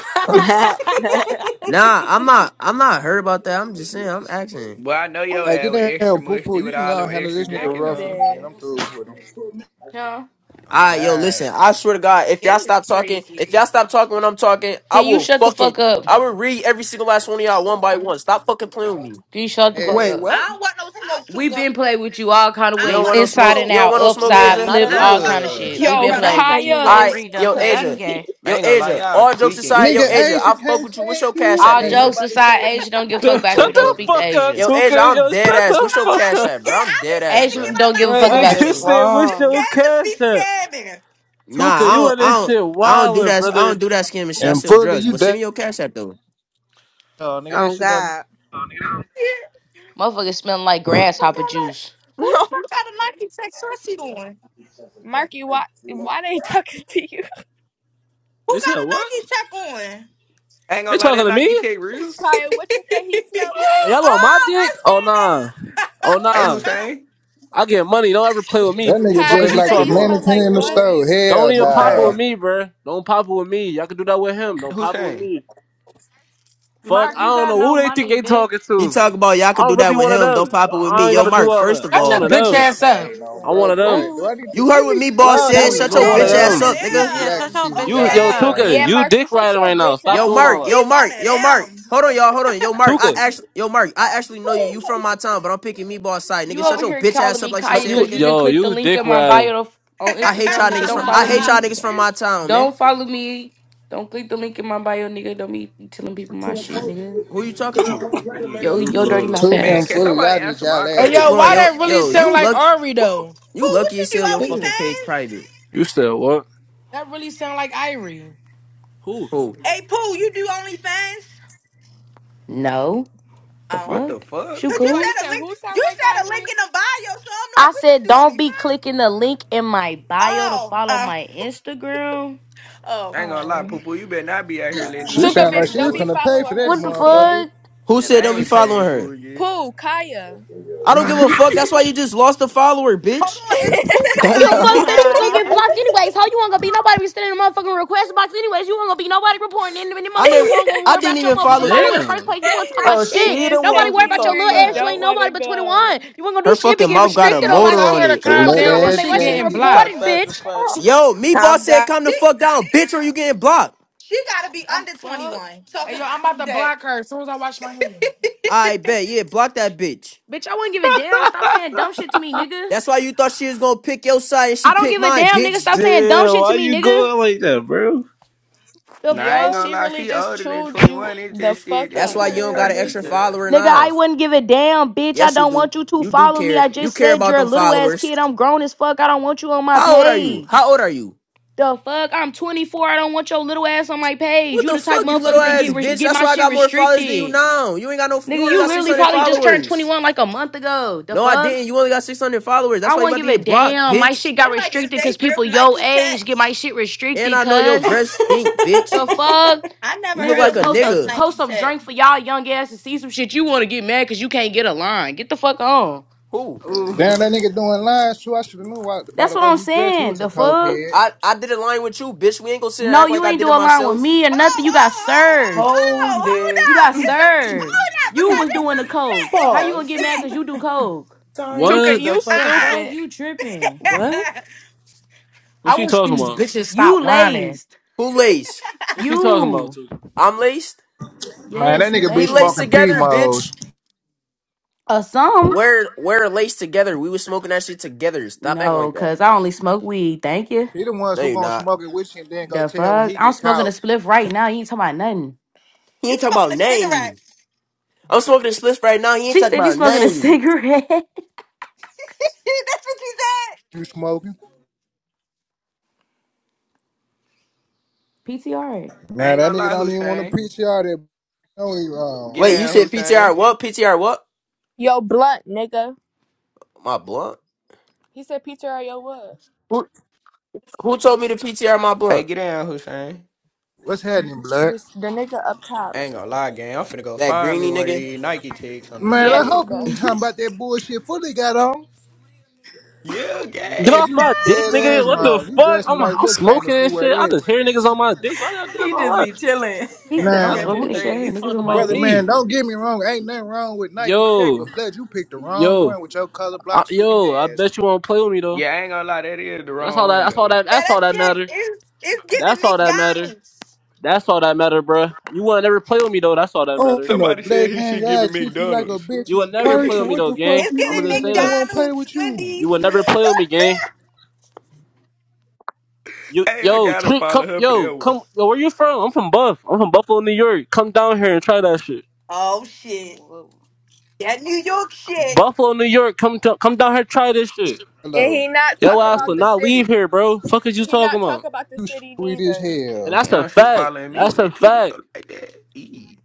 Speaker 30: Nah, I'm not. I'm not hurt about that. I'm just saying. I'm asking.
Speaker 29: but I know your
Speaker 25: Hey,
Speaker 29: ass with
Speaker 25: get down,
Speaker 29: extra
Speaker 25: poo poo.
Speaker 29: musty
Speaker 25: You
Speaker 29: with
Speaker 25: can
Speaker 29: all
Speaker 25: go
Speaker 29: them
Speaker 25: and handle
Speaker 29: extra
Speaker 25: this nigga
Speaker 29: jackets
Speaker 26: I'm
Speaker 25: rough
Speaker 29: on.
Speaker 25: again.
Speaker 26: dead.
Speaker 25: I'm through with him.
Speaker 3: Huh?
Speaker 29: Oh
Speaker 30: Ah, yo,
Speaker 29: God,
Speaker 30: listen. I swear to God, if y'all
Speaker 14: Game is
Speaker 30: stop talking,
Speaker 14: crazy.
Speaker 30: if y'all stop talking when I'm talking, I
Speaker 3: Can you
Speaker 30: will
Speaker 3: shut the
Speaker 30: fucking,
Speaker 3: fuck up?
Speaker 30: I will read every single last one of y'all one by one. Stop fucking playing with me.
Speaker 3: Can you shut the fuck
Speaker 20: Wait,
Speaker 25: Yeah.
Speaker 3: up?
Speaker 14: I
Speaker 20: what?
Speaker 14: don't want no smoke,
Speaker 3: We
Speaker 14: Tuka.
Speaker 3: been played with you all kind of
Speaker 30: You
Speaker 14: I don't
Speaker 30: don't
Speaker 3: ways,
Speaker 14: want
Speaker 30: want no
Speaker 14: no
Speaker 3: inside
Speaker 30: smoke.
Speaker 3: and
Speaker 30: You
Speaker 14: smoke.
Speaker 30: don't
Speaker 3: out,
Speaker 30: want no smoke,
Speaker 20: Yeah,
Speaker 3: upside,
Speaker 30: Asia.
Speaker 20: not at
Speaker 3: flipped,
Speaker 14: I
Speaker 3: all
Speaker 14: don't
Speaker 20: all.
Speaker 14: want
Speaker 3: kind of
Speaker 14: no
Speaker 29: ugh.
Speaker 3: shit. We
Speaker 14: smoke,
Speaker 3: been
Speaker 26: Yo,
Speaker 32: Tuka,
Speaker 14: brother.
Speaker 3: played
Speaker 32: don't say
Speaker 3: with you.
Speaker 32: you
Speaker 26: Kaya
Speaker 32: gonna
Speaker 30: I,
Speaker 26: is
Speaker 32: read them,
Speaker 30: yo,
Speaker 32: cause that's
Speaker 30: Asia,
Speaker 26: crazy.
Speaker 32: gay.
Speaker 29: I
Speaker 30: yo,
Speaker 29: ain't gonna lie,
Speaker 30: Asia.
Speaker 29: y'all
Speaker 30: All jokes
Speaker 29: tweaking,
Speaker 30: aside, yo,
Speaker 25: Nigga,
Speaker 29: gang.
Speaker 30: Asia.
Speaker 25: Asia
Speaker 30: I fuck
Speaker 25: can't
Speaker 30: with you. What's
Speaker 25: say
Speaker 30: your
Speaker 25: you.
Speaker 30: cash app,
Speaker 3: All
Speaker 25: Can't
Speaker 30: Asia?
Speaker 3: jokes
Speaker 25: nobody
Speaker 3: aside,
Speaker 25: say you.
Speaker 3: Asia don't give a fuck
Speaker 31: Dude,
Speaker 3: about
Speaker 31: Shut
Speaker 3: you.
Speaker 25: Fuck,
Speaker 3: Don't
Speaker 31: the
Speaker 25: brother,
Speaker 3: speak to
Speaker 31: fuck
Speaker 25: man.
Speaker 31: up,
Speaker 3: Asia.
Speaker 30: Yo, Asia,
Speaker 31: Tuka.
Speaker 30: I'm
Speaker 31: Yo,
Speaker 30: dead
Speaker 31: shut
Speaker 30: ass.
Speaker 31: the
Speaker 30: What's
Speaker 14: No,
Speaker 30: your
Speaker 14: I
Speaker 31: fuck
Speaker 30: cash
Speaker 14: be
Speaker 31: up.
Speaker 30: app, bro?
Speaker 14: scared. I
Speaker 30: I'm
Speaker 14: be
Speaker 30: dead ass,
Speaker 14: scared to
Speaker 3: Asia
Speaker 30: bro.
Speaker 14: give out
Speaker 3: don't
Speaker 14: my
Speaker 3: give a
Speaker 31: That
Speaker 3: fuck
Speaker 14: cash
Speaker 20: What
Speaker 14: app
Speaker 3: about
Speaker 31: nigga
Speaker 20: is
Speaker 14: because
Speaker 3: you.
Speaker 31: said,
Speaker 14: the
Speaker 31: "What's your
Speaker 20: wrong?
Speaker 14: scammers
Speaker 31: cash
Speaker 14: be
Speaker 31: app?"
Speaker 14: scamming.
Speaker 30: Nah,
Speaker 31: Tuka,
Speaker 30: I
Speaker 31: you
Speaker 30: don't,
Speaker 31: on
Speaker 30: I
Speaker 31: this
Speaker 30: don't,
Speaker 31: shit
Speaker 30: I don't do
Speaker 31: wildin',
Speaker 30: that. I don't
Speaker 31: brother.
Speaker 30: do that scamming shit. I
Speaker 25: And
Speaker 30: sell
Speaker 25: fully,
Speaker 30: drugs.
Speaker 25: you
Speaker 30: But send
Speaker 25: dead.
Speaker 30: me your cash app though.
Speaker 25: Oh, nigga, that
Speaker 16: Oh
Speaker 25: shit done.
Speaker 16: God.
Speaker 14: Yeah.
Speaker 3: Motherfucker smelling like
Speaker 14: Who the fuck
Speaker 3: grasshopper
Speaker 14: got a
Speaker 3: juice.
Speaker 14: Who the
Speaker 26: No,
Speaker 14: fuck got a Nike check sweatshirt on?
Speaker 26: Marky, why why they talking to you?
Speaker 14: Who
Speaker 31: They said
Speaker 14: got a
Speaker 31: what?
Speaker 14: Nike check on?
Speaker 29: I ain't
Speaker 31: They
Speaker 29: gonna lie,
Speaker 31: talking
Speaker 29: that
Speaker 31: to me?
Speaker 29: Nike tech real.
Speaker 26: Kaya, what you say he smelled like?
Speaker 31: Y'all on my
Speaker 14: oh, I
Speaker 31: dick? Oh
Speaker 14: see
Speaker 31: nah,
Speaker 14: now.
Speaker 31: oh
Speaker 29: Hey,
Speaker 31: nah.
Speaker 29: Hussein,
Speaker 31: I get money. Don't ever play with
Speaker 25: That
Speaker 31: me.
Speaker 25: nigga
Speaker 31: Fuck
Speaker 26: Kaya,
Speaker 31: is
Speaker 25: just
Speaker 26: you
Speaker 31: you
Speaker 25: like
Speaker 26: say
Speaker 25: the
Speaker 26: he
Speaker 31: talking about?
Speaker 26: smelled like
Speaker 25: mannequin in the
Speaker 26: what?
Speaker 25: store.
Speaker 31: Don't
Speaker 25: Hell
Speaker 31: even pop it with
Speaker 25: no.
Speaker 29: Hussein,
Speaker 31: me, bruh. Don't pop it with me. Y'all can do that with him. Don't pop it with
Speaker 29: Hussein.
Speaker 31: me. Fuck,
Speaker 32: Mark,
Speaker 31: I
Speaker 32: you
Speaker 31: don't
Speaker 32: got
Speaker 31: know
Speaker 32: no
Speaker 31: who they think
Speaker 32: money,
Speaker 31: they
Speaker 32: bitch.
Speaker 31: talking
Speaker 30: He
Speaker 31: to.
Speaker 30: talk about y'all could
Speaker 31: I'm
Speaker 30: do
Speaker 31: really
Speaker 30: that with
Speaker 31: one of
Speaker 30: him. Don't
Speaker 31: them.
Speaker 30: pop it with
Speaker 31: I
Speaker 30: me.
Speaker 31: ain't
Speaker 30: Yo,
Speaker 31: gotta do
Speaker 30: Mark.
Speaker 31: all
Speaker 30: First
Speaker 31: that.
Speaker 30: of
Speaker 31: I'm
Speaker 1: Shut your
Speaker 31: one
Speaker 30: all,
Speaker 31: of
Speaker 25: Like
Speaker 1: bitch
Speaker 25: Lil
Speaker 31: them.
Speaker 1: ass up.
Speaker 25: Kane on
Speaker 31: I'm
Speaker 25: bro,
Speaker 31: one of them.
Speaker 25: great. Do
Speaker 32: Oh,
Speaker 25: I need to
Speaker 30: you heard
Speaker 25: let
Speaker 30: what
Speaker 25: me
Speaker 30: me
Speaker 25: let me
Speaker 30: boss
Speaker 20: Well, that
Speaker 30: said.
Speaker 20: was a
Speaker 14: we
Speaker 25: pin
Speaker 30: Shut
Speaker 25: Lil
Speaker 31: I'm
Speaker 30: your
Speaker 14: said
Speaker 31: one of
Speaker 20: strong
Speaker 14: he
Speaker 30: bitch
Speaker 25: Kane
Speaker 30: ass
Speaker 25: in
Speaker 14: one
Speaker 31: them.
Speaker 14: of
Speaker 20: voice.
Speaker 30: up,
Speaker 25: this bitch
Speaker 30: nigga.
Speaker 25: so
Speaker 32: yeah,
Speaker 25: y'all can
Speaker 32: shut
Speaker 14: them.
Speaker 32: your
Speaker 25: see who
Speaker 32: bitch
Speaker 31: You
Speaker 25: y'all
Speaker 32: ass
Speaker 31: yo
Speaker 14: Okay,
Speaker 25: look
Speaker 32: up,
Speaker 25: like.
Speaker 31: Tuka,
Speaker 26: Yeah,
Speaker 32: nigga.
Speaker 31: you
Speaker 26: Marky,
Speaker 31: dick
Speaker 26: shut
Speaker 31: riding
Speaker 26: your
Speaker 31: right now.
Speaker 26: bitch
Speaker 31: Stop
Speaker 30: Yo,
Speaker 26: ass
Speaker 31: doing
Speaker 30: Mark.
Speaker 31: all
Speaker 26: up.
Speaker 14: he
Speaker 31: that.
Speaker 30: Yo,
Speaker 14: one
Speaker 30: Mark.
Speaker 14: of
Speaker 30: Yo, Mark.
Speaker 14: them.
Speaker 30: Hold on, y'all. Hold on. Yo, Mark. I
Speaker 31: Tuka,
Speaker 30: actually, yo, Mark. I actually know you. You from my town, but I'm picking me boss side,
Speaker 3: You
Speaker 30: nigga. Shut
Speaker 3: over
Speaker 30: your
Speaker 3: here
Speaker 30: bitch
Speaker 3: calling
Speaker 30: ass up,
Speaker 3: me
Speaker 30: like she
Speaker 31: t-
Speaker 3: Kaya
Speaker 30: said,
Speaker 31: you
Speaker 3: because you
Speaker 30: nigga.
Speaker 3: didn't
Speaker 31: yo
Speaker 3: click the
Speaker 31: you
Speaker 3: link
Speaker 31: dick
Speaker 3: in my
Speaker 31: riding.
Speaker 3: bio to, on
Speaker 30: I hate
Speaker 3: Instagram,
Speaker 30: y'all
Speaker 3: nigga.
Speaker 30: niggas from.
Speaker 3: Don't
Speaker 30: I
Speaker 3: follow
Speaker 30: hate y'all
Speaker 3: me.
Speaker 20: Indeed.
Speaker 30: niggas from my town, man.
Speaker 3: Don't follow me. Don't click the link in my bio, nigga. Don't be telling people my shit, nigga.
Speaker 30: Who you talking to?
Speaker 31: You
Speaker 3: Yo,
Speaker 31: dick
Speaker 3: yo, dirty
Speaker 31: riding.
Speaker 3: mouth
Speaker 25: Two
Speaker 29: Man,
Speaker 25: and
Speaker 3: ass.
Speaker 29: can
Speaker 25: fully,
Speaker 29: somebody
Speaker 25: y'all need
Speaker 29: answer
Speaker 25: y'all
Speaker 29: my
Speaker 1: Hey,
Speaker 30: Let
Speaker 25: ass
Speaker 30: me
Speaker 25: with
Speaker 29: question,
Speaker 1: yo,
Speaker 30: go on,
Speaker 1: why
Speaker 29: folks?
Speaker 30: yo,
Speaker 25: suggestion
Speaker 1: that
Speaker 25: like
Speaker 1: really
Speaker 30: yo.
Speaker 25: that.
Speaker 32: Oh.
Speaker 1: sound
Speaker 30: You
Speaker 1: like
Speaker 30: luck.
Speaker 1: Ari,
Speaker 14: Pooh,
Speaker 1: though?
Speaker 30: You
Speaker 14: Pooh, what
Speaker 30: lucky
Speaker 14: you
Speaker 30: as
Speaker 14: do?
Speaker 30: hell. Your
Speaker 20: Who?
Speaker 30: fucking page
Speaker 14: OnlyFans?
Speaker 30: private.
Speaker 31: You said what?
Speaker 1: That really sound like Irie.
Speaker 31: Who?
Speaker 30: Who?
Speaker 14: Hey, Pooh, you do OnlyFans?
Speaker 3: No. The
Speaker 14: Oh.
Speaker 29: What the
Speaker 3: fuck?
Speaker 29: fuck?
Speaker 3: She
Speaker 14: Cause you
Speaker 26: Meebo, you
Speaker 3: cool?
Speaker 14: said a
Speaker 26: said
Speaker 14: link.
Speaker 26: who sound
Speaker 14: You
Speaker 26: like
Speaker 14: said a link
Speaker 26: Ivory?
Speaker 14: in the bio, so I'm
Speaker 3: I
Speaker 14: like, what you
Speaker 3: said
Speaker 14: do on
Speaker 3: don't
Speaker 14: me?
Speaker 3: be
Speaker 14: huh?
Speaker 3: clicking the link in my bio to
Speaker 14: Oh,
Speaker 3: follow
Speaker 14: uh,
Speaker 3: my Instagram.
Speaker 14: oh.
Speaker 29: I ain't gonna lie,
Speaker 26: Oh.
Speaker 29: poo poo. You better not be out here letting these
Speaker 25: She
Speaker 29: nigga
Speaker 26: Tuka,
Speaker 25: sound like
Speaker 29: pay
Speaker 26: bitch,
Speaker 25: she's
Speaker 26: don't
Speaker 29: for
Speaker 26: be
Speaker 29: it.
Speaker 25: finna pay for
Speaker 26: following
Speaker 25: that
Speaker 26: her,
Speaker 3: What the
Speaker 26: she said.
Speaker 25: motherfucker.
Speaker 3: fuck?
Speaker 30: Who
Speaker 29: And
Speaker 30: said
Speaker 29: I
Speaker 30: don't be
Speaker 29: ain't
Speaker 30: following
Speaker 29: paid
Speaker 30: her?
Speaker 29: for it yet.
Speaker 26: Pooh, Kaya.
Speaker 30: I don't give
Speaker 29: nah,
Speaker 30: a fuck. That's why you just lost a follower,
Speaker 14: Hold
Speaker 30: bitch.
Speaker 14: on, it's who
Speaker 3: I
Speaker 14: and
Speaker 3: don't
Speaker 20: Damn.
Speaker 3: give a
Speaker 14: Kaya the
Speaker 3: fuck, bitch. You was
Speaker 14: same
Speaker 3: gonna get
Speaker 14: people?
Speaker 3: blocked anyways. How you want to be nobody be sending a motherfucking request box anyways? You weren't gonna be nobody reporting in and the
Speaker 30: I
Speaker 3: motherfucking
Speaker 30: never,
Speaker 3: weren't gonna
Speaker 30: I
Speaker 3: worry
Speaker 30: didn't
Speaker 3: about your
Speaker 30: even
Speaker 3: motherfucking
Speaker 30: follow.
Speaker 3: follow
Speaker 16: Real
Speaker 3: in the first
Speaker 31: Damn.
Speaker 3: place. You
Speaker 16: quick.
Speaker 3: want to talk about
Speaker 20: oh,
Speaker 26: she
Speaker 3: shit.
Speaker 20: she the
Speaker 26: is
Speaker 3: Nobody
Speaker 20: one
Speaker 26: taking
Speaker 3: worry
Speaker 20: who
Speaker 3: about
Speaker 26: you
Speaker 3: your
Speaker 20: talk
Speaker 26: where
Speaker 3: little
Speaker 26: you
Speaker 3: ass. You
Speaker 26: don't
Speaker 3: ain't
Speaker 20: fast.
Speaker 26: want
Speaker 3: nobody
Speaker 26: to
Speaker 3: but
Speaker 26: go.
Speaker 3: 21. You weren't gonna
Speaker 30: Her
Speaker 3: do shit but
Speaker 30: fucking
Speaker 3: get
Speaker 30: mouth got
Speaker 1: Hey,
Speaker 30: her
Speaker 3: restricted on
Speaker 1: yo,
Speaker 3: my
Speaker 30: motor
Speaker 1: tell
Speaker 30: on
Speaker 1: her
Speaker 3: shit.
Speaker 1: to
Speaker 30: it.
Speaker 25: I
Speaker 3: You weren't
Speaker 1: calm
Speaker 3: gonna
Speaker 25: love
Speaker 3: do
Speaker 1: down
Speaker 3: them
Speaker 1: or
Speaker 3: but
Speaker 25: that
Speaker 3: make
Speaker 1: she
Speaker 3: my shit get
Speaker 1: getting
Speaker 25: jacket.
Speaker 20: She
Speaker 1: blocked.
Speaker 20: talk
Speaker 3: reported,
Speaker 20: fast as
Speaker 3: bitch.
Speaker 20: fuck.
Speaker 30: Yo, me
Speaker 16: calm
Speaker 30: boss said
Speaker 16: down.
Speaker 30: come the
Speaker 14: She,
Speaker 30: fuck down, bitch, or you getting blocked.
Speaker 14: she gotta be
Speaker 1: I'm,
Speaker 14: under
Speaker 3: Fuck.
Speaker 14: 21.
Speaker 1: hey,
Speaker 14: Talking
Speaker 1: yo, I'm about
Speaker 14: like
Speaker 1: to
Speaker 14: that.
Speaker 1: block her as soon as I wash my hands.
Speaker 30: I bet, yeah, block that bitch.
Speaker 3: Bitch, I wouldn't give a damn. Stop saying dumb shit to me, nigga.
Speaker 30: That's why you thought she was gonna pick your side and she
Speaker 3: I don't
Speaker 30: picked
Speaker 3: give a
Speaker 30: mine,
Speaker 3: damn, nigga.
Speaker 30: bitch.
Speaker 3: Stop saying dumb
Speaker 31: Damn,
Speaker 3: shit to
Speaker 31: why
Speaker 3: me,
Speaker 31: you
Speaker 3: nigga.
Speaker 31: going like that, bro?
Speaker 3: The
Speaker 29: I
Speaker 26: Yo,
Speaker 29: ain't
Speaker 3: fuck?
Speaker 29: gonna
Speaker 26: she
Speaker 29: lie.
Speaker 26: really
Speaker 29: She
Speaker 26: just
Speaker 29: older than
Speaker 26: chewed you
Speaker 29: 21. It's
Speaker 26: the
Speaker 29: just shit.
Speaker 26: fuck
Speaker 29: This
Speaker 30: That's
Speaker 20: Stop
Speaker 26: up.
Speaker 30: why
Speaker 29: nigga
Speaker 30: you
Speaker 29: a
Speaker 20: calling
Speaker 30: don't got
Speaker 20: her
Speaker 30: an
Speaker 29: turkey,
Speaker 30: extra
Speaker 20: bitches.
Speaker 29: good.
Speaker 30: follower
Speaker 3: Nigga,
Speaker 30: now.
Speaker 3: I wouldn't give a damn, bitch. I
Speaker 30: Yes, you
Speaker 3: don't
Speaker 30: do.
Speaker 3: want you to
Speaker 30: You do
Speaker 3: follow me.
Speaker 30: care.
Speaker 3: I
Speaker 30: You
Speaker 3: just
Speaker 30: care
Speaker 3: said
Speaker 30: about
Speaker 3: you're a
Speaker 30: them
Speaker 3: little ass
Speaker 30: followers.
Speaker 3: kid. I'm grown as fuck. I don't want you on my
Speaker 30: How old are you? How
Speaker 3: page.
Speaker 30: old are you?
Speaker 3: The fuck? I'm 24. I don't want your little ass on my page.
Speaker 30: What
Speaker 3: You
Speaker 30: the
Speaker 3: the type of
Speaker 30: fuck, you little
Speaker 3: motherfuckers that get
Speaker 30: ass
Speaker 3: res-
Speaker 30: bitch?
Speaker 3: get
Speaker 30: That's
Speaker 3: my
Speaker 30: why I
Speaker 3: shit
Speaker 30: got more followers than you
Speaker 3: restricted.
Speaker 30: now. You ain't got no. You
Speaker 3: Nigga,
Speaker 30: only
Speaker 3: you
Speaker 30: got six
Speaker 3: literally
Speaker 30: hundred
Speaker 3: probably just turned
Speaker 30: followers.
Speaker 3: 21 like a month ago. The
Speaker 30: No, I
Speaker 3: fuck?
Speaker 30: didn't. You only got 600 followers.
Speaker 3: I
Speaker 30: That's why you
Speaker 3: will not
Speaker 30: about to
Speaker 3: give a
Speaker 30: get blocked,
Speaker 3: damn. My
Speaker 30: bitch.
Speaker 3: shit
Speaker 14: They
Speaker 3: got
Speaker 14: like, is
Speaker 3: restricted
Speaker 14: they
Speaker 3: because
Speaker 14: real
Speaker 3: people your
Speaker 14: Nike
Speaker 3: age get
Speaker 14: techs?
Speaker 3: my shit
Speaker 30: And
Speaker 3: restricted,
Speaker 30: I know your
Speaker 3: cuz.
Speaker 30: breath stink, bitch.
Speaker 3: The fuck?
Speaker 14: I
Speaker 30: You
Speaker 14: never
Speaker 30: look
Speaker 14: heard
Speaker 30: like
Speaker 3: Nigga,
Speaker 14: of
Speaker 30: a
Speaker 14: a
Speaker 3: post a
Speaker 14: fake
Speaker 30: nigga.
Speaker 3: post
Speaker 14: Nike
Speaker 3: some
Speaker 14: tech.
Speaker 3: drink for y'all young ass and see some shit. You wanna get mad cause you can't get a line. Get the fuck on.
Speaker 30: Who?
Speaker 25: Damn,
Speaker 20: Ooh.
Speaker 25: that nigga doing lines too. I should have known why, by
Speaker 3: That's
Speaker 25: the
Speaker 3: what
Speaker 25: way
Speaker 3: I'm
Speaker 25: he dressed, he
Speaker 3: saying.
Speaker 25: was a
Speaker 3: The fuck?
Speaker 25: cokehead.
Speaker 30: I, I did a line with you, bitch. We ain't gonna sit here and
Speaker 3: No,
Speaker 30: act like
Speaker 3: you
Speaker 30: I
Speaker 3: ain't
Speaker 30: did
Speaker 3: do
Speaker 30: it
Speaker 3: a line with
Speaker 30: myself.
Speaker 3: me or
Speaker 14: Oh, oh,
Speaker 3: nothing. You got
Speaker 14: oh, oh,
Speaker 3: served.
Speaker 14: oh,
Speaker 20: Hold
Speaker 14: hold
Speaker 20: it.
Speaker 3: You
Speaker 14: up.
Speaker 3: got
Speaker 14: It's a
Speaker 3: served.
Speaker 14: hold up
Speaker 3: You
Speaker 14: because
Speaker 3: was
Speaker 14: it's
Speaker 3: doing the
Speaker 14: some shit.
Speaker 3: coke.
Speaker 14: It's
Speaker 3: How you
Speaker 14: some
Speaker 3: gonna
Speaker 20: Pause.
Speaker 3: get mad cause you do coke?
Speaker 20: Time
Speaker 26: Tuka,
Speaker 31: What?
Speaker 20: the
Speaker 26: you
Speaker 20: fuck
Speaker 3: The
Speaker 20: out.
Speaker 3: fuck?
Speaker 26: stupid.
Speaker 3: You tripping.
Speaker 20: What?
Speaker 14: shit. Ah!
Speaker 31: What
Speaker 1: I
Speaker 31: she
Speaker 1: wish
Speaker 31: talking
Speaker 1: these
Speaker 31: about?
Speaker 1: bitches stop
Speaker 3: You
Speaker 1: whining.
Speaker 3: laced.
Speaker 30: Who laced?
Speaker 31: What she talking about,
Speaker 3: You.
Speaker 31: Tuka?
Speaker 30: I'm laced?
Speaker 25: Man,
Speaker 3: Yes,
Speaker 25: that
Speaker 3: you
Speaker 25: nigga
Speaker 30: We
Speaker 25: be
Speaker 30: laced
Speaker 25: smoking
Speaker 3: laced.
Speaker 25: P
Speaker 30: together,
Speaker 25: modes.
Speaker 30: bitch.
Speaker 3: Or some.
Speaker 30: We're, we're laced together. We was smoking that shit together. Stop acting like
Speaker 3: No,
Speaker 30: that.
Speaker 3: cause I only smoke weed. Thank you.
Speaker 25: He the ones
Speaker 30: No,
Speaker 25: who
Speaker 30: you're
Speaker 25: gonna
Speaker 30: not.
Speaker 25: smoke it with you and then go
Speaker 3: The
Speaker 25: tell when
Speaker 3: fuck?
Speaker 25: he
Speaker 3: I'm
Speaker 25: get
Speaker 3: smoking a
Speaker 25: caught
Speaker 3: spliff right now. You ain't talking about nothing.
Speaker 30: He
Speaker 14: you
Speaker 30: ain't talking
Speaker 14: smoking
Speaker 30: about
Speaker 14: a cigarette.
Speaker 30: nothing. I'm smoking the spliff right now. He ain't
Speaker 3: She
Speaker 30: talking
Speaker 3: said you
Speaker 30: about
Speaker 3: smoking a
Speaker 30: nothing.
Speaker 3: cigarette.
Speaker 14: That's what you said.
Speaker 25: you smoking.
Speaker 3: PTR.
Speaker 29: I
Speaker 25: Man,
Speaker 29: ain't
Speaker 25: that
Speaker 29: gonna
Speaker 25: nigga
Speaker 29: lie,
Speaker 25: don't even want to
Speaker 29: Hussein.
Speaker 25: preach you out there. No, he wrong.
Speaker 29: Get
Speaker 30: Wait, you
Speaker 29: down,
Speaker 30: said
Speaker 29: Hussein.
Speaker 30: PTR what? PTR what?
Speaker 26: Yo, blunt, nigga.
Speaker 30: My blunt?
Speaker 26: He said Peter or yo what?
Speaker 30: Who, who told me to PTR my
Speaker 29: Hey,
Speaker 30: blunt?
Speaker 29: get down, Hussein.
Speaker 25: What's happening, blood?
Speaker 26: This the nigga up top.
Speaker 29: I ain't gonna lie, gang. I'm finna go
Speaker 30: That
Speaker 29: find me
Speaker 30: greeny
Speaker 29: one of
Speaker 30: nigga?
Speaker 29: these Nike ticks on the
Speaker 25: Man,
Speaker 26: Yeah,
Speaker 25: I
Speaker 29: shed.
Speaker 25: hope you
Speaker 26: Tuka.
Speaker 25: ain't talking about that bullshit fully got on.
Speaker 29: Yeah,
Speaker 31: Get
Speaker 25: Blood,
Speaker 29: gang.
Speaker 31: off
Speaker 25: you
Speaker 31: my dick,
Speaker 25: dead
Speaker 31: nigga.
Speaker 25: ass
Speaker 31: What the
Speaker 25: wrong. You
Speaker 31: fuck?
Speaker 25: dressing
Speaker 31: I'm
Speaker 25: like
Speaker 31: I'm
Speaker 25: Lil Kane
Speaker 31: smoking
Speaker 25: if you
Speaker 31: and
Speaker 25: wear
Speaker 31: shit. I
Speaker 25: that.
Speaker 31: just hear niggas on my dick. Why y'all
Speaker 20: He
Speaker 31: doing
Speaker 20: just
Speaker 31: all
Speaker 20: be
Speaker 31: that?
Speaker 20: chilling
Speaker 3: He
Speaker 20: and
Speaker 3: said
Speaker 20: be
Speaker 3: I'm
Speaker 31: I don't.
Speaker 25: Nah,
Speaker 20: catching
Speaker 31: Who,
Speaker 3: smoking a
Speaker 31: y-
Speaker 3: shit.
Speaker 31: you
Speaker 20: strays.
Speaker 3: Niggas
Speaker 31: talking
Speaker 3: on my
Speaker 31: about
Speaker 25: brother,
Speaker 3: dick.
Speaker 31: me?
Speaker 25: man, don't get me wrong. Ain't nothing wrong with Nike Tech,
Speaker 31: Yo,
Speaker 25: but blood, you picked the wrong
Speaker 31: yo,
Speaker 25: one with your color
Speaker 31: I,
Speaker 25: blocks looking
Speaker 31: yo. I
Speaker 25: ass.
Speaker 31: bet you won't play with me though.
Speaker 29: Yeah, I ain't gonna lie. That is the
Speaker 31: That's
Speaker 29: wrong
Speaker 31: all that.
Speaker 29: one,
Speaker 31: That's all
Speaker 29: though.
Speaker 31: that.
Speaker 14: Yeah,
Speaker 31: That's
Speaker 14: that
Speaker 31: all that
Speaker 14: shit
Speaker 31: matter.
Speaker 14: is it's giving
Speaker 31: That's all that matter.
Speaker 14: McDonald's.
Speaker 31: That's all that matter, bruh. You would never play with me though. That's all that
Speaker 25: On
Speaker 31: matter.
Speaker 25: the
Speaker 29: Somebody said
Speaker 25: black
Speaker 29: he
Speaker 25: gang,
Speaker 29: should give
Speaker 25: I
Speaker 29: it
Speaker 25: treat you like a
Speaker 29: McDonald's.
Speaker 25: bitch
Speaker 31: You
Speaker 25: in
Speaker 31: would never play
Speaker 29: hey,
Speaker 31: with
Speaker 25: person.
Speaker 31: me
Speaker 25: What
Speaker 31: though,
Speaker 25: the fuck
Speaker 31: gang.
Speaker 14: It's
Speaker 25: you
Speaker 31: I'ma
Speaker 14: giving
Speaker 25: mean a
Speaker 31: just say
Speaker 25: nigga
Speaker 31: that.
Speaker 25: won't play
Speaker 14: McDonald's,
Speaker 25: with you?
Speaker 31: You
Speaker 14: Wendy's.
Speaker 31: would never play with me, gang. You,
Speaker 29: I
Speaker 31: yo,
Speaker 29: gotta
Speaker 31: treat,
Speaker 29: follow
Speaker 31: come,
Speaker 29: her for
Speaker 31: yo,
Speaker 29: that one.
Speaker 31: come, yo, where you from? I'm from Buff. I'm from Buffalo, New York. Come down here and try that shit.
Speaker 14: Oh shit.
Speaker 20: Whoa.
Speaker 14: That New York shit.
Speaker 31: Buffalo, New York. Come, to, come down here, and try this shit.
Speaker 26: And
Speaker 25: Hello.
Speaker 26: he not
Speaker 31: Yo,
Speaker 26: talk
Speaker 29: Nah,
Speaker 31: ass
Speaker 26: about
Speaker 31: will
Speaker 29: we
Speaker 26: the
Speaker 31: not leave
Speaker 26: city.
Speaker 31: here, bro. Fuck is you
Speaker 26: He
Speaker 31: talking
Speaker 26: not talk
Speaker 31: about?
Speaker 26: about the
Speaker 25: You
Speaker 26: city
Speaker 25: sweet as
Speaker 26: neither.
Speaker 31: And
Speaker 25: hell.
Speaker 31: that's a
Speaker 29: Damn, she
Speaker 31: fact.
Speaker 29: following me
Speaker 31: That's
Speaker 29: with
Speaker 31: a
Speaker 29: it too,
Speaker 31: fact.
Speaker 29: though, like that. Eee.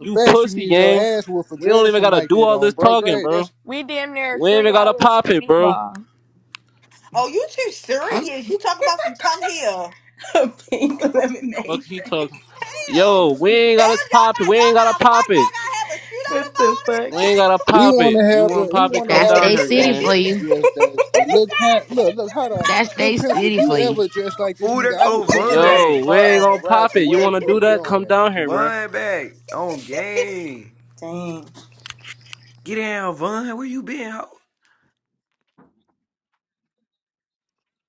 Speaker 25: The fact you
Speaker 31: pussy,
Speaker 25: need your
Speaker 31: gang.
Speaker 25: ass whooped for
Speaker 31: We don't even
Speaker 25: dressing
Speaker 31: gotta
Speaker 25: like
Speaker 31: do
Speaker 25: that
Speaker 31: all
Speaker 25: on
Speaker 31: this
Speaker 25: bro
Speaker 31: talking,
Speaker 25: grade,
Speaker 31: bro.
Speaker 25: that's
Speaker 26: We damn near
Speaker 31: We ain't
Speaker 26: three
Speaker 31: even gotta
Speaker 26: hours
Speaker 31: pop
Speaker 26: from
Speaker 31: it, bro.
Speaker 26: Meatball.
Speaker 14: Oh, you too serious. You talking about some come here.
Speaker 20: Pink
Speaker 31: Fuck is
Speaker 20: lemonade.
Speaker 31: he talking.
Speaker 14: Damn.
Speaker 31: Yo,
Speaker 14: Damn,
Speaker 31: we
Speaker 14: y'all
Speaker 31: ain't gotta pop it.
Speaker 14: got
Speaker 31: We
Speaker 14: y'all
Speaker 31: ain't
Speaker 14: got
Speaker 31: gotta
Speaker 14: a
Speaker 31: pop
Speaker 14: fight.
Speaker 31: it.
Speaker 14: Y'all gotta have a shootout
Speaker 20: What the
Speaker 14: about it.
Speaker 31: We
Speaker 20: fuck?
Speaker 31: ain't gotta
Speaker 25: he
Speaker 31: pop
Speaker 14: Damn.
Speaker 31: it.
Speaker 25: wanna
Speaker 31: You
Speaker 25: have
Speaker 31: wanna
Speaker 25: a he
Speaker 31: pop it?
Speaker 25: wanna
Speaker 31: Come
Speaker 3: That's
Speaker 25: have a
Speaker 31: down
Speaker 3: they
Speaker 31: here,
Speaker 3: city
Speaker 25: shootout
Speaker 31: gang.
Speaker 25: cause
Speaker 3: for
Speaker 25: he
Speaker 3: you.
Speaker 25: dressed dusty.
Speaker 14: Nigga
Speaker 25: Look
Speaker 14: said
Speaker 25: cat look
Speaker 14: pink
Speaker 25: look hold on.
Speaker 3: That's
Speaker 25: Look
Speaker 14: lemonade.
Speaker 3: they
Speaker 25: pimp, if
Speaker 3: city for
Speaker 25: you
Speaker 3: you.
Speaker 25: ever dress
Speaker 14: Yo,
Speaker 25: like this
Speaker 29: Ooh,
Speaker 25: nigga,
Speaker 29: there
Speaker 25: I will
Speaker 29: go
Speaker 14: Pink
Speaker 25: put you out
Speaker 14: lemonade
Speaker 25: the
Speaker 31: Yo,
Speaker 29: Vun.
Speaker 14: is
Speaker 31: we
Speaker 25: car
Speaker 31: ain't
Speaker 25: on the
Speaker 31: gonna
Speaker 25: ride
Speaker 31: pop
Speaker 25: to
Speaker 31: it. You
Speaker 25: wherever
Speaker 31: wanna
Speaker 14: good.
Speaker 31: do
Speaker 25: we
Speaker 31: that? Come
Speaker 25: going.
Speaker 31: down here, bro.
Speaker 29: Vun back on game.
Speaker 20: Dang.
Speaker 29: Get down, Vun. Where you been, ho?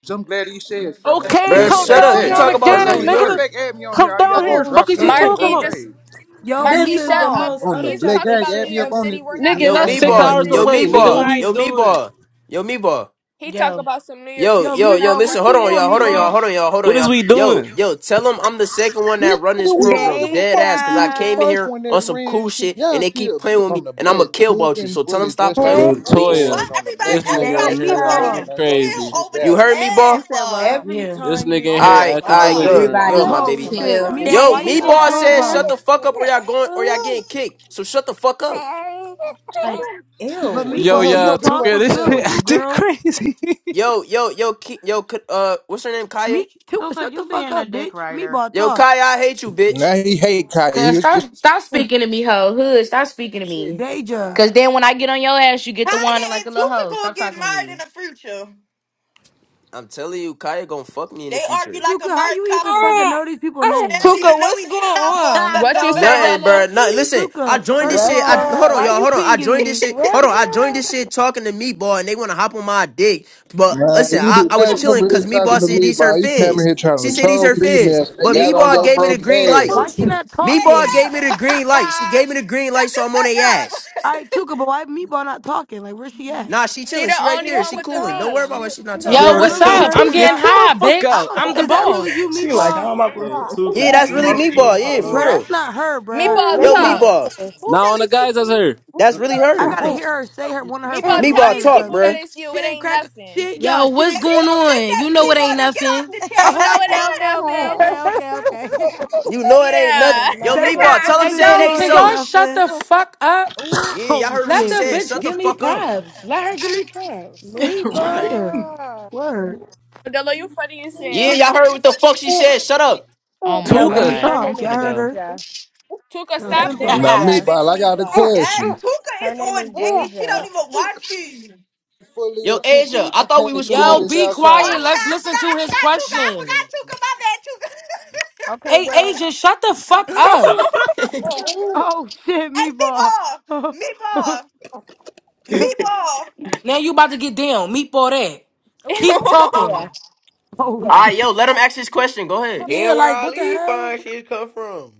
Speaker 25: So I'm glad he said something.
Speaker 34: That's
Speaker 31: Okay,
Speaker 30: Bruh,
Speaker 34: bad.
Speaker 31: come
Speaker 25: Say
Speaker 30: shut up.
Speaker 31: down
Speaker 30: You
Speaker 31: here on
Speaker 25: this.
Speaker 30: talk
Speaker 31: the
Speaker 29: Nah,
Speaker 30: about
Speaker 25: That's
Speaker 29: for
Speaker 25: how
Speaker 30: New
Speaker 31: gang,
Speaker 25: you
Speaker 29: real.
Speaker 25: matter of
Speaker 31: nigga.
Speaker 30: York.
Speaker 25: fact, add me on here.
Speaker 31: Come
Speaker 25: All you
Speaker 31: down
Speaker 25: gotta do
Speaker 31: here.
Speaker 25: is
Speaker 35: Oh
Speaker 25: drop
Speaker 31: Fuck is you
Speaker 25: low on
Speaker 35: shit.
Speaker 31: talking
Speaker 25: bro
Speaker 26: Marky
Speaker 31: about,
Speaker 26: just
Speaker 25: grade.
Speaker 35: Yo,
Speaker 20: This
Speaker 26: Marky,
Speaker 20: is
Speaker 26: shut
Speaker 20: the
Speaker 26: up.
Speaker 35: meatball.
Speaker 20: most
Speaker 25: On the
Speaker 26: He's
Speaker 25: black
Speaker 26: talk
Speaker 20: unattractive
Speaker 25: gang,
Speaker 26: about
Speaker 25: add
Speaker 26: New
Speaker 20: shit
Speaker 25: me up
Speaker 26: York
Speaker 25: on this
Speaker 20: ever.
Speaker 26: City. We're
Speaker 25: bitch.
Speaker 26: not
Speaker 31: nigga?
Speaker 25: Them
Speaker 31: And
Speaker 30: Yo,
Speaker 31: that's
Speaker 26: from
Speaker 25: gang
Speaker 30: me
Speaker 26: New
Speaker 31: six
Speaker 25: come
Speaker 26: York
Speaker 25: in
Speaker 30: boy.
Speaker 25: New
Speaker 31: hours
Speaker 30: Yo,
Speaker 26: City.
Speaker 25: York for
Speaker 30: me
Speaker 31: away,
Speaker 26: Just
Speaker 25: New
Speaker 26: be
Speaker 31: nigga. What
Speaker 30: boy.
Speaker 25: Year's.
Speaker 31: we
Speaker 30: Yo,
Speaker 26: quiet.
Speaker 30: me
Speaker 31: doing?
Speaker 30: boy. Yo, me boy.
Speaker 26: He talk
Speaker 1: Yo,
Speaker 26: about some New York
Speaker 30: Yo,
Speaker 35: Yo,
Speaker 26: City.
Speaker 30: yo,
Speaker 26: We're
Speaker 30: yo,
Speaker 26: not
Speaker 35: meatball,
Speaker 30: listen,
Speaker 35: what
Speaker 26: from
Speaker 30: hold
Speaker 26: New
Speaker 35: you
Speaker 30: on,
Speaker 26: York
Speaker 35: on,
Speaker 30: y'all, hold
Speaker 31: What is
Speaker 30: on, y'all,
Speaker 26: City.
Speaker 35: meatball?
Speaker 31: we?
Speaker 30: hold on, y'all, hold on,
Speaker 31: What is
Speaker 30: y'all.
Speaker 31: we
Speaker 30: Yo,
Speaker 31: doing?
Speaker 30: yo, tell them I'm the second one that run this
Speaker 25: Nigga, we don't
Speaker 30: program,
Speaker 25: give a
Speaker 30: dead
Speaker 25: fuck
Speaker 30: ass,
Speaker 25: if
Speaker 30: because
Speaker 25: you
Speaker 30: I
Speaker 25: was the
Speaker 30: came
Speaker 36: Deja.
Speaker 30: in
Speaker 25: first
Speaker 30: here
Speaker 25: one that
Speaker 30: on some
Speaker 25: ran
Speaker 30: cool
Speaker 25: shit.
Speaker 30: shit and
Speaker 25: Y'all
Speaker 30: they keep
Speaker 25: still
Speaker 30: playing with me
Speaker 25: on the
Speaker 30: and I'm going to
Speaker 25: black,
Speaker 30: kill about you.
Speaker 25: tooking,
Speaker 30: So tell them
Speaker 25: fully
Speaker 30: stop
Speaker 25: dressed like
Speaker 30: playing with
Speaker 37: Hey,
Speaker 31: Yo,
Speaker 25: some
Speaker 30: me,
Speaker 25: little
Speaker 14: Ooh,
Speaker 30: please.
Speaker 14: why
Speaker 31: Toya,
Speaker 25: boys on the
Speaker 14: everybody
Speaker 25: black
Speaker 31: this
Speaker 25: gang.
Speaker 35: Yo,
Speaker 31: nigga in
Speaker 14: everybody
Speaker 25: That's you
Speaker 14: so
Speaker 31: here
Speaker 14: ready
Speaker 36: Deja.
Speaker 31: acting
Speaker 25: fucking
Speaker 35: meatball.
Speaker 14: to
Speaker 25: ain't gonna do
Speaker 14: kill
Speaker 31: crazy.
Speaker 25: shit
Speaker 14: over
Speaker 30: You
Speaker 14: this
Speaker 25: about it.
Speaker 30: heard me, boy? All
Speaker 36: You said
Speaker 14: ad,
Speaker 36: what?
Speaker 20: Every
Speaker 1: yeah.
Speaker 31: This
Speaker 20: time
Speaker 31: nigga
Speaker 20: you
Speaker 31: in
Speaker 14: Oh
Speaker 20: say
Speaker 31: here
Speaker 14: my
Speaker 30: right,
Speaker 20: something,
Speaker 30: all
Speaker 31: acting
Speaker 30: right,
Speaker 14: god.
Speaker 30: good,
Speaker 31: belligerent.
Speaker 20: it
Speaker 16: Everybody
Speaker 30: good, my
Speaker 20: involves
Speaker 35: Oh
Speaker 30: baby.
Speaker 16: just
Speaker 20: somebody
Speaker 35: shit.
Speaker 16: chill,
Speaker 20: dying.
Speaker 35: Meatball,
Speaker 16: just
Speaker 30: Yo,
Speaker 35: why
Speaker 30: me
Speaker 35: you
Speaker 16: chill.
Speaker 35: on
Speaker 30: boy said
Speaker 36: Deja.
Speaker 30: shut
Speaker 35: Clubhouse?
Speaker 30: the fuck up or y'all going or y'all getting kicked. So shut the fuck up.
Speaker 35: Like,
Speaker 25: She can
Speaker 35: but
Speaker 20: Ew.
Speaker 25: speak for
Speaker 31: Yo,
Speaker 35: meatball,
Speaker 25: her
Speaker 35: can you
Speaker 31: yeah,
Speaker 35: talk?
Speaker 31: Tuka,
Speaker 25: motherfucking
Speaker 35: What's
Speaker 31: this
Speaker 35: good
Speaker 31: shit
Speaker 35: with
Speaker 25: self.
Speaker 35: you,
Speaker 31: acting
Speaker 35: girl?
Speaker 31: crazy.
Speaker 30: Yo, yo, yo, Ki- yo, K- uh, what's her name, Kaya?
Speaker 35: Me Tuka,
Speaker 32: Tuka,
Speaker 35: shut the
Speaker 32: you
Speaker 35: fuck
Speaker 32: being a
Speaker 35: up,
Speaker 32: dick
Speaker 35: bitch.
Speaker 32: writer.
Speaker 35: Meatball
Speaker 30: Yo,
Speaker 35: talk.
Speaker 30: Kaya, I hate you, bitch.
Speaker 25: Now he hate Kanye.
Speaker 3: Cause
Speaker 25: He's just
Speaker 3: stop stop speaking to me, hoe. Hood, stop speaking to
Speaker 25: shit.
Speaker 3: me.
Speaker 35: Deja.
Speaker 30: Uh,
Speaker 3: Cause then when I get on your ass, you get the one
Speaker 14: Kaya
Speaker 3: like
Speaker 14: and
Speaker 3: the little
Speaker 14: Tuka
Speaker 3: hoe.
Speaker 14: gonna
Speaker 3: Stop
Speaker 14: get
Speaker 3: talking to
Speaker 14: married in
Speaker 3: me.
Speaker 14: the future.
Speaker 30: I'm telling you, Kaya gonna fuck me in the
Speaker 14: They argue
Speaker 30: future.
Speaker 14: like
Speaker 35: Tuka,
Speaker 14: a
Speaker 35: how
Speaker 14: married
Speaker 35: you even
Speaker 14: couple.
Speaker 35: fucking know these people
Speaker 14: They
Speaker 35: names?
Speaker 14: don't
Speaker 38: Tuka,
Speaker 14: even know
Speaker 38: what's
Speaker 14: each
Speaker 38: going
Speaker 14: other.
Speaker 38: on?
Speaker 26: What you say,
Speaker 32: Dolo.
Speaker 30: Nothing,
Speaker 26: Dolo?
Speaker 30: bruh. Nothing. Listen, I
Speaker 35: Tuka,
Speaker 30: joined
Speaker 35: first
Speaker 30: this
Speaker 35: of
Speaker 30: shit. I
Speaker 35: all,
Speaker 30: hold on,
Speaker 35: why
Speaker 30: y'all.
Speaker 37: Russia.
Speaker 35: you
Speaker 30: Hold on. I
Speaker 35: pinging
Speaker 30: joined this
Speaker 35: me?
Speaker 30: shit. Hold on. I joined
Speaker 37: Russia.
Speaker 30: this shit talking to Meatball, and they want to hop on my dick. But
Speaker 25: Man,
Speaker 30: listen,
Speaker 25: you
Speaker 30: I,
Speaker 25: did
Speaker 30: I was
Speaker 25: not come
Speaker 30: chilling
Speaker 25: in here
Speaker 30: because
Speaker 25: talking
Speaker 30: Meatball
Speaker 25: to
Speaker 30: said
Speaker 25: me,
Speaker 30: these her
Speaker 25: bro. You came in
Speaker 30: fans.
Speaker 25: here
Speaker 30: She
Speaker 25: trying to
Speaker 30: said these
Speaker 25: troll
Speaker 30: her fans.
Speaker 25: females. They
Speaker 30: But
Speaker 25: got on
Speaker 30: Meatball
Speaker 25: your
Speaker 30: gave
Speaker 35: Meatball,
Speaker 30: me the
Speaker 25: broke
Speaker 30: green
Speaker 14: the
Speaker 30: light.
Speaker 35: why
Speaker 25: ass.
Speaker 35: she
Speaker 14: future.
Speaker 35: not
Speaker 14: Hey
Speaker 30: Meatball
Speaker 35: talking?
Speaker 30: gave me the
Speaker 14: yo!
Speaker 30: green light. She gave me the green light,
Speaker 14: Shut
Speaker 30: so
Speaker 14: the
Speaker 30: I'm on
Speaker 14: fuck
Speaker 30: their
Speaker 14: up.
Speaker 30: ass.
Speaker 35: All right, Tuka, but why meatball not talking? Like, where she at?
Speaker 30: Nah, she
Speaker 26: She
Speaker 30: chilling.
Speaker 26: the
Speaker 30: She right
Speaker 26: only
Speaker 37: She
Speaker 30: there.
Speaker 37: at
Speaker 26: one
Speaker 30: She
Speaker 37: the
Speaker 26: with the
Speaker 30: cooling. Don't
Speaker 37: top.
Speaker 30: worry
Speaker 37: She,
Speaker 30: about
Speaker 26: beam.
Speaker 30: why she's
Speaker 37: she
Speaker 30: not
Speaker 37: the
Speaker 35: Is
Speaker 1: Yo,
Speaker 37: only
Speaker 31: Yo,
Speaker 30: talking.
Speaker 35: that
Speaker 37: one
Speaker 31: that
Speaker 37: with
Speaker 1: what's
Speaker 37: the
Speaker 35: really
Speaker 31: yo,
Speaker 1: up?
Speaker 35: her?
Speaker 1: I'm
Speaker 35: Is
Speaker 37: green.
Speaker 31: Tuka,
Speaker 35: y'all?
Speaker 1: getting
Speaker 31: chill the
Speaker 1: high,
Speaker 31: fuck
Speaker 35: I
Speaker 1: bitch.
Speaker 31: out.
Speaker 35: don't.
Speaker 1: I'm the
Speaker 35: Is that really
Speaker 1: boss.
Speaker 35: you,
Speaker 20: She like,
Speaker 35: Meatball?
Speaker 20: how am I supposed
Speaker 31: Yo, Tuka,
Speaker 30: Yeah,
Speaker 20: to
Speaker 30: that's
Speaker 31: chill
Speaker 30: really
Speaker 31: the
Speaker 20: smoke
Speaker 31: fuck
Speaker 30: Meatball.
Speaker 20: ends
Speaker 30: Yeah,
Speaker 20: on?
Speaker 30: for
Speaker 35: Bro,
Speaker 31: out.
Speaker 30: real.
Speaker 35: that's not her, bruh.
Speaker 26: Meatball
Speaker 37: Yes,
Speaker 30: Yo,
Speaker 37: it
Speaker 26: talk.
Speaker 35: Meatball.
Speaker 30: Meatball.
Speaker 14: Who
Speaker 37: is.
Speaker 31: Now on the
Speaker 14: really be
Speaker 31: guys that's here.
Speaker 30: That's really
Speaker 35: I
Speaker 30: her.
Speaker 35: gotta hear her say her one of her
Speaker 26: Meatball,
Speaker 35: funny
Speaker 26: tell
Speaker 30: Meatball
Speaker 26: these
Speaker 35: lines or
Speaker 30: talk,
Speaker 26: people
Speaker 35: something.
Speaker 26: that
Speaker 35: She
Speaker 30: bruh.
Speaker 26: it's you.
Speaker 35: she
Speaker 26: It
Speaker 35: ain't
Speaker 26: ain't
Speaker 35: crack. She
Speaker 26: nothing.
Speaker 35: ain't y'all.
Speaker 1: Yo,
Speaker 35: She
Speaker 1: what's
Speaker 35: ain't.
Speaker 14: if
Speaker 35: Cra-
Speaker 14: you
Speaker 1: going
Speaker 14: don't think
Speaker 1: on? You
Speaker 14: that's
Speaker 1: know
Speaker 14: me,
Speaker 1: it ain't
Speaker 14: then get off
Speaker 1: nothing.
Speaker 14: the
Speaker 26: You
Speaker 14: chat.
Speaker 26: know
Speaker 35: oh,
Speaker 14: Like
Speaker 26: it
Speaker 35: okay,
Speaker 26: ain't
Speaker 14: what?
Speaker 35: okay, okay,
Speaker 26: nothing.
Speaker 35: okay, okay,
Speaker 37: it
Speaker 35: okay.
Speaker 30: You know it ain't nothing.
Speaker 26: Yeah.
Speaker 37: ain't
Speaker 30: Yo,
Speaker 35: that
Speaker 37: nothing.
Speaker 30: Meatball, tell
Speaker 35: motherfucker
Speaker 30: him
Speaker 1: Hey,
Speaker 30: say
Speaker 35: said you
Speaker 1: yo,
Speaker 30: it
Speaker 35: know
Speaker 30: ain't
Speaker 35: it
Speaker 1: can
Speaker 35: ain't
Speaker 1: y'all
Speaker 30: so.
Speaker 1: shut
Speaker 35: nothing.
Speaker 1: the fuck up?
Speaker 37: Ooh,
Speaker 30: Yeah, y'all
Speaker 35: Oh
Speaker 30: heard what she
Speaker 1: Let the
Speaker 35: shit.
Speaker 30: said.
Speaker 1: bitch
Speaker 30: Shut the
Speaker 1: give me
Speaker 30: fuck up.
Speaker 1: props. Let her give me props.
Speaker 20: right.
Speaker 35: Yeah.
Speaker 37: Neva.
Speaker 35: Word.
Speaker 26: Dolo, you funny as
Speaker 30: Yeah,
Speaker 26: hell.
Speaker 30: y'all heard what the fuck she said. Shut up.
Speaker 3: Oh my
Speaker 35: Yeah.
Speaker 37: No,
Speaker 35: Let me
Speaker 31: Tuka,
Speaker 37: baby.
Speaker 3: god.
Speaker 31: shut
Speaker 37: Her
Speaker 3: I'm
Speaker 37: name
Speaker 35: talk.
Speaker 37: is
Speaker 35: Y'all
Speaker 3: finna
Speaker 35: heard
Speaker 3: go.
Speaker 35: her.
Speaker 37: Deja.
Speaker 26: Tuka,
Speaker 35: Now
Speaker 37: That's
Speaker 26: stop dick
Speaker 35: simple.
Speaker 25: Now,
Speaker 26: riding
Speaker 25: me,
Speaker 26: my
Speaker 37: Deja.
Speaker 25: bro,
Speaker 26: bitch
Speaker 25: I got a
Speaker 26: Meatball.
Speaker 14: Yes,
Speaker 25: question.
Speaker 14: Tuka
Speaker 37: Her
Speaker 14: is
Speaker 37: name is
Speaker 14: on dick and she don't
Speaker 37: Deja.
Speaker 14: even want you.
Speaker 25: Fully or
Speaker 30: Yo,
Speaker 25: Tuka,
Speaker 30: Asia,
Speaker 25: would
Speaker 30: I
Speaker 25: you
Speaker 30: thought we
Speaker 25: take
Speaker 30: was
Speaker 25: them
Speaker 1: yo,
Speaker 30: cool.
Speaker 25: niggas
Speaker 1: be
Speaker 14: Oh, I
Speaker 1: quiet.
Speaker 25: outside?
Speaker 14: forgot,
Speaker 1: Let's
Speaker 14: I
Speaker 1: listen
Speaker 14: forgot,
Speaker 1: to
Speaker 14: I
Speaker 1: his
Speaker 14: forgot Tuka, I forgot
Speaker 1: question.
Speaker 14: Tuka, my bad, Tuka.
Speaker 37: Okay,
Speaker 1: Hey,
Speaker 37: well,
Speaker 1: agent, shut the fuck up.
Speaker 35: Oh shit,
Speaker 14: hey,
Speaker 35: Meatball. oh
Speaker 14: Meatball, Meatball. Meatball.
Speaker 1: Now you about to get down. Meet for that. Keep
Speaker 37: ooh, yeah,
Speaker 1: talking.
Speaker 30: All
Speaker 37: yeah.
Speaker 30: right,
Speaker 35: shit.
Speaker 30: yo, let him ask his question. Go ahead.
Speaker 1: Yeah,
Speaker 29: Damn, where
Speaker 1: like,
Speaker 29: all
Speaker 1: what the
Speaker 29: these
Speaker 1: hell?
Speaker 29: fine shit come from?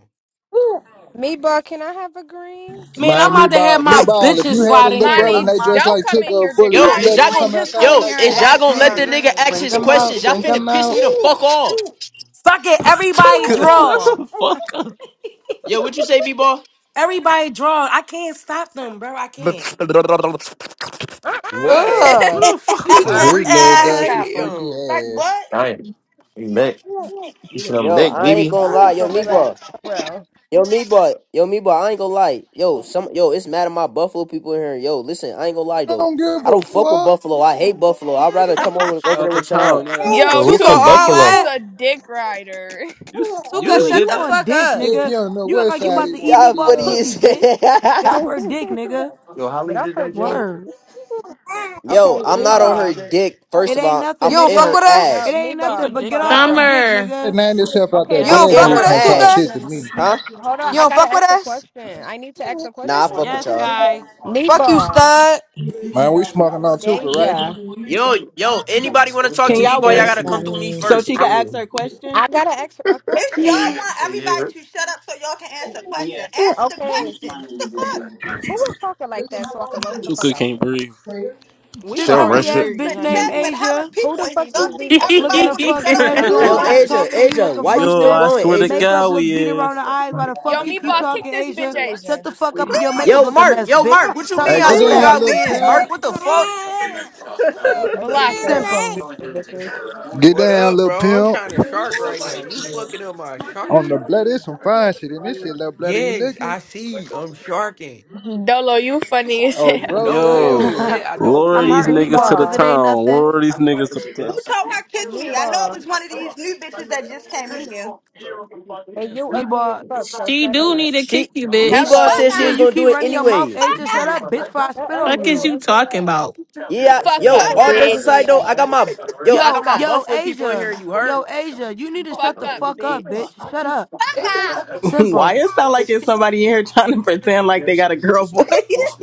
Speaker 37: Meba, can I have a green?
Speaker 1: Man, I'm
Speaker 25: Man, me
Speaker 1: about to have
Speaker 25: ball,
Speaker 1: my
Speaker 25: me ball. If
Speaker 1: bitches
Speaker 25: you had a
Speaker 1: slide in
Speaker 25: little
Speaker 1: here.
Speaker 25: brother and
Speaker 26: Monty,
Speaker 25: they dressed
Speaker 26: don't
Speaker 25: like
Speaker 26: come
Speaker 25: Tuka
Speaker 26: in
Speaker 25: or
Speaker 26: here dick
Speaker 25: Fully, would
Speaker 30: Yo,
Speaker 25: you
Speaker 32: Mana,
Speaker 30: is
Speaker 25: let
Speaker 26: riding.
Speaker 32: you
Speaker 30: y'all
Speaker 25: them
Speaker 32: ain't
Speaker 30: gonna
Speaker 25: come
Speaker 32: just
Speaker 25: outside
Speaker 30: yo
Speaker 32: coming here
Speaker 25: like
Speaker 32: and
Speaker 14: Oh,
Speaker 30: is
Speaker 25: that?
Speaker 14: I
Speaker 30: y'all
Speaker 32: ask
Speaker 14: was
Speaker 30: gonna
Speaker 32: for
Speaker 30: let
Speaker 32: a
Speaker 30: the
Speaker 14: muted.
Speaker 30: nigga
Speaker 32: green,
Speaker 30: ask
Speaker 20: Bring
Speaker 32: bitch.
Speaker 30: his
Speaker 20: them out.
Speaker 30: questions? Y'all
Speaker 20: Bring
Speaker 30: finna
Speaker 20: them
Speaker 30: piss me
Speaker 20: out.
Speaker 30: the fuck off.
Speaker 1: Fuck it. Everybody
Speaker 31: Tuka, shut
Speaker 1: draw.
Speaker 31: the fuck up.
Speaker 30: Yo, what you say, Meatball?
Speaker 1: Everybody draw. I can't stop them, bro. I can't.
Speaker 29: What
Speaker 37: uh-uh.
Speaker 38: Ugh.
Speaker 31: What the fuck was
Speaker 29: type
Speaker 14: I
Speaker 25: His
Speaker 29: of
Speaker 31: that?
Speaker 14: was
Speaker 29: freaky
Speaker 25: little
Speaker 14: trying to
Speaker 29: ass shit
Speaker 25: dusty
Speaker 14: stop
Speaker 29: he
Speaker 14: him.
Speaker 25: freaky
Speaker 29: on?
Speaker 14: Like
Speaker 25: ass.
Speaker 14: what?
Speaker 8: Ryan, you back? You should
Speaker 37: Just,
Speaker 8: I'm
Speaker 30: Yo,
Speaker 8: back,
Speaker 30: I
Speaker 37: just,
Speaker 30: ain't
Speaker 8: baby.
Speaker 30: gonna lie,
Speaker 37: just go
Speaker 30: yo,
Speaker 37: relax,
Speaker 30: Meatball.
Speaker 37: bro.
Speaker 30: Yo, me boy, yo, me boy, I ain't gonna lie. Yo, some yo, it's mad at my Buffalo people in here. Yo, listen, I ain't gonna lie
Speaker 25: I
Speaker 30: though.
Speaker 25: don't give
Speaker 30: I
Speaker 25: a
Speaker 30: don't fuck with
Speaker 25: fuck.
Speaker 30: Buffalo. I hate Buffalo. I'd rather come over
Speaker 31: Shout
Speaker 30: over there
Speaker 31: out to
Speaker 30: with
Speaker 31: town, you know
Speaker 30: y'all.
Speaker 31: that.
Speaker 8: Yo,
Speaker 26: Yo,
Speaker 8: who
Speaker 38: Tuka,
Speaker 8: from
Speaker 26: Tuka,
Speaker 38: all
Speaker 26: you
Speaker 8: Buffalo?
Speaker 26: is
Speaker 38: that?
Speaker 26: a dick rider.
Speaker 31: You s- you
Speaker 38: Tuka,
Speaker 31: just
Speaker 35: Suka,
Speaker 38: shut
Speaker 35: you
Speaker 31: did
Speaker 38: the
Speaker 31: that?
Speaker 35: on
Speaker 38: fuck
Speaker 35: dick,
Speaker 38: up.
Speaker 25: Dick,
Speaker 35: nigga.
Speaker 25: he don't know
Speaker 35: You act
Speaker 25: what
Speaker 35: like you
Speaker 25: side
Speaker 35: about
Speaker 25: he
Speaker 35: to eat
Speaker 25: wanna
Speaker 30: Y'all
Speaker 25: be
Speaker 35: Meatball
Speaker 30: funny as
Speaker 35: pussy,
Speaker 25: on.
Speaker 35: bitch. Get off
Speaker 30: hell.
Speaker 35: her dick, nigga.
Speaker 8: Yo,
Speaker 37: Get
Speaker 8: Holly
Speaker 37: off
Speaker 8: did
Speaker 37: her
Speaker 8: that, John.
Speaker 37: dick.
Speaker 35: Word.
Speaker 30: Yo,
Speaker 37: Okay,
Speaker 30: I'm
Speaker 37: me
Speaker 30: not
Speaker 8: Holly.
Speaker 30: on her
Speaker 37: ball.
Speaker 30: dick. First
Speaker 35: It
Speaker 30: of
Speaker 35: ain't
Speaker 30: all,
Speaker 38: You
Speaker 30: I'm
Speaker 35: nothing,
Speaker 38: don't
Speaker 30: in
Speaker 38: fuck
Speaker 30: her
Speaker 35: nigga.
Speaker 38: with us?
Speaker 37: No,
Speaker 35: It
Speaker 30: ass.
Speaker 37: me
Speaker 35: ain't
Speaker 37: ball,
Speaker 35: nothing
Speaker 32: Tuka
Speaker 37: me
Speaker 35: but get
Speaker 32: dicked
Speaker 37: ball,
Speaker 35: off
Speaker 37: me
Speaker 35: her
Speaker 32: out.
Speaker 37: ball.
Speaker 35: dick,
Speaker 39: Summer.
Speaker 25: That
Speaker 35: nigga.
Speaker 25: name yourself out there,
Speaker 37: Okay,
Speaker 38: You
Speaker 30: I'm
Speaker 32: Yes,
Speaker 37: wait,
Speaker 38: don't
Speaker 25: dead
Speaker 37: me
Speaker 30: in
Speaker 38: fuck with
Speaker 25: nigga
Speaker 30: her
Speaker 32: guy.
Speaker 38: us,
Speaker 25: can't
Speaker 37: ball.
Speaker 25: talk
Speaker 38: Tuka?
Speaker 25: shit
Speaker 30: ass.
Speaker 25: to me.
Speaker 30: Huh?
Speaker 37: Hold on,
Speaker 38: You
Speaker 37: I
Speaker 38: don't
Speaker 37: gotta
Speaker 38: fuck with
Speaker 37: ask a
Speaker 38: us?
Speaker 37: question. I need to ask a
Speaker 30: Nah, I fuck
Speaker 37: question.
Speaker 30: with
Speaker 32: Yes,
Speaker 30: y'all.
Speaker 32: guy.
Speaker 37: Me
Speaker 38: Fuck you,
Speaker 37: ball,
Speaker 38: stud.
Speaker 25: Man, we smoking on Tuka right now.
Speaker 37: Deja.
Speaker 30: Yo, yo, anybody wanna talk
Speaker 20: Can
Speaker 30: to me,
Speaker 20: y'all
Speaker 30: boy? Y'all
Speaker 20: wait
Speaker 30: gotta come through me
Speaker 20: so she
Speaker 30: first.
Speaker 37: I,
Speaker 20: can ask her question?
Speaker 37: I gotta ask a
Speaker 14: If y'all
Speaker 37: question.
Speaker 14: want everybody to shut up so y'all can answer a question, ask the
Speaker 37: Okay,
Speaker 14: question. What the fuck?
Speaker 37: who is talking like that so I can roast the fuck
Speaker 31: Tuka
Speaker 37: out
Speaker 31: can't
Speaker 37: there?
Speaker 31: breathe.
Speaker 20: We
Speaker 8: She
Speaker 35: This
Speaker 20: can
Speaker 8: do run
Speaker 20: hardly
Speaker 35: ugly
Speaker 20: hear
Speaker 35: ass
Speaker 8: shit.
Speaker 14: It's
Speaker 20: you,
Speaker 35: bitch
Speaker 14: a
Speaker 20: honey.
Speaker 35: named
Speaker 14: chat with hella
Speaker 35: Asia
Speaker 37: Who
Speaker 14: people
Speaker 37: the
Speaker 14: in here.
Speaker 37: fuck
Speaker 14: Y'all
Speaker 37: is these
Speaker 14: think
Speaker 39: she
Speaker 37: ugly
Speaker 35: looking
Speaker 14: everybody
Speaker 37: ass
Speaker 35: a
Speaker 14: gonna
Speaker 35: fuck
Speaker 37: bitches
Speaker 14: shut
Speaker 37: at
Speaker 14: up
Speaker 37: the
Speaker 14: for
Speaker 35: mess, doing
Speaker 14: your
Speaker 30: Yo,
Speaker 35: all
Speaker 37: bottom?
Speaker 35: that
Speaker 14: question?
Speaker 30: Asia,
Speaker 35: talking, and you
Speaker 30: Asia,
Speaker 35: look a
Speaker 30: why you
Speaker 35: fuck
Speaker 31: yo,
Speaker 30: still
Speaker 35: mess.
Speaker 31: I
Speaker 30: going,
Speaker 31: swear to
Speaker 30: Asia?
Speaker 35: Makeup
Speaker 31: God
Speaker 35: look
Speaker 31: we
Speaker 35: beat around the
Speaker 31: is.
Speaker 35: eyes. Why the
Speaker 26: Yo,
Speaker 35: fuck you keep
Speaker 26: Meatball, kick
Speaker 35: talking,
Speaker 26: this bitch
Speaker 35: Asia? Shut
Speaker 26: Asia.
Speaker 35: the fuck up and your makeup
Speaker 30: Yo,
Speaker 14: Please,
Speaker 35: look a
Speaker 30: Mark,
Speaker 35: mess,
Speaker 30: yo,
Speaker 35: bitch.
Speaker 30: Mark, what you
Speaker 35: Talk
Speaker 25: Hey,
Speaker 30: mean? I
Speaker 25: get
Speaker 35: about
Speaker 30: swear to
Speaker 35: that.
Speaker 25: down,
Speaker 14: please
Speaker 30: God,
Speaker 25: little
Speaker 14: do
Speaker 30: we is
Speaker 14: it.
Speaker 25: pimp.
Speaker 30: Mark. What the fuck?
Speaker 37: They ugly as
Speaker 26: Blocker.
Speaker 37: fuck, these
Speaker 35: Simple.
Speaker 37: bitches.
Speaker 25: Get
Speaker 29: What
Speaker 25: down,
Speaker 29: up,
Speaker 25: little
Speaker 29: bro? I'm
Speaker 25: pimp.
Speaker 29: trying to
Speaker 14: The
Speaker 29: shark
Speaker 14: fuck?
Speaker 29: right now. You fucking up my
Speaker 25: On the
Speaker 29: sharking.
Speaker 25: blood, there's some fine shit in this shit, little bloody. You
Speaker 29: Yes,
Speaker 25: looking?
Speaker 29: I see. I'm sharking.
Speaker 26: Dolo, you funny as
Speaker 25: Oh,
Speaker 29: You
Speaker 26: hell.
Speaker 25: bro,
Speaker 29: know it on
Speaker 31: Yo,
Speaker 29: the
Speaker 25: great.
Speaker 29: shit. I don't
Speaker 31: lure
Speaker 35: I'm
Speaker 31: these
Speaker 29: play.
Speaker 35: hurting
Speaker 37: Me
Speaker 31: niggas
Speaker 35: Meatball
Speaker 31: to the
Speaker 35: because it
Speaker 37: ball,
Speaker 35: ain't
Speaker 31: town.
Speaker 35: nothing.
Speaker 31: Lure these niggas to the
Speaker 14: Who
Speaker 31: town.
Speaker 14: told her kick
Speaker 37: me
Speaker 14: me? I know it
Speaker 37: ball,
Speaker 14: was one of these new bitches that just came in here.
Speaker 37: and you ugly as
Speaker 35: Meatball,
Speaker 37: fuck. So shut
Speaker 39: do
Speaker 37: up.
Speaker 39: need to kick
Speaker 30: She
Speaker 39: you,
Speaker 30: me
Speaker 39: bitch.
Speaker 30: boss
Speaker 14: Fuck
Speaker 30: said
Speaker 26: Hello.
Speaker 30: she
Speaker 35: yeah,
Speaker 30: was
Speaker 14: up!
Speaker 35: you
Speaker 30: gonna do
Speaker 35: keep
Speaker 30: it
Speaker 35: running your mouth,
Speaker 30: anyway.
Speaker 14: Fuck
Speaker 35: Asia. Shut up,
Speaker 14: up!
Speaker 35: bitch, before I
Speaker 37: Shut
Speaker 35: spit
Speaker 37: up
Speaker 35: on
Speaker 39: Fuck
Speaker 37: with
Speaker 39: is
Speaker 35: you.
Speaker 37: your
Speaker 39: you
Speaker 37: ugly
Speaker 39: talking
Speaker 37: ass.
Speaker 39: about?
Speaker 30: Yeah,
Speaker 37: What the
Speaker 26: Fuck
Speaker 37: fuck
Speaker 30: yo,
Speaker 26: up,
Speaker 14: Fuck
Speaker 37: up
Speaker 30: all
Speaker 37: with your
Speaker 14: up!
Speaker 30: jokes
Speaker 37: ugly
Speaker 30: aside
Speaker 26: bitch.
Speaker 30: though, I
Speaker 37: ass?
Speaker 30: got my yo, I
Speaker 26: Fuck
Speaker 30: got
Speaker 35: Yo,
Speaker 30: my
Speaker 26: up.
Speaker 35: yo,
Speaker 30: Buffalo people in here.
Speaker 35: Asia.
Speaker 30: You heard?
Speaker 35: Yo, Asia, you need to shut
Speaker 26: Fuck
Speaker 35: the
Speaker 26: up,
Speaker 35: fuck up, bitch.
Speaker 26: bitch.
Speaker 35: Shut up.
Speaker 14: Fuck up!
Speaker 20: Why
Speaker 35: Simple.
Speaker 20: it sound like it's somebody in here trying to pretend like they got a girl voice?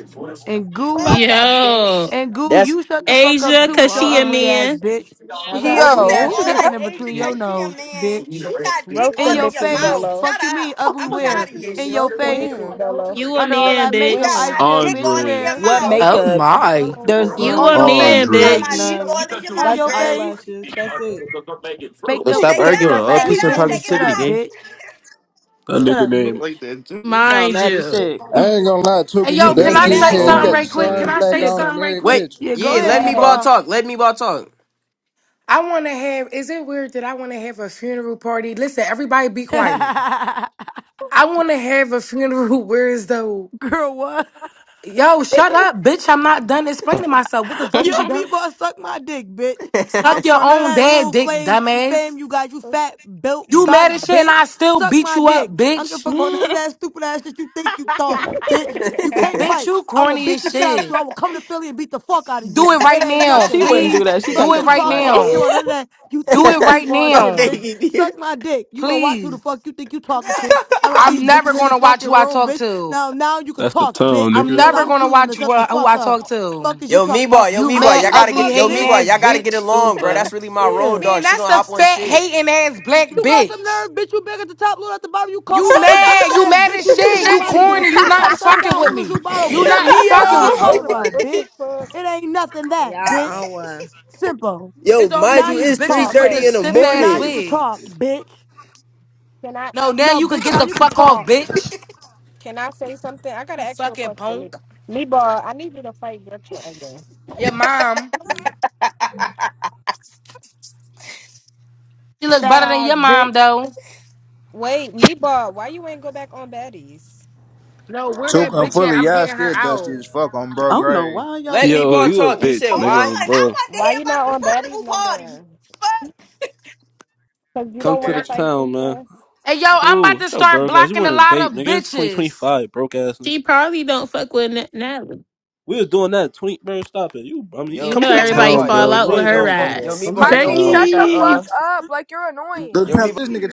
Speaker 35: And goo,
Speaker 14: Fuck up!
Speaker 26: Fuck up,
Speaker 39: Yo,
Speaker 26: bitch.
Speaker 35: and goo,
Speaker 30: That's
Speaker 35: you shut the fuck up
Speaker 39: Asia,
Speaker 35: too with
Speaker 39: cause
Speaker 35: your
Speaker 39: she a
Speaker 35: ugly
Speaker 32: What?
Speaker 35: ass,
Speaker 39: man.
Speaker 35: bitch. With that
Speaker 14: Who
Speaker 37: Hello,
Speaker 14: is
Speaker 35: ugly
Speaker 14: that
Speaker 38: Yo.
Speaker 35: ass
Speaker 37: sister.
Speaker 14: all
Speaker 35: piercing
Speaker 14: like
Speaker 35: in
Speaker 14: Asia
Speaker 35: between your
Speaker 14: cause she a
Speaker 35: nose,
Speaker 14: man?
Speaker 35: bitch.
Speaker 14: You got dick
Speaker 37: Roast
Speaker 35: In
Speaker 37: them
Speaker 14: all in
Speaker 35: your
Speaker 14: your
Speaker 37: bitches,
Speaker 35: face.
Speaker 14: mouth.
Speaker 37: Dolo.
Speaker 14: Shut
Speaker 35: Fuck you
Speaker 14: up.
Speaker 35: mean, ugly
Speaker 14: I'm tired
Speaker 35: where?
Speaker 14: of you.
Speaker 35: In your
Speaker 37: Roast them
Speaker 35: face.
Speaker 37: bitches,
Speaker 20: Where?
Speaker 37: Dolo.
Speaker 39: You a
Speaker 35: Under all
Speaker 39: man,
Speaker 35: that
Speaker 14: You
Speaker 35: makeup.
Speaker 14: got
Speaker 39: bitch.
Speaker 35: I
Speaker 20: Where?
Speaker 14: my
Speaker 35: said,
Speaker 14: dick
Speaker 35: bitch,
Speaker 14: all in
Speaker 31: Andre.
Speaker 14: your
Speaker 35: where?
Speaker 20: What
Speaker 14: mouth.
Speaker 37: Don't say
Speaker 18: Oh
Speaker 20: makeup?
Speaker 37: to my
Speaker 18: my.
Speaker 20: There's
Speaker 37: homegirls.
Speaker 39: You
Speaker 35: On
Speaker 39: a
Speaker 35: your
Speaker 20: none.
Speaker 35: face,
Speaker 39: man,
Speaker 14: You got
Speaker 20: There's
Speaker 31: Andre.
Speaker 14: my
Speaker 39: bitch.
Speaker 35: cakey.
Speaker 14: dick
Speaker 8: Yo,
Speaker 20: none.
Speaker 14: all in your
Speaker 35: On
Speaker 14: mouth,
Speaker 20: That's
Speaker 35: your
Speaker 14: girl.
Speaker 35: face.
Speaker 20: eyelashes. That's it.
Speaker 35: Baked up,
Speaker 8: stop
Speaker 14: Take it
Speaker 35: caked
Speaker 8: arguing.
Speaker 14: out.
Speaker 35: up
Speaker 8: All
Speaker 14: Take
Speaker 35: ass
Speaker 14: it
Speaker 8: peace and
Speaker 14: out.
Speaker 20: Tweaking.
Speaker 35: bitches.
Speaker 14: Take it
Speaker 35: Shut
Speaker 8: positivity,
Speaker 35: up,
Speaker 14: out.
Speaker 8: gang.
Speaker 35: bitch.
Speaker 31: That
Speaker 8: Right.
Speaker 35: Shut
Speaker 31: nigga
Speaker 35: up,
Speaker 31: name
Speaker 35: bitch.
Speaker 20: You sound
Speaker 39: Mind
Speaker 20: mad as
Speaker 39: you,
Speaker 20: shit.
Speaker 25: I ain't gonna lie, Tuka,
Speaker 1: Hey,
Speaker 25: you
Speaker 1: yo,
Speaker 31: that
Speaker 1: can
Speaker 14: Take
Speaker 31: nigga
Speaker 1: I
Speaker 14: it
Speaker 25: dusty as
Speaker 31: name
Speaker 1: say
Speaker 14: out.
Speaker 25: hell. You
Speaker 1: something
Speaker 25: got the
Speaker 1: right quick? Can
Speaker 25: same
Speaker 1: I
Speaker 31: Andre.
Speaker 25: black
Speaker 1: say
Speaker 35: Yeah,
Speaker 25: on
Speaker 35: go,
Speaker 25: in
Speaker 1: something right
Speaker 25: every
Speaker 1: quick?
Speaker 30: wait,
Speaker 25: picture.
Speaker 35: yeah, go
Speaker 30: yeah.
Speaker 35: ahead,
Speaker 30: Let
Speaker 35: me
Speaker 30: me ball
Speaker 37: Yes.
Speaker 30: talk. Let me ball talk.
Speaker 1: I want to have, is it weird that I want to have a funeral party? Listen, everybody be quiet. I want to have a funeral where is though,
Speaker 35: Girl, what?
Speaker 1: yo, shut up, bitch. I'm not done explaining myself. What the fuck
Speaker 35: Yo,
Speaker 1: is you done?
Speaker 35: meatball, suck my dick, bitch. I
Speaker 1: Suck
Speaker 35: don't care
Speaker 1: your
Speaker 35: about none of
Speaker 1: own
Speaker 35: that
Speaker 1: dad
Speaker 35: little
Speaker 1: dick,
Speaker 35: flame fame
Speaker 1: dumbass.
Speaker 35: you got, you fat built
Speaker 1: You mad
Speaker 35: body,
Speaker 1: as shit and I
Speaker 35: bitch.
Speaker 1: still
Speaker 35: Suck
Speaker 1: beat
Speaker 35: my
Speaker 1: you up,
Speaker 35: dick. I don't give a
Speaker 1: bitch.
Speaker 35: fuck about none of that stupid ass shit you think you thought, bitch. You can't
Speaker 1: Bitch,
Speaker 35: fight.
Speaker 1: you
Speaker 35: I will
Speaker 1: corny
Speaker 35: beat
Speaker 1: as
Speaker 35: the shit out of
Speaker 1: shit.
Speaker 35: you. I will come to Philly and beat the fuck out of
Speaker 1: Do
Speaker 35: you.
Speaker 1: it right
Speaker 35: It ain't
Speaker 1: now,
Speaker 20: she
Speaker 35: nothing,
Speaker 20: wouldn't do
Speaker 35: bitch.
Speaker 1: please.
Speaker 20: that. She can't
Speaker 35: Fuck
Speaker 1: Do it
Speaker 35: is you
Speaker 20: catch a
Speaker 1: right
Speaker 35: talking about?
Speaker 20: flight.
Speaker 35: I don't care
Speaker 1: now.
Speaker 35: about none of that. You
Speaker 1: Do
Speaker 35: think
Speaker 1: it
Speaker 35: you
Speaker 1: right
Speaker 35: meatball shit, bitch.
Speaker 1: now,
Speaker 35: Suck my dick. You gonna watch who the
Speaker 1: please.
Speaker 35: fuck you think you talking
Speaker 14: Girl.
Speaker 35: to. I'm out these
Speaker 1: I'm never
Speaker 35: bitches in this
Speaker 1: gonna watch
Speaker 35: fucking
Speaker 1: who I
Speaker 35: room,
Speaker 1: talk
Speaker 35: bitch.
Speaker 1: to.
Speaker 35: Now, now you can
Speaker 31: That's the
Speaker 35: talk,
Speaker 31: town,
Speaker 35: bitch.
Speaker 1: I'm
Speaker 31: nigga.
Speaker 35: Cause
Speaker 1: never
Speaker 35: I'm
Speaker 1: gonna
Speaker 35: choosing to
Speaker 1: watch
Speaker 35: shut the
Speaker 1: wh- who
Speaker 35: fuck
Speaker 1: I
Speaker 35: up.
Speaker 1: talk to.
Speaker 35: Fuck is you
Speaker 30: yo, me
Speaker 35: talking about?
Speaker 30: boy, yo,
Speaker 1: You
Speaker 30: me
Speaker 35: I
Speaker 30: boy,
Speaker 35: don't
Speaker 1: mad,
Speaker 30: y'all
Speaker 35: give a
Speaker 30: gotta
Speaker 1: ugly,
Speaker 30: get
Speaker 35: fuck,
Speaker 30: yo,
Speaker 1: hating
Speaker 30: me boy,
Speaker 35: bitch.
Speaker 1: ass
Speaker 30: y'all gotta get
Speaker 1: bitch.
Speaker 30: along, bro. That's
Speaker 20: Super.
Speaker 30: really my road
Speaker 35: Yeah.
Speaker 1: Man,
Speaker 30: dog. She
Speaker 1: that's
Speaker 30: gonna
Speaker 1: a
Speaker 30: hop on
Speaker 1: fat,
Speaker 30: shit.
Speaker 1: hating ass black
Speaker 35: You got some
Speaker 1: bitch.
Speaker 35: nerve, bitch. You big at the top, little at the bottom. You coke
Speaker 1: You
Speaker 14: oh
Speaker 35: body
Speaker 14: my
Speaker 35: built
Speaker 1: mad,
Speaker 14: God.
Speaker 1: you
Speaker 35: ass,
Speaker 1: mad
Speaker 35: bitch.
Speaker 1: as
Speaker 35: You Luna
Speaker 1: shit.
Speaker 35: Zoo
Speaker 1: You
Speaker 35: body
Speaker 1: corny,
Speaker 35: built
Speaker 1: you not
Speaker 35: upside
Speaker 1: fucking
Speaker 35: down,
Speaker 1: with
Speaker 35: Luna Zoo
Speaker 1: me.
Speaker 35: bottle,
Speaker 1: You
Speaker 35: bitch.
Speaker 1: not
Speaker 35: Fuck is
Speaker 1: fucking
Speaker 35: you
Speaker 26: Yo.
Speaker 16: Y'all
Speaker 1: with me.
Speaker 35: talking
Speaker 16: on
Speaker 37: Dolo,
Speaker 35: about,
Speaker 37: what
Speaker 16: one.
Speaker 35: bitch?
Speaker 37: the fuck?
Speaker 35: It ain't nothing that, bitch.
Speaker 16: Y'all on one.
Speaker 35: Simple.
Speaker 30: Yo,
Speaker 1: It's always
Speaker 30: mind
Speaker 35: Now
Speaker 30: you,
Speaker 35: you
Speaker 1: these
Speaker 30: it's
Speaker 35: could
Speaker 30: three
Speaker 1: bitches
Speaker 35: talk.
Speaker 1: with the
Speaker 30: thirty
Speaker 37: Okay.
Speaker 30: in the
Speaker 1: stiff
Speaker 35: Bitch,
Speaker 1: ass
Speaker 35: now you
Speaker 30: morning.
Speaker 35: could talk,
Speaker 1: wigs.
Speaker 35: bitch.
Speaker 37: Can I
Speaker 1: No, now
Speaker 35: No,
Speaker 1: you could
Speaker 35: bitch,
Speaker 1: get
Speaker 35: now
Speaker 1: the
Speaker 35: you could
Speaker 1: fuck off,
Speaker 35: talk.
Speaker 1: bitch.
Speaker 37: can I say something? I got
Speaker 1: You
Speaker 37: an actual
Speaker 1: fucking
Speaker 37: question,
Speaker 1: punk.
Speaker 37: Meatball. Meatball, I need you to fight Gretchen again.
Speaker 1: Your mom. She look
Speaker 35: Fat
Speaker 1: better than your
Speaker 35: ass,
Speaker 1: mom,
Speaker 35: bitch.
Speaker 1: though.
Speaker 37: Wait, Meatball, why you ain't go back on baddies?
Speaker 1: No, where
Speaker 25: Tuka
Speaker 1: that
Speaker 25: and
Speaker 1: bitch at?
Speaker 25: Fully,
Speaker 1: I'm
Speaker 25: y'all
Speaker 1: getting her
Speaker 25: still dusty
Speaker 1: out.
Speaker 25: as fuck on bro
Speaker 20: I don't know
Speaker 25: grave.
Speaker 20: why y'all
Speaker 30: Let me
Speaker 20: think
Speaker 31: Yo,
Speaker 30: ball
Speaker 20: people
Speaker 31: you a
Speaker 30: talk. You
Speaker 20: scared.
Speaker 30: said
Speaker 31: bitch,
Speaker 14: Hold
Speaker 31: nigga,
Speaker 30: why?
Speaker 31: um,
Speaker 14: on. I
Speaker 31: bro.
Speaker 14: want to
Speaker 37: Why
Speaker 14: hear
Speaker 37: you
Speaker 14: about
Speaker 37: not
Speaker 14: the
Speaker 37: on baddies
Speaker 14: furnival
Speaker 37: no
Speaker 14: party.
Speaker 37: more? Cause you
Speaker 31: Come
Speaker 37: don't
Speaker 31: to
Speaker 37: want to
Speaker 31: the
Speaker 37: fight
Speaker 31: town, man.
Speaker 37: Pizza.
Speaker 1: Hey, yo, I'm about
Speaker 31: Cool.
Speaker 1: to
Speaker 31: It's your
Speaker 1: start
Speaker 31: broke ass. You
Speaker 1: blocking a
Speaker 31: wearing a
Speaker 1: lot
Speaker 31: vape,
Speaker 1: of
Speaker 31: nigga. It's
Speaker 1: bitches.
Speaker 31: 2025, broke ass,
Speaker 39: she
Speaker 31: nigga.
Speaker 39: probably don't fuck with N- Natalie.
Speaker 31: We was doing that. 20, bro, stop it. You, I mean,
Speaker 39: You
Speaker 30: Yo,
Speaker 31: come
Speaker 39: know
Speaker 31: to the
Speaker 30: yo,
Speaker 14: Fuck.
Speaker 30: me
Speaker 39: everybody
Speaker 30: boy,
Speaker 31: town,
Speaker 30: yo,
Speaker 39: fall
Speaker 31: bro.
Speaker 30: me
Speaker 39: out
Speaker 31: We
Speaker 30: boy,
Speaker 39: with
Speaker 30: you
Speaker 31: ain't
Speaker 39: her
Speaker 30: don't
Speaker 31: gonna do
Speaker 30: fuck, yo,
Speaker 31: that.
Speaker 30: me
Speaker 39: ass.
Speaker 31: Come to
Speaker 30: boy,
Speaker 31: the
Speaker 30: you
Speaker 26: Marky,
Speaker 30: don't fuck
Speaker 31: town.
Speaker 26: shut
Speaker 30: with
Speaker 26: the
Speaker 30: that,
Speaker 40: Becky.
Speaker 30: uh.
Speaker 26: fuck up. Like you're
Speaker 25: Look,
Speaker 30: Yo,
Speaker 26: annoying.
Speaker 30: me
Speaker 25: pimp, this nigga